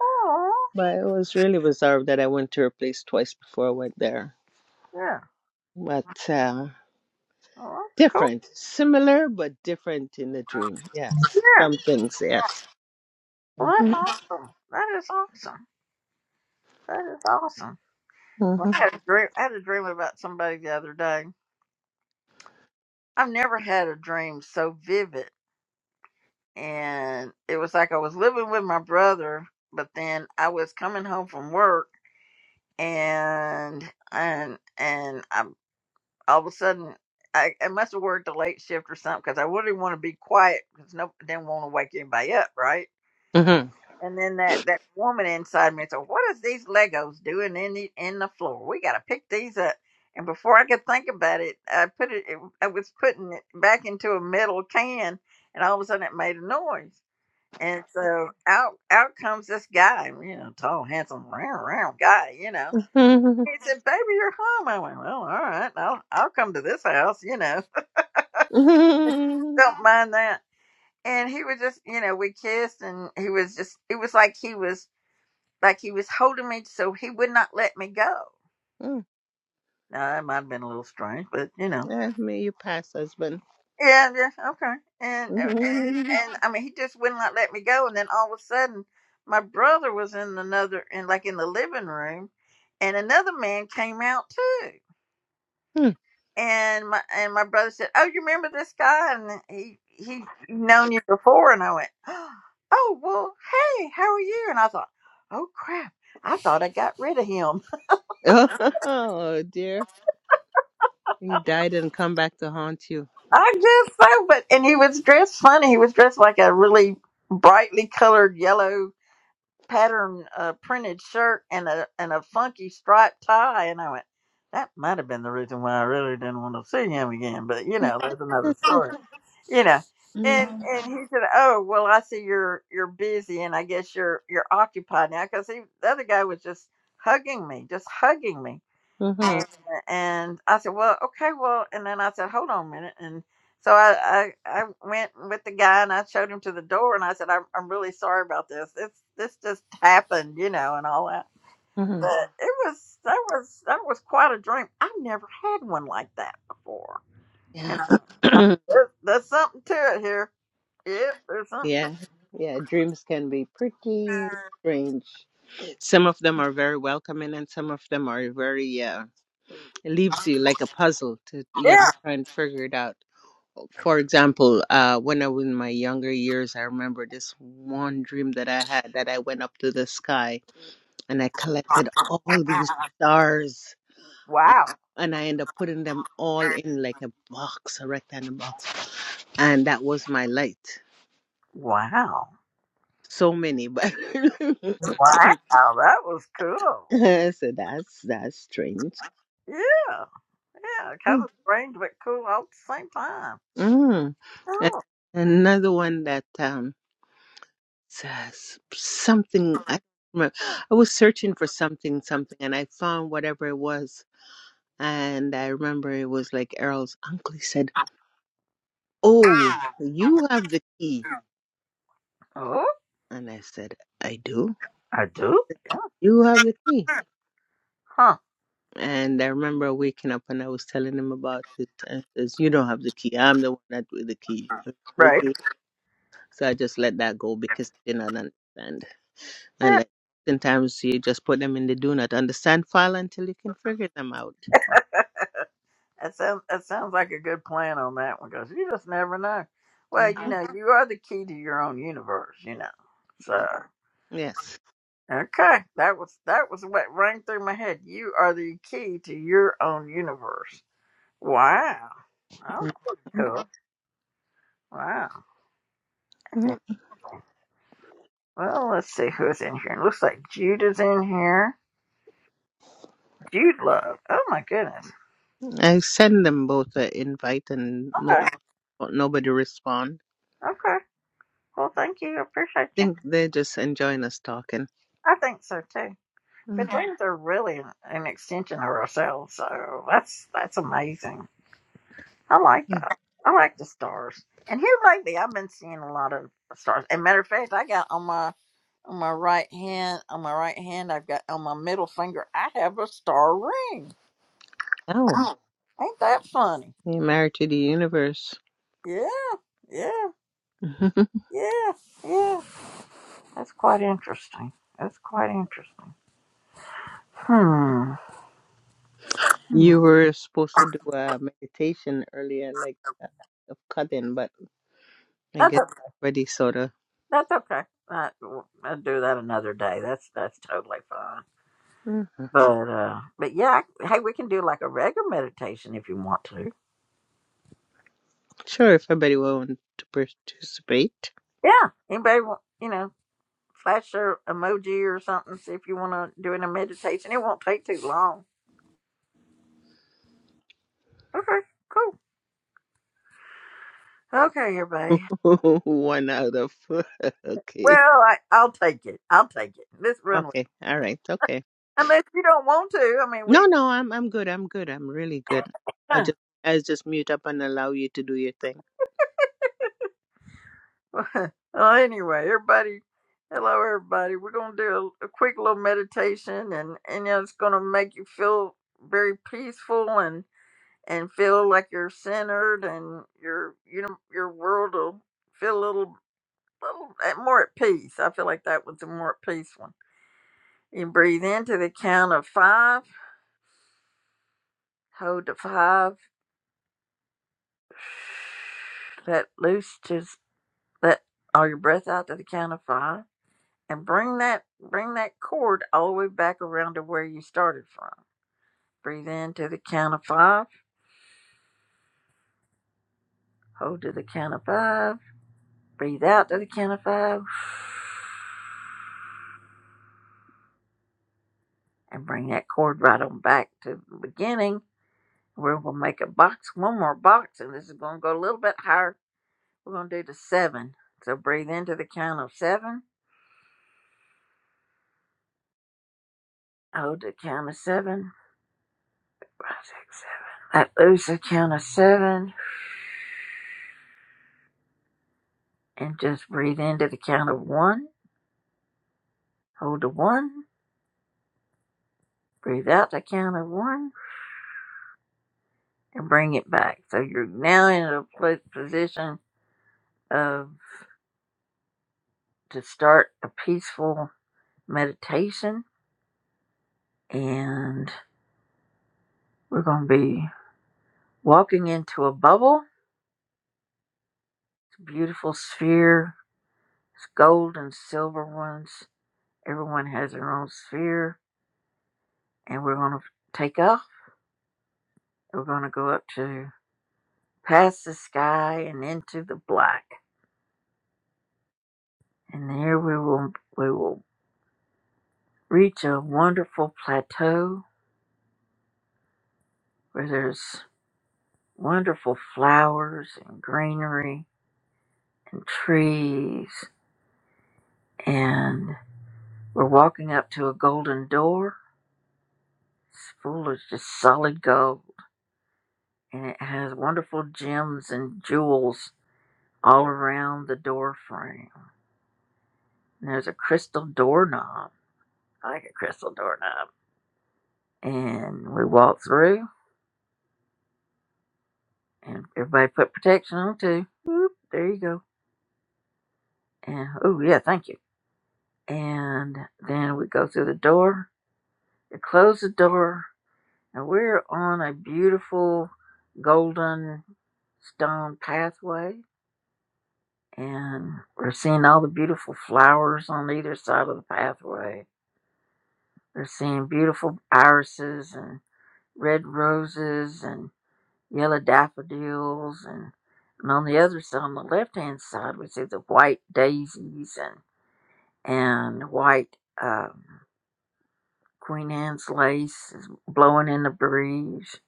Speaker 1: oh,
Speaker 5: but it was really bizarre that i went to her place twice before i went there
Speaker 1: Yeah.
Speaker 5: but uh,
Speaker 1: Oh, that's cool.
Speaker 5: Different, similar, but different in the dream. Yes,
Speaker 1: Yeah.
Speaker 5: some things. Yes.
Speaker 1: Well, that's
Speaker 5: Mhm.
Speaker 1: awesome. That is awesome. That is awesome. Well,
Speaker 5: Mhm.
Speaker 1: I, had a dream, I had a dream about somebody the other day. I've never had a dream so vivid. And it was like I was living with my brother, but then I was coming home from work and, and, and I, all of a sudden, I, I must have worked a late shift or something because I wouldn't want to be quiet because no, didn't want to wake anybody up, right?
Speaker 5: Mhm.
Speaker 1: And then that, that woman inside me said, What is these Legos doing in the in the floor? We gotta pick these up. And before I could think about it, I put it, it I was putting it back into a metal can and all of a sudden it made a noise. And so out out comes this guy, you know, tall, handsome, round, round guy, you know.
Speaker 5: Mhm.
Speaker 1: He said, Baby, you're home. I went, Well, all right, I'll I'll come to this house, you know. Don't mind that. And he was just, you know, we kissed and he was just it was like he was like he was holding me so he would not let me go.
Speaker 5: Mm.
Speaker 1: Now that might have been a little strange, but you know.
Speaker 5: Eh, May you pass, husband.
Speaker 1: Yeah, yeah, okay. And uh, and,
Speaker 5: Mhm.
Speaker 1: and I mean, he just would not let me go. And then all of a sudden, my brother was in another, in like in the living room, and another man came out too.
Speaker 5: Mm.
Speaker 1: And my and my brother said, "Oh, you remember this guy?" And he he known you before. And I went, "Oh well, hey, how are you?" And I thought, "Oh crap, I thought I got rid of him."
Speaker 5: Oh dear, he died and come back to haunt you.
Speaker 1: I guess so, but and he was dressed funny. He was dressed like a really brightly colored yellow pattern uh, printed shirt and a and a funky striped tie. And I went, that might have been the reason why I really didn't want to see him again. But you know, that's another story. You know, and
Speaker 5: Mhm.
Speaker 1: and he said, oh well, I see you're you're busy, and I guess you're you're occupied now because he the other guy was just hugging me, just hugging me and
Speaker 5: Mhm.
Speaker 1: and I said, "Well, okay, well." And then I said, "Hold on a minute." And so I I, I went with the guy and I showed him to the door and I said, "I'm I'm really sorry about this. It's this just happened, you know, and all that."
Speaker 5: mhm.
Speaker 1: But it was that was that was quite a dream. I've never had one like that before,
Speaker 5: Yeah,
Speaker 1: and I, there, there's something to it here. Yep, there's something. To
Speaker 5: yeah, yeah. Dreams can be pretty strange. Some of them are very welcoming, and some of them are very yeah. it leaves you like a puzzle to you have
Speaker 1: Yeah.
Speaker 5: to try and figure it out for example uh when i was in my younger years i remember this one dream that i had that i went up to the sky and i collected all these stars and
Speaker 1: Wow.
Speaker 5: and i ended up putting them all in like a box a rectangle box and that was my light
Speaker 1: Wow.
Speaker 5: so many but
Speaker 1: Wow. That was cool.
Speaker 5: so that's that's strange
Speaker 1: Yeah. Yeah. Kind of strange, but cool all at the same time.
Speaker 5: Mm. and
Speaker 1: Oh,
Speaker 5: another one that um says something I don't remember. I was searching for something, something, and I found whatever it was. And I remember it was like Errol's uncle. He said, "Oh, you have the key,"
Speaker 1: oh,
Speaker 5: and I said, "I do.
Speaker 1: I do?
Speaker 5: You have the key."
Speaker 1: Huh?
Speaker 5: And I remember waking up and I was telling him about it. And he says, "You don't have the key. I'm the one that with the key."
Speaker 1: Right.
Speaker 5: Okay. So I just let that go because I did not understand. And like sometimes you just put them in the do not understand file until you can figure them out
Speaker 1: That sounds that sounds like a good plan on that one because you just never know. Well, you
Speaker 5: Mhm.
Speaker 1: know, you are the key to your own universe, you know. So
Speaker 5: Yes.
Speaker 1: okay, that was that was what rang through my head. You are the key to your own universe. Wow. Oh,
Speaker 5: Mhm.
Speaker 1: cool. Wow. Okay.
Speaker 5: Mhm.
Speaker 1: Well, let's see who's in here. It looks like Jude is in here. Jude Love. Oh my goodness.
Speaker 5: I send them both an invite and no,
Speaker 1: Okay.
Speaker 5: nobody respond.
Speaker 1: Okay. Well, thank you. I Appreciate you.
Speaker 5: think they're just enjoying us talking.
Speaker 1: I think so too.
Speaker 5: hmm
Speaker 1: But dreams are really an extension of ourselves, so that's that's amazing. I like that. I like the stars. And here lately, I've been seeing a lot of stars. And matter of fact, I got on my on my right hand, on my right hand, I've got on my middle finger, I have a star ring.
Speaker 5: Oh,
Speaker 1: Ain't that funny?
Speaker 5: you're married to the universe.
Speaker 1: Yeah, yeah, yeah, yeah. That's quite interesting. That's quite interesting. Hmm. hmm.
Speaker 5: you were supposed to do a meditation earlier, like uh, of cutting, but I
Speaker 1: That's
Speaker 5: guess
Speaker 1: o-
Speaker 5: ready sorta.
Speaker 1: that's okay. I, I'll do that another day. That's that's totally fine.
Speaker 5: Mhm.
Speaker 1: But uh, but yeah, I- hey, we can do like a regular meditation if you want to.
Speaker 5: Sure, if everybody want to participate,
Speaker 1: Yeah, anybody want you know flash their emoji or something see if you want to do in a meditation. It won't take too long. Okay, cool. Okay, everybody.
Speaker 5: one out of okay,
Speaker 1: Well, I, I'll take it. I'll take it. Let's run with.
Speaker 5: okay, all right, okay.
Speaker 1: It. Unless you don't want to, I mean,
Speaker 5: No,
Speaker 1: we.
Speaker 5: no, I'm I'm good. I'm good. I'm really good. I'll
Speaker 1: Huh.
Speaker 5: just I'll just mute up and allow you to do your thing.
Speaker 1: well, anyway, everybody. Hello, everybody. We're gonna do a, a quick little meditation, and and you know, it's gonna make you feel very peaceful and. and feel like you're centered and your you know your world will feel a little little at- more at peace. I feel like that was the more at peace one. You can breathe into the count of five, hold to five, let loose, just let all your breath out to the count of five, and bring that bring that cord all the way back around to where you started from. Breathe in to the count of five, hold to the count of five, breathe out to the count of five and bring that cord right on back to the beginning where we'll make a box, one more box, and this is going to go a little bit higher. We're going to do the seven. So breathe into the count of seven. Hold the count of seven. Five, six, seven. Let loose the count of seven and just breathe into the count of one. Hold the one. Breathe out the count of one and bring it back. So you're now in a pl- position of to start a peaceful meditation and we're going to be Walking into a bubble, it's a beautiful sphere, it's gold and silver ones. Everyone has their own sphere, and we're going to take off. We're going to go up to past the sky and into the black, and there we will we will reach a wonderful plateau where there's wonderful flowers and greenery and trees, and we're walking up to a golden door. It's full of just solid gold and it has wonderful gems and jewels all around the door frame. And there's a crystal doorknob. I like a crystal doorknob. And we walked through, and everybody put protection on too. Whoop, there you go. And oh yeah, thank you. And then we go through the door. We close the door, and we're on a beautiful golden stone pathway. And we're seeing all the beautiful flowers on either side of the pathway they are seeing beautiful irises and red roses and yellow daffodils. And, and on the other side, on the left hand side, we see the white daisies and, and white um, Queen Anne's lace is blowing in the breeze.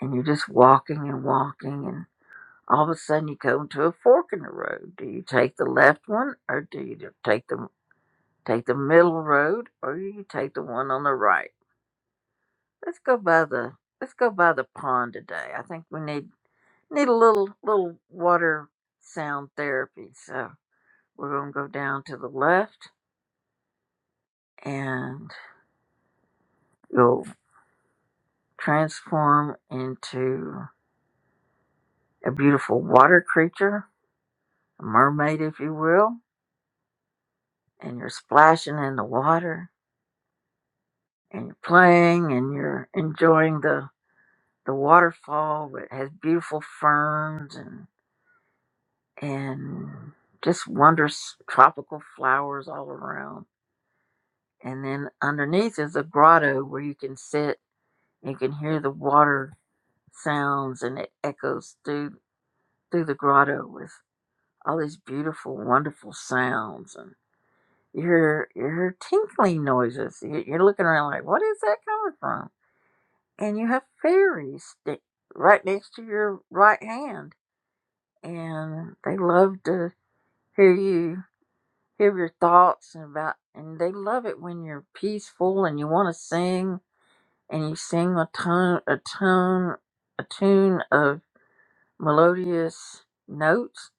Speaker 1: And you're just walking and walking. And all of a sudden, you come to a fork in the road. Do you take the left one or do you take the Take the middle road, or do you take the one on the right. Let's go by the let's go by the pond today. I think we need need a little little water sound therapy. So we're gonna go down to the left and you'll transform into a beautiful water creature, a mermaid if you will, and you're splashing in the water and you're playing and you're enjoying the the waterfall It has beautiful ferns and. and just wondrous tropical flowers all around. And then underneath is a grotto where you can sit and you can hear the water sounds and it echoes through through the grotto with all these beautiful, wonderful sounds and you hear you hear tinkling noises. You- You're looking around like, what is that coming from? And you have fairies sta- right next to your right hand, and they love to hear you hear your thoughts and about and they love it when you're peaceful and you want to sing and you sing a tone a tone a tune of melodious notes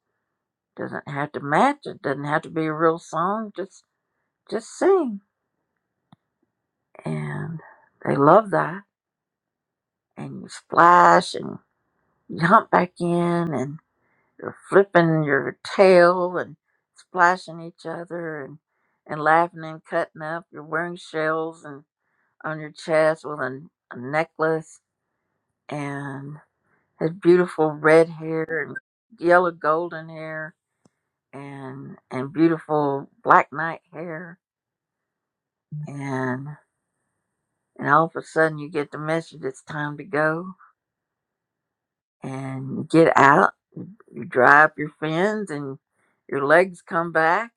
Speaker 1: doesn't have to match it doesn't have to be a real song just just sing and they love that and you splash and you hump back in and you're flipping your tail and splashing each other and and laughing and cutting up you're wearing shells and. on your chest with a, a necklace and his beautiful red hair and yellow golden hair and and beautiful black knight hair and and all of a sudden you get the message it's time to go and you get out you dry up your fins and your legs come back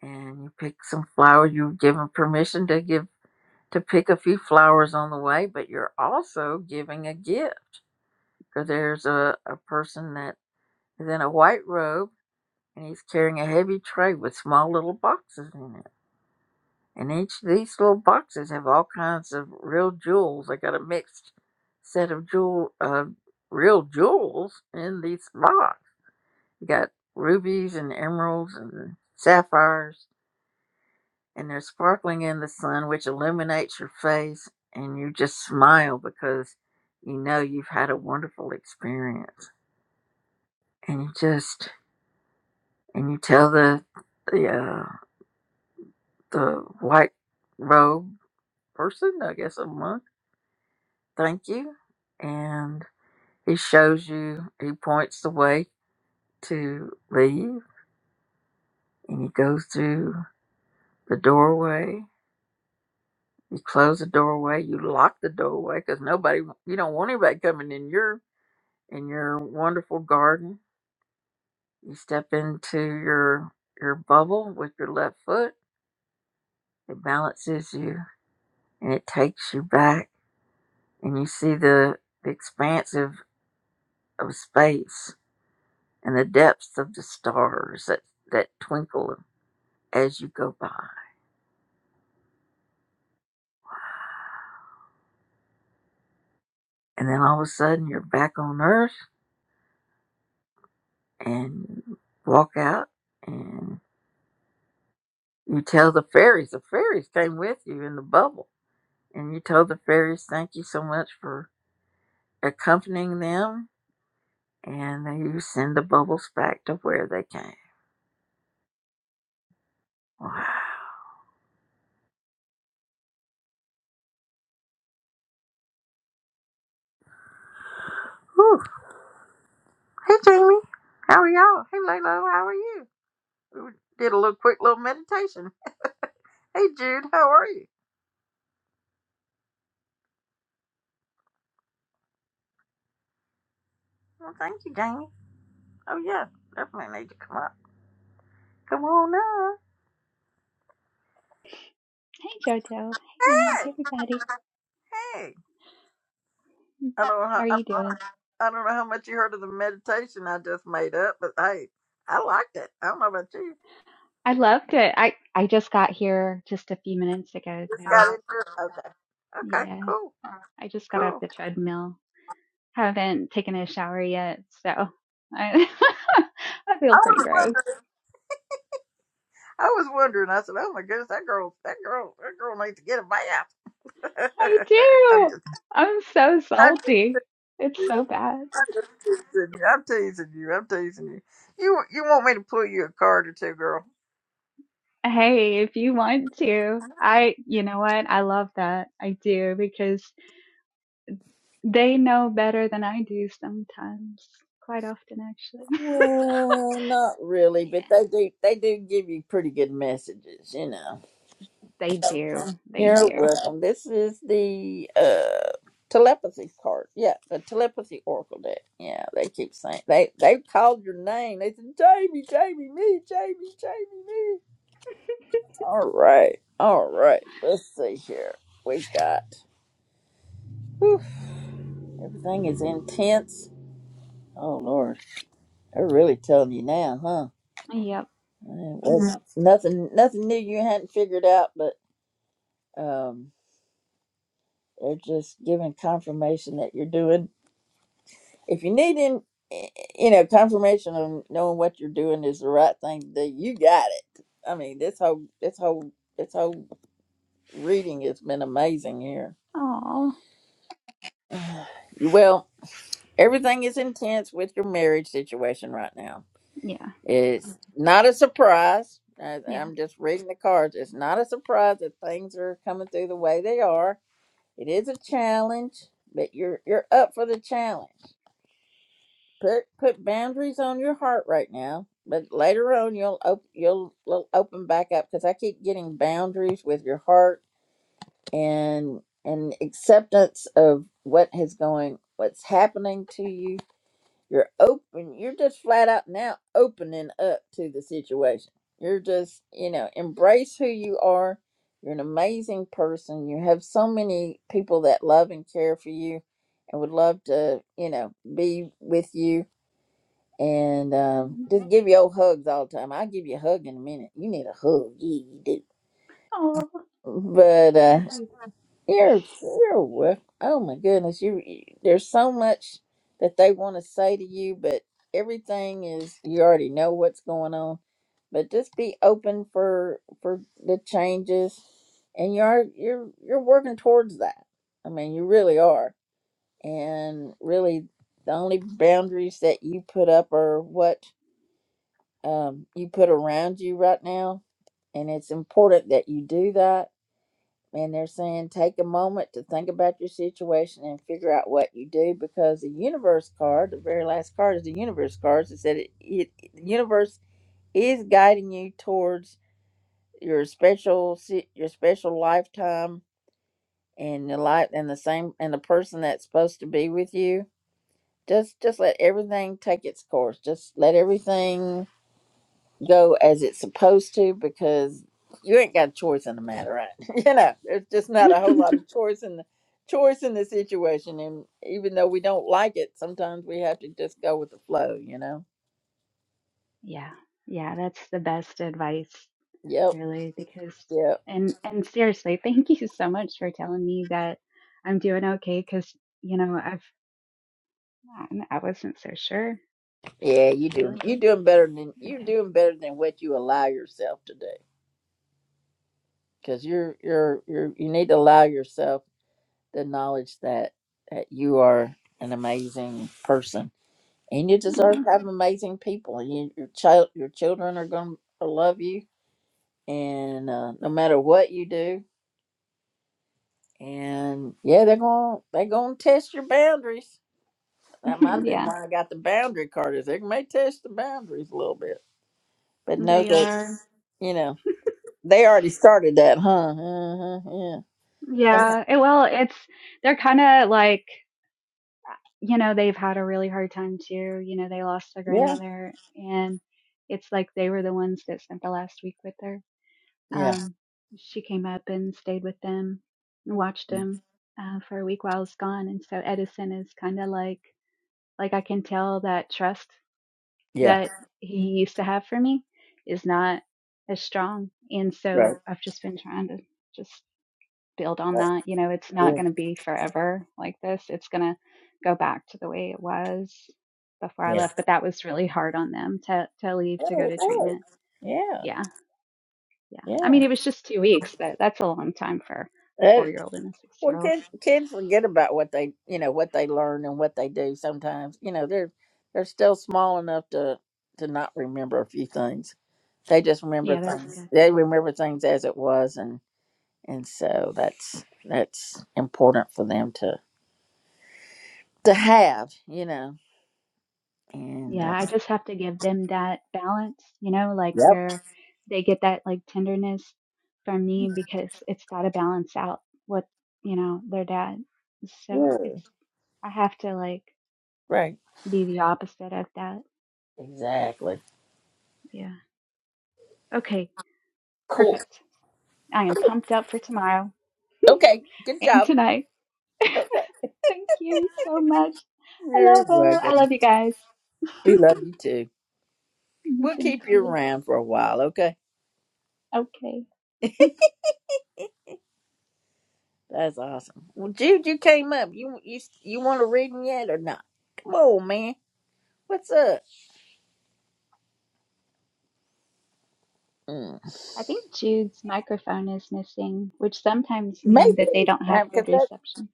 Speaker 1: and you pick some flowers you're given permission to give to pick a few flowers on the way but you're also giving a gift because there's a, a person that is in a white robe and he's carrying a heavy tray with small little boxes in it. And each of these little boxes have all kinds of real jewels. They got a mixed set of jewel uh, real jewels in these box. You got rubies and emeralds and sapphires and they're sparkling in the sun which illuminates your face and you just smile because you know you've had a wonderful experience. And you just and you tell the the uh. the white robe person, I guess a monk. Thank you. And he shows you, he points the way to leave, and you go through the doorway. You close the doorway, you lock the doorway because nobody, you don't want anybody coming in your in your wonderful garden. You step into your your bubble with your left foot. It balances you and it takes you back, and you see the, the expanse of, of space and the depths of the stars that, that twinkle as you go by. And then all of a sudden you're back on Earth and you walk out and you tell the fairies, the fairies came with you in the bubble. And you told the fairies, thank you so much for accompanying them. And then you send the bubbles back to where they came. Wow. Whew. Hey, Jamie. How are y'all? Hey, Lalo. How are you? We did a little quick little meditation. Hey, Jude. How are you? Well, thank you, Jamie. Oh yeah, definitely need to come up. Come on now.
Speaker 11: Hey Jojo. Hey Ann.
Speaker 1: Hey,
Speaker 11: Hey everybody.
Speaker 1: hey. I don't know
Speaker 11: How
Speaker 1: how
Speaker 11: are
Speaker 1: I
Speaker 11: you
Speaker 1: don't know
Speaker 11: doing?
Speaker 1: how, I don't know how much you heard of the meditation I just made up, but hey, I liked it. I don't know about you.
Speaker 11: I loved it. I I just got here just a few minutes ago,
Speaker 1: Just
Speaker 11: so
Speaker 1: got into it. Okay. Okay.
Speaker 11: yeah.
Speaker 1: Cool.
Speaker 11: I just got off
Speaker 1: Cool.
Speaker 11: the treadmill. Haven't taken a shower yet, so I I
Speaker 1: I
Speaker 11: feel pretty
Speaker 1: was
Speaker 11: gross.
Speaker 1: wondering. I was wondering. I said, "Oh my goodness, that girl, that girl, that girl needs to get a bath."
Speaker 11: I
Speaker 1: I'm
Speaker 11: do.
Speaker 1: just,
Speaker 11: I'm so
Speaker 1: I'm
Speaker 11: salty. It's
Speaker 1: just,
Speaker 11: so bad.
Speaker 1: I'm just teasing you. I'm teasing you. I'm teasing you. You, you want me to pull you a card or two, girl?
Speaker 11: Hey, if you want to, I, you know what? I love that. I do because they know better than I do sometimes, quite often, actually.
Speaker 1: Well, not really,
Speaker 11: Yeah,
Speaker 1: but they do they do give you pretty good messages, you know.
Speaker 11: they do. They
Speaker 1: You're
Speaker 11: do.
Speaker 1: welcome. This is the uh telepathy card. Yeah, the telepathy oracle deck. Yeah, they keep saying they they called your name. They said Jamie, Jamie, me, Jamie, Jamie, me. All right, all right. Let's see here. We got whew, everything is intense. Oh Lord, they're really telling you now, huh?
Speaker 11: Yep.
Speaker 1: Yeah, Well, Mhm. Nothing, nothing new you hadn't figured out, um, they're just giving confirmation that you're doing if you need in you know confirmation of knowing what you're doing is the right thing to do you got it i mean this whole this whole this whole reading has been amazing here
Speaker 11: Oh,
Speaker 1: well everything is intense with your marriage situation right now
Speaker 11: yeah,
Speaker 1: it's not a surprise I-
Speaker 11: yeah.
Speaker 1: i'm just reading the cards it's not a surprise that things are coming through the way they are it is a challenge but you're you're up for the challenge put put boundaries on your heart right now but later on you'll op- you'll, you'll open back up because i keep getting boundaries with your heart and and acceptance of what has going what's happening to you you're open you're just flat out now opening up to the situation you're just you know embrace who you are you're an amazing person you have so many people that love and care for you and would love to you know be with you and um,
Speaker 11: Mhm.
Speaker 1: just give your hugs all the time. I'll give you a hug in a minute. You need a hug, yeah, you do.
Speaker 11: Oh, well, well,
Speaker 1: Mm-hmm. But
Speaker 11: yeah,
Speaker 1: uh,
Speaker 11: I do.
Speaker 1: you're you're wel- Oh my goodness, you you- there's so much that they want to say to you, but everything is you already know what's going on. But just be open for for the changes, and you are you're you're working towards that. I mean, you really are, and really the only boundaries that you put up are what um, you put around you right now. And it's important that you do that. And they're saying take a moment to think about your situation and figure out what you do because the universe card, the very last card is the universe card. It said it, it, the universe is guiding you towards your special si- your special lifetime and the life and the same and the person that's supposed to be with you. Just just let everything take its course. Just let everything go as it's supposed to because you ain't got a choice in the matter, right? you know, there's just not a whole lot of choice in the choice in the situation, and even though we don't like it, sometimes we have to just go with the flow, you know.
Speaker 11: yeah, yeah. That's the best advice,
Speaker 1: Yep,
Speaker 11: really, because
Speaker 1: yep,
Speaker 11: and and seriously, thank you so much for telling me that I'm doing okay. Because you know, I've um, I wasn't so sure,
Speaker 1: yeah. You do.
Speaker 11: really.
Speaker 1: You doing better than you're
Speaker 11: Okay.
Speaker 1: doing better than what you allow yourself to do because you're you're you're you need to allow yourself the knowledge that that you are an amazing person and you deserve
Speaker 11: Oh,
Speaker 1: to have amazing people and you, your child your children are going to love you and uh, no matter what you do and yeah they're going to they're going to test your boundaries that might have been
Speaker 11: yeah.
Speaker 1: why i got the boundary card is they may test the boundaries a little bit but know
Speaker 11: They
Speaker 1: that
Speaker 11: are.
Speaker 1: you know they already started that huh uh yeah Sometimes-
Speaker 11: Yeah. eh, Well, it's they're kind of like. you know, they've had a really hard time too. You know, they lost their
Speaker 1: yeah
Speaker 11: grandmother and it's like they were the ones that spent the last week with her.
Speaker 1: yeah
Speaker 11: Um, she came up and stayed with them and watched them uh, for a week while I was gone. And so Edison is kind of like, like I can tell that trust
Speaker 1: yeah
Speaker 11: that he used to have for me is not as strong. And
Speaker 1: right,
Speaker 11: so I've just been trying to just build on
Speaker 1: right.
Speaker 11: that. You know, it's not
Speaker 1: yeah
Speaker 11: going to be forever like this. It's going to go back to the way it was before I
Speaker 1: yeah
Speaker 11: left. But that was really hard on them to to leave to go
Speaker 1: Oh, it
Speaker 11: to
Speaker 1: works.
Speaker 11: treatment.
Speaker 1: yeah
Speaker 11: Yeah, yeah. I mean, it was just two weeks, but that's a long time for a
Speaker 1: yeah
Speaker 11: four year old and a six
Speaker 1: Well,
Speaker 11: year old.
Speaker 1: kids kids forget about what they you know what they learn and what they do. Sometimes you know they're they're still small enough to to not remember a few things. They just remember
Speaker 11: Yeah, that's
Speaker 1: things.
Speaker 11: good.
Speaker 1: They remember things as it was, and and so that's that's important for them to to have. You know, and
Speaker 11: Yeah,
Speaker 1: um,
Speaker 11: I just have to give them that balance. You know, like
Speaker 1: yep,
Speaker 11: where they get that like tenderness from me because it's got to balance out what you know their dad. So
Speaker 1: yeah,
Speaker 11: it's I have to like
Speaker 1: right,
Speaker 11: be the opposite of that.
Speaker 1: exactly.
Speaker 11: Yeah. Okay.
Speaker 1: Cool.
Speaker 11: Perfect. I am pumped up for tomorrow
Speaker 1: Okay, good
Speaker 11: and
Speaker 1: job.
Speaker 11: tonight.
Speaker 1: Okay,
Speaker 11: Thank you so much. I
Speaker 1: you're
Speaker 11: love all. I
Speaker 1: welcome.
Speaker 11: love you guys.
Speaker 1: We love you too.
Speaker 11: Mm,
Speaker 1: We'll
Speaker 11: Thank
Speaker 1: keep you
Speaker 11: you.
Speaker 1: around for a while. Okay.
Speaker 11: Okay. Hmm.
Speaker 1: That's awesome. Well, Jude, you came up. You you you want to read them yet or not? Come on, man. What's up? Mm.
Speaker 11: I think Jude's microphone is missing, which sometimes
Speaker 1: Maybe
Speaker 11: mean that they don't have
Speaker 1: Um, 'cause
Speaker 11: good
Speaker 1: that,
Speaker 11: reception.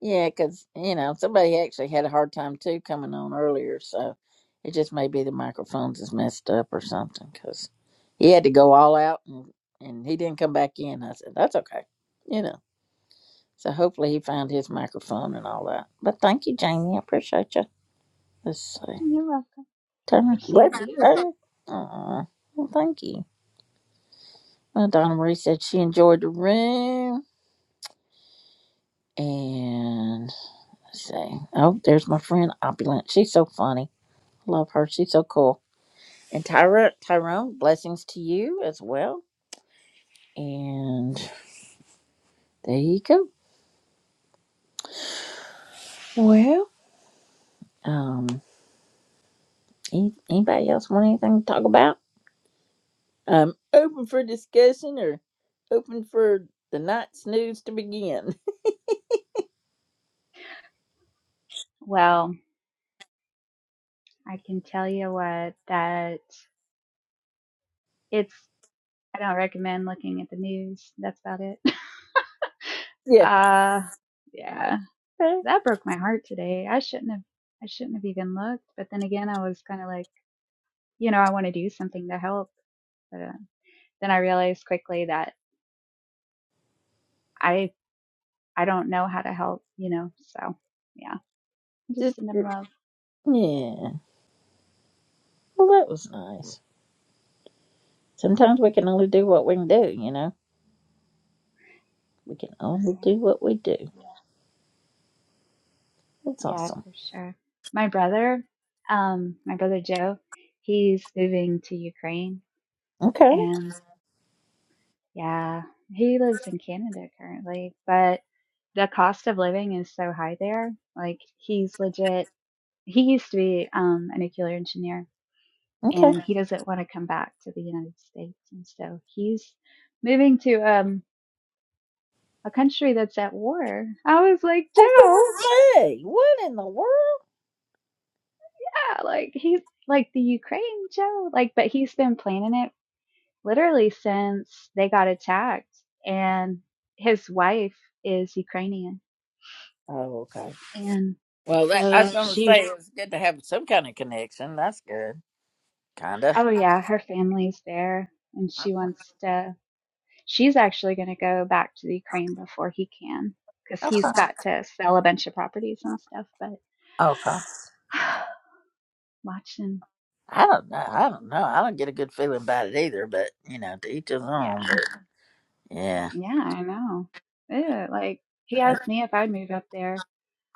Speaker 1: yeah, because you know somebody actually had a hard time too coming on earlier, so it just may be the microphones is messed up or something. Because he had to go all out and and he didn't come back in. I said that's okay, you know. So hopefully he found his microphone and all that. But thank you, Jamie. I appreciate you. Let's see,
Speaker 11: You're welcome.
Speaker 1: Turner.
Speaker 11: Appreciate
Speaker 1: Where's
Speaker 11: you.
Speaker 1: Turner? Aw, well, thank you. Uh, Donna Marie said she enjoyed the room. And let's see. Oh, there's my friend Opulent. She's so funny. Love her. She's so cool. And Tyra, Tyrone, blessings to you as well. And there you go. Well, um, any, anybody else want anything to talk about? Um, open for discussion or open for the night snooze to begin.
Speaker 11: Well, I can tell you what that it's. I don't recommend looking at the news. That's about it.
Speaker 1: Yeah.
Speaker 11: uh, yeah.
Speaker 1: Okay.
Speaker 11: that broke my heart today. I shouldn't have I shouldn't have even looked. But then again, I was kind of like, you know, I want to do something to help. But uh, then I realized quickly that I I don't know how to help, you know. So yeah,
Speaker 1: Just
Speaker 11: just send them
Speaker 1: yeah.
Speaker 11: love.
Speaker 1: Well, that was nice. Sometimes we can only do what we can do, you know. We can only
Speaker 11: Yeah,
Speaker 1: do what we do. That's
Speaker 11: yeah,
Speaker 1: awesome.
Speaker 11: for sure. My brother, um, my brother Joe, he's moving to Ukraine,
Speaker 1: Okay.
Speaker 11: and yeah, he lives in Canada currently, but the cost of living is so high there. Like he's legit He used to be um, a nuclear engineer,
Speaker 1: Okay.
Speaker 11: and he doesn't want to come back to the United States, and so he's moving to um, a country that's at war. I was like,
Speaker 1: I was
Speaker 11: Joe,
Speaker 1: gonna say, what in the world?
Speaker 11: ah, like he's like the Ukraine, Joe, like, but he's been planning it literally since they got attacked, and his wife is Ukrainian,
Speaker 1: Oh, okay.
Speaker 11: and
Speaker 1: Well, that I
Speaker 11: so
Speaker 1: was gonna say
Speaker 11: she,
Speaker 1: it was good to have some kind of connection. That's good, kinda.
Speaker 11: oh yeah, her family's there, and she wants to. She's actually going to go back to the Ukraine before he can because he's got to sell a bunch of properties and stuff. But
Speaker 1: Okay.
Speaker 11: watching,
Speaker 1: I don't know. I don't know. I don't get a good feeling about it either. But you know, to each his own.
Speaker 11: yeah,
Speaker 1: But yeah.
Speaker 11: yeah, I know. Ew, like he asked me if I'd move up there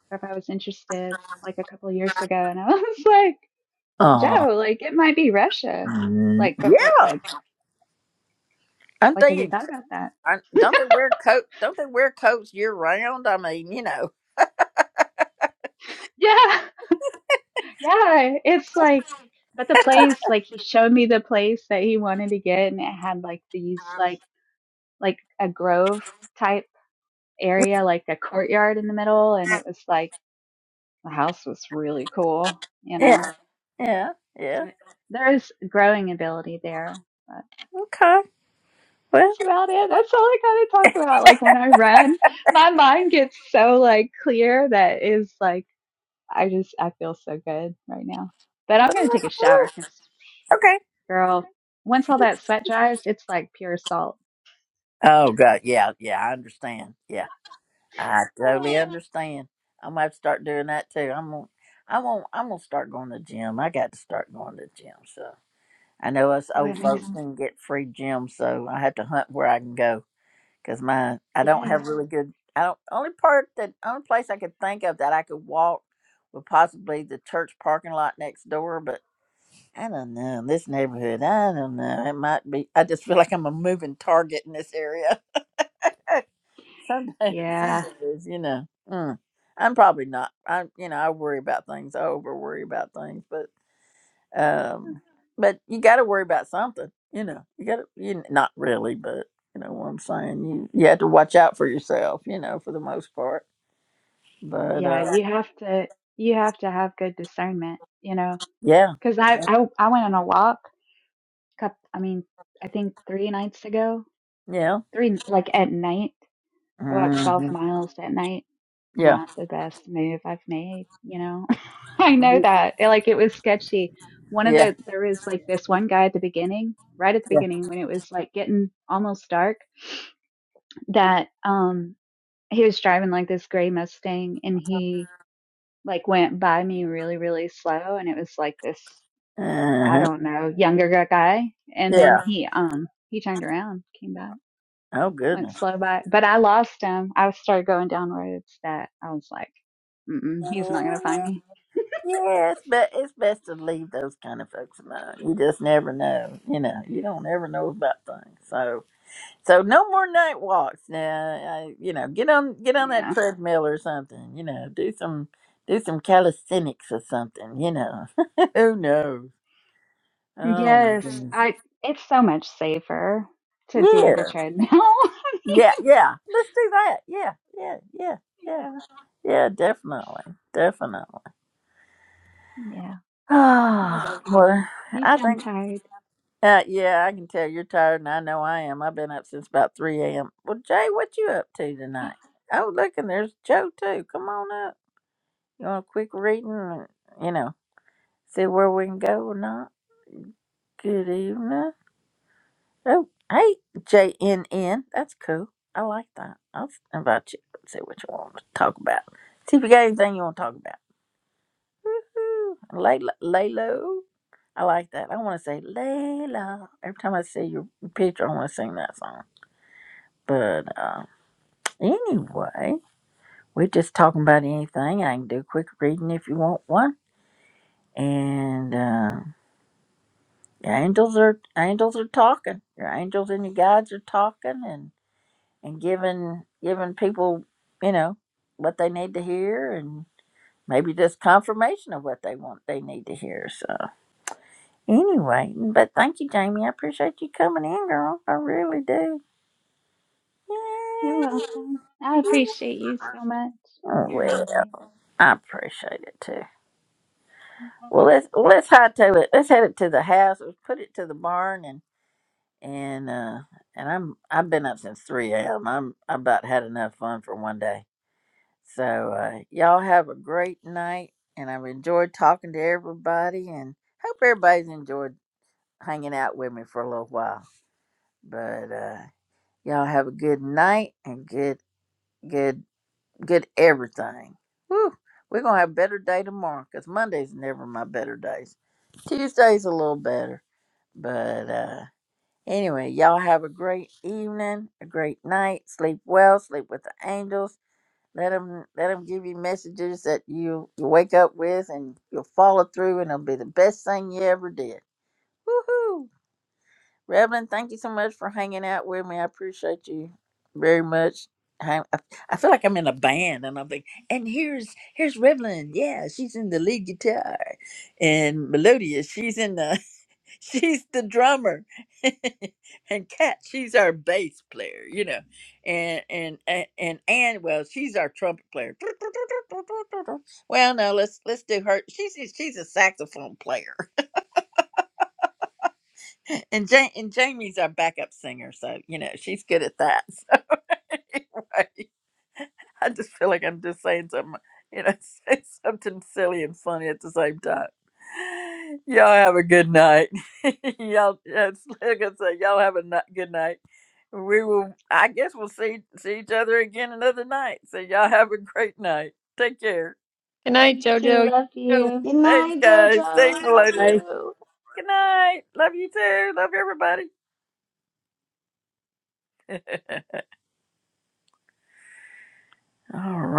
Speaker 11: or if I was interested like a couple of years ago, and I was like,
Speaker 1: Oh.
Speaker 11: Joe, like it might be Russia.
Speaker 1: mm,
Speaker 11: Like before,
Speaker 1: Yeah.
Speaker 11: like
Speaker 1: I'm
Speaker 11: like have you
Speaker 1: thinking. in-
Speaker 11: thought about that?
Speaker 1: Don't they wear coat? Don't they wear coats year round? I mean, you know.
Speaker 11: Yeah, yeah. It's like, but the place, like he showed me the place that he wanted to get, and it had like these like like a grove type area, like a courtyard in the middle. And it was like the house was really cool, you know.
Speaker 1: Yeah. Yeah.
Speaker 11: So
Speaker 1: Yeah.
Speaker 11: there is growing ability there. But
Speaker 1: Okay. Well.
Speaker 11: that's about it. That's all I kind of talk about. Like when I run, my mind gets so like clear that is like, I just, I feel so good right now. But I'm going to take a shower because,
Speaker 1: Okay.
Speaker 11: girl, once all that sweat dries, it's like pure salt.
Speaker 1: Oh God, yeah, yeah, I understand. Yeah, I totally understand. I'm gonna have to start doing that too. I'm gonna, I'm gonna, I'm gonna start going to the gym. I got to start going to the gym. So I know us
Speaker 11: Oh,
Speaker 1: old
Speaker 11: it makes,
Speaker 1: folks Mhm. can get free gym, so I have to hunt where I can go because my I don't
Speaker 11: yes.
Speaker 1: have really good. I don't only part that only place I could think of that I could walk would possibly the church parking lot next door, but I don't know this neighborhood. I don't know. It might be. I just feel like I'm a moving target in this area. some days, some
Speaker 11: yeah.
Speaker 1: days, you know, mm, I'm probably not. I, you know, I worry about things. I over worry about things, but um, but you got to worry about something. You know, you got to. You kn- not really, but you know what I'm saying. You you have to watch out for yourself. You know, for the most part. But
Speaker 11: Yeah,
Speaker 1: uh,
Speaker 11: you have to you have to have good discernment, you know,
Speaker 1: yeah,
Speaker 11: because I,
Speaker 1: yeah,
Speaker 11: I I went on a walk. Couple, I mean, I think three nights ago,
Speaker 1: yeah,
Speaker 11: three like at night, I walked twelve
Speaker 1: hmm
Speaker 11: miles at night.
Speaker 1: yeah,
Speaker 11: Not the best move I've made, you know. I know that. It, like it was sketchy. One of
Speaker 1: yeah,
Speaker 11: the there was like this one guy at the beginning, right at the
Speaker 1: yeah,
Speaker 11: beginning when it was like getting almost dark, that um he was driving like this gray Mustang and he like went by me really really slow and it was like this i
Speaker 1: uh
Speaker 11: don't know younger gu- guy and then
Speaker 1: yeah.
Speaker 11: he um he turned around came back
Speaker 1: Oh
Speaker 11: went
Speaker 1: goodness.
Speaker 11: slow by but i lost him i started going down roads that i was like Mm-mm, he's not gonna find me
Speaker 1: Yes, but it's best to leave those kind of folks alone. You just never know. You know, you don't ever know about things. So, so no more night walks. Now, I, you know, get on get on that
Speaker 11: yeah
Speaker 1: treadmill or something. You know, do some do some calisthenics or something. You know, who knows? Oh my
Speaker 11: yes
Speaker 1: goodness.
Speaker 11: i it's so much safer to
Speaker 1: Yeah,
Speaker 11: do the treadmill
Speaker 1: yeah, yeah. Let's do that. Yeah, yeah, yeah, yeah,
Speaker 11: yeah
Speaker 1: yeah. Definitely, definitely.
Speaker 11: yeah i love
Speaker 1: Ah,
Speaker 11: you
Speaker 1: well,
Speaker 11: you
Speaker 1: I
Speaker 11: sound
Speaker 1: think.
Speaker 11: tired
Speaker 1: Uh, yeah, I can tell you're tired, and I know I am. I've been up since about 3 a.m. Well, Jay, what you up to tonight? Oh, look, and there's Joe, too. Come on up. You want a quick reading and, you know, see where we can go or not? Good evening. Oh, hey, JNN. That's cool. I like that. I'll invite you. See what you want to talk about. See if you got anything you want to talk about. Ooh, Layla, Laylo. I like that. I want to say Layla. Every time I see your picture, I want to sing that song. But uh, anyway, we're just talking about anything. I can do quick reading if you want one. And uh, your angels are angels are talking. Your angels and your guides are talking and and giving giving people you know what they need to hear and maybe just confirmation of what they want they need to hear. So anyway, but thank you, Jamie. I appreciate you coming in, girl. I really do.
Speaker 11: you're
Speaker 1: Yay.
Speaker 11: welcome i appreciate you so much
Speaker 1: Oh,
Speaker 11: you're
Speaker 1: well,
Speaker 11: amazing
Speaker 1: I appreciate it too. Well, let's let's hot to it. Let's head it to the house. Let's put it to the barn and and uh and I'm I've been up since three a.m. I'm I about had enough fun for one day. So uh, y'all have a great night, and I've enjoyed talking to everybody, and hope everybody's enjoyed hanging out with me for a little while. But uh, y'all have a good night and good good good everything. Woo! We're gonna have a better day tomorrow because Mondays never my better days. Tuesday's a little better. But uh, anyway, y'all have a great evening, a great night. Sleep well. Sleep with the angels. Let them let them give you messages that you you wake up with, and you'll follow through, and it'll be the best thing you ever did. Woohoo! Reverend, thank you so much for hanging out with me. I appreciate you very much. I, I I feel like I'm in a band, and I'm like, and here's here's Reverend. Yeah, she's in the lead guitar, and Melodia, she's in the she's the drummer and kat she's our bass player you know and and and and Ann, well she's our trumpet player well no let's let's do her she's a- she's a saxophone player and ja- and jamie's our backup singer so you know she's good at that so anyway, i just feel like i'm just saying something you know say something silly and funny at the same time y'all have a good night y'all it's like i say, y'all have a ni- good night We will, I guess we'll see, see each other again another night. So y'all have a great night. Take care.
Speaker 10: good night,
Speaker 11: you too
Speaker 10: JoJo. You
Speaker 11: love
Speaker 10: too.
Speaker 11: you
Speaker 7: Good
Speaker 1: Thanks,
Speaker 7: night,
Speaker 1: guys. Thanks,
Speaker 7: Jojo. Love
Speaker 10: Bye.
Speaker 1: Melodious.
Speaker 7: you.
Speaker 1: Good night. Love you too. Love everybody. All right.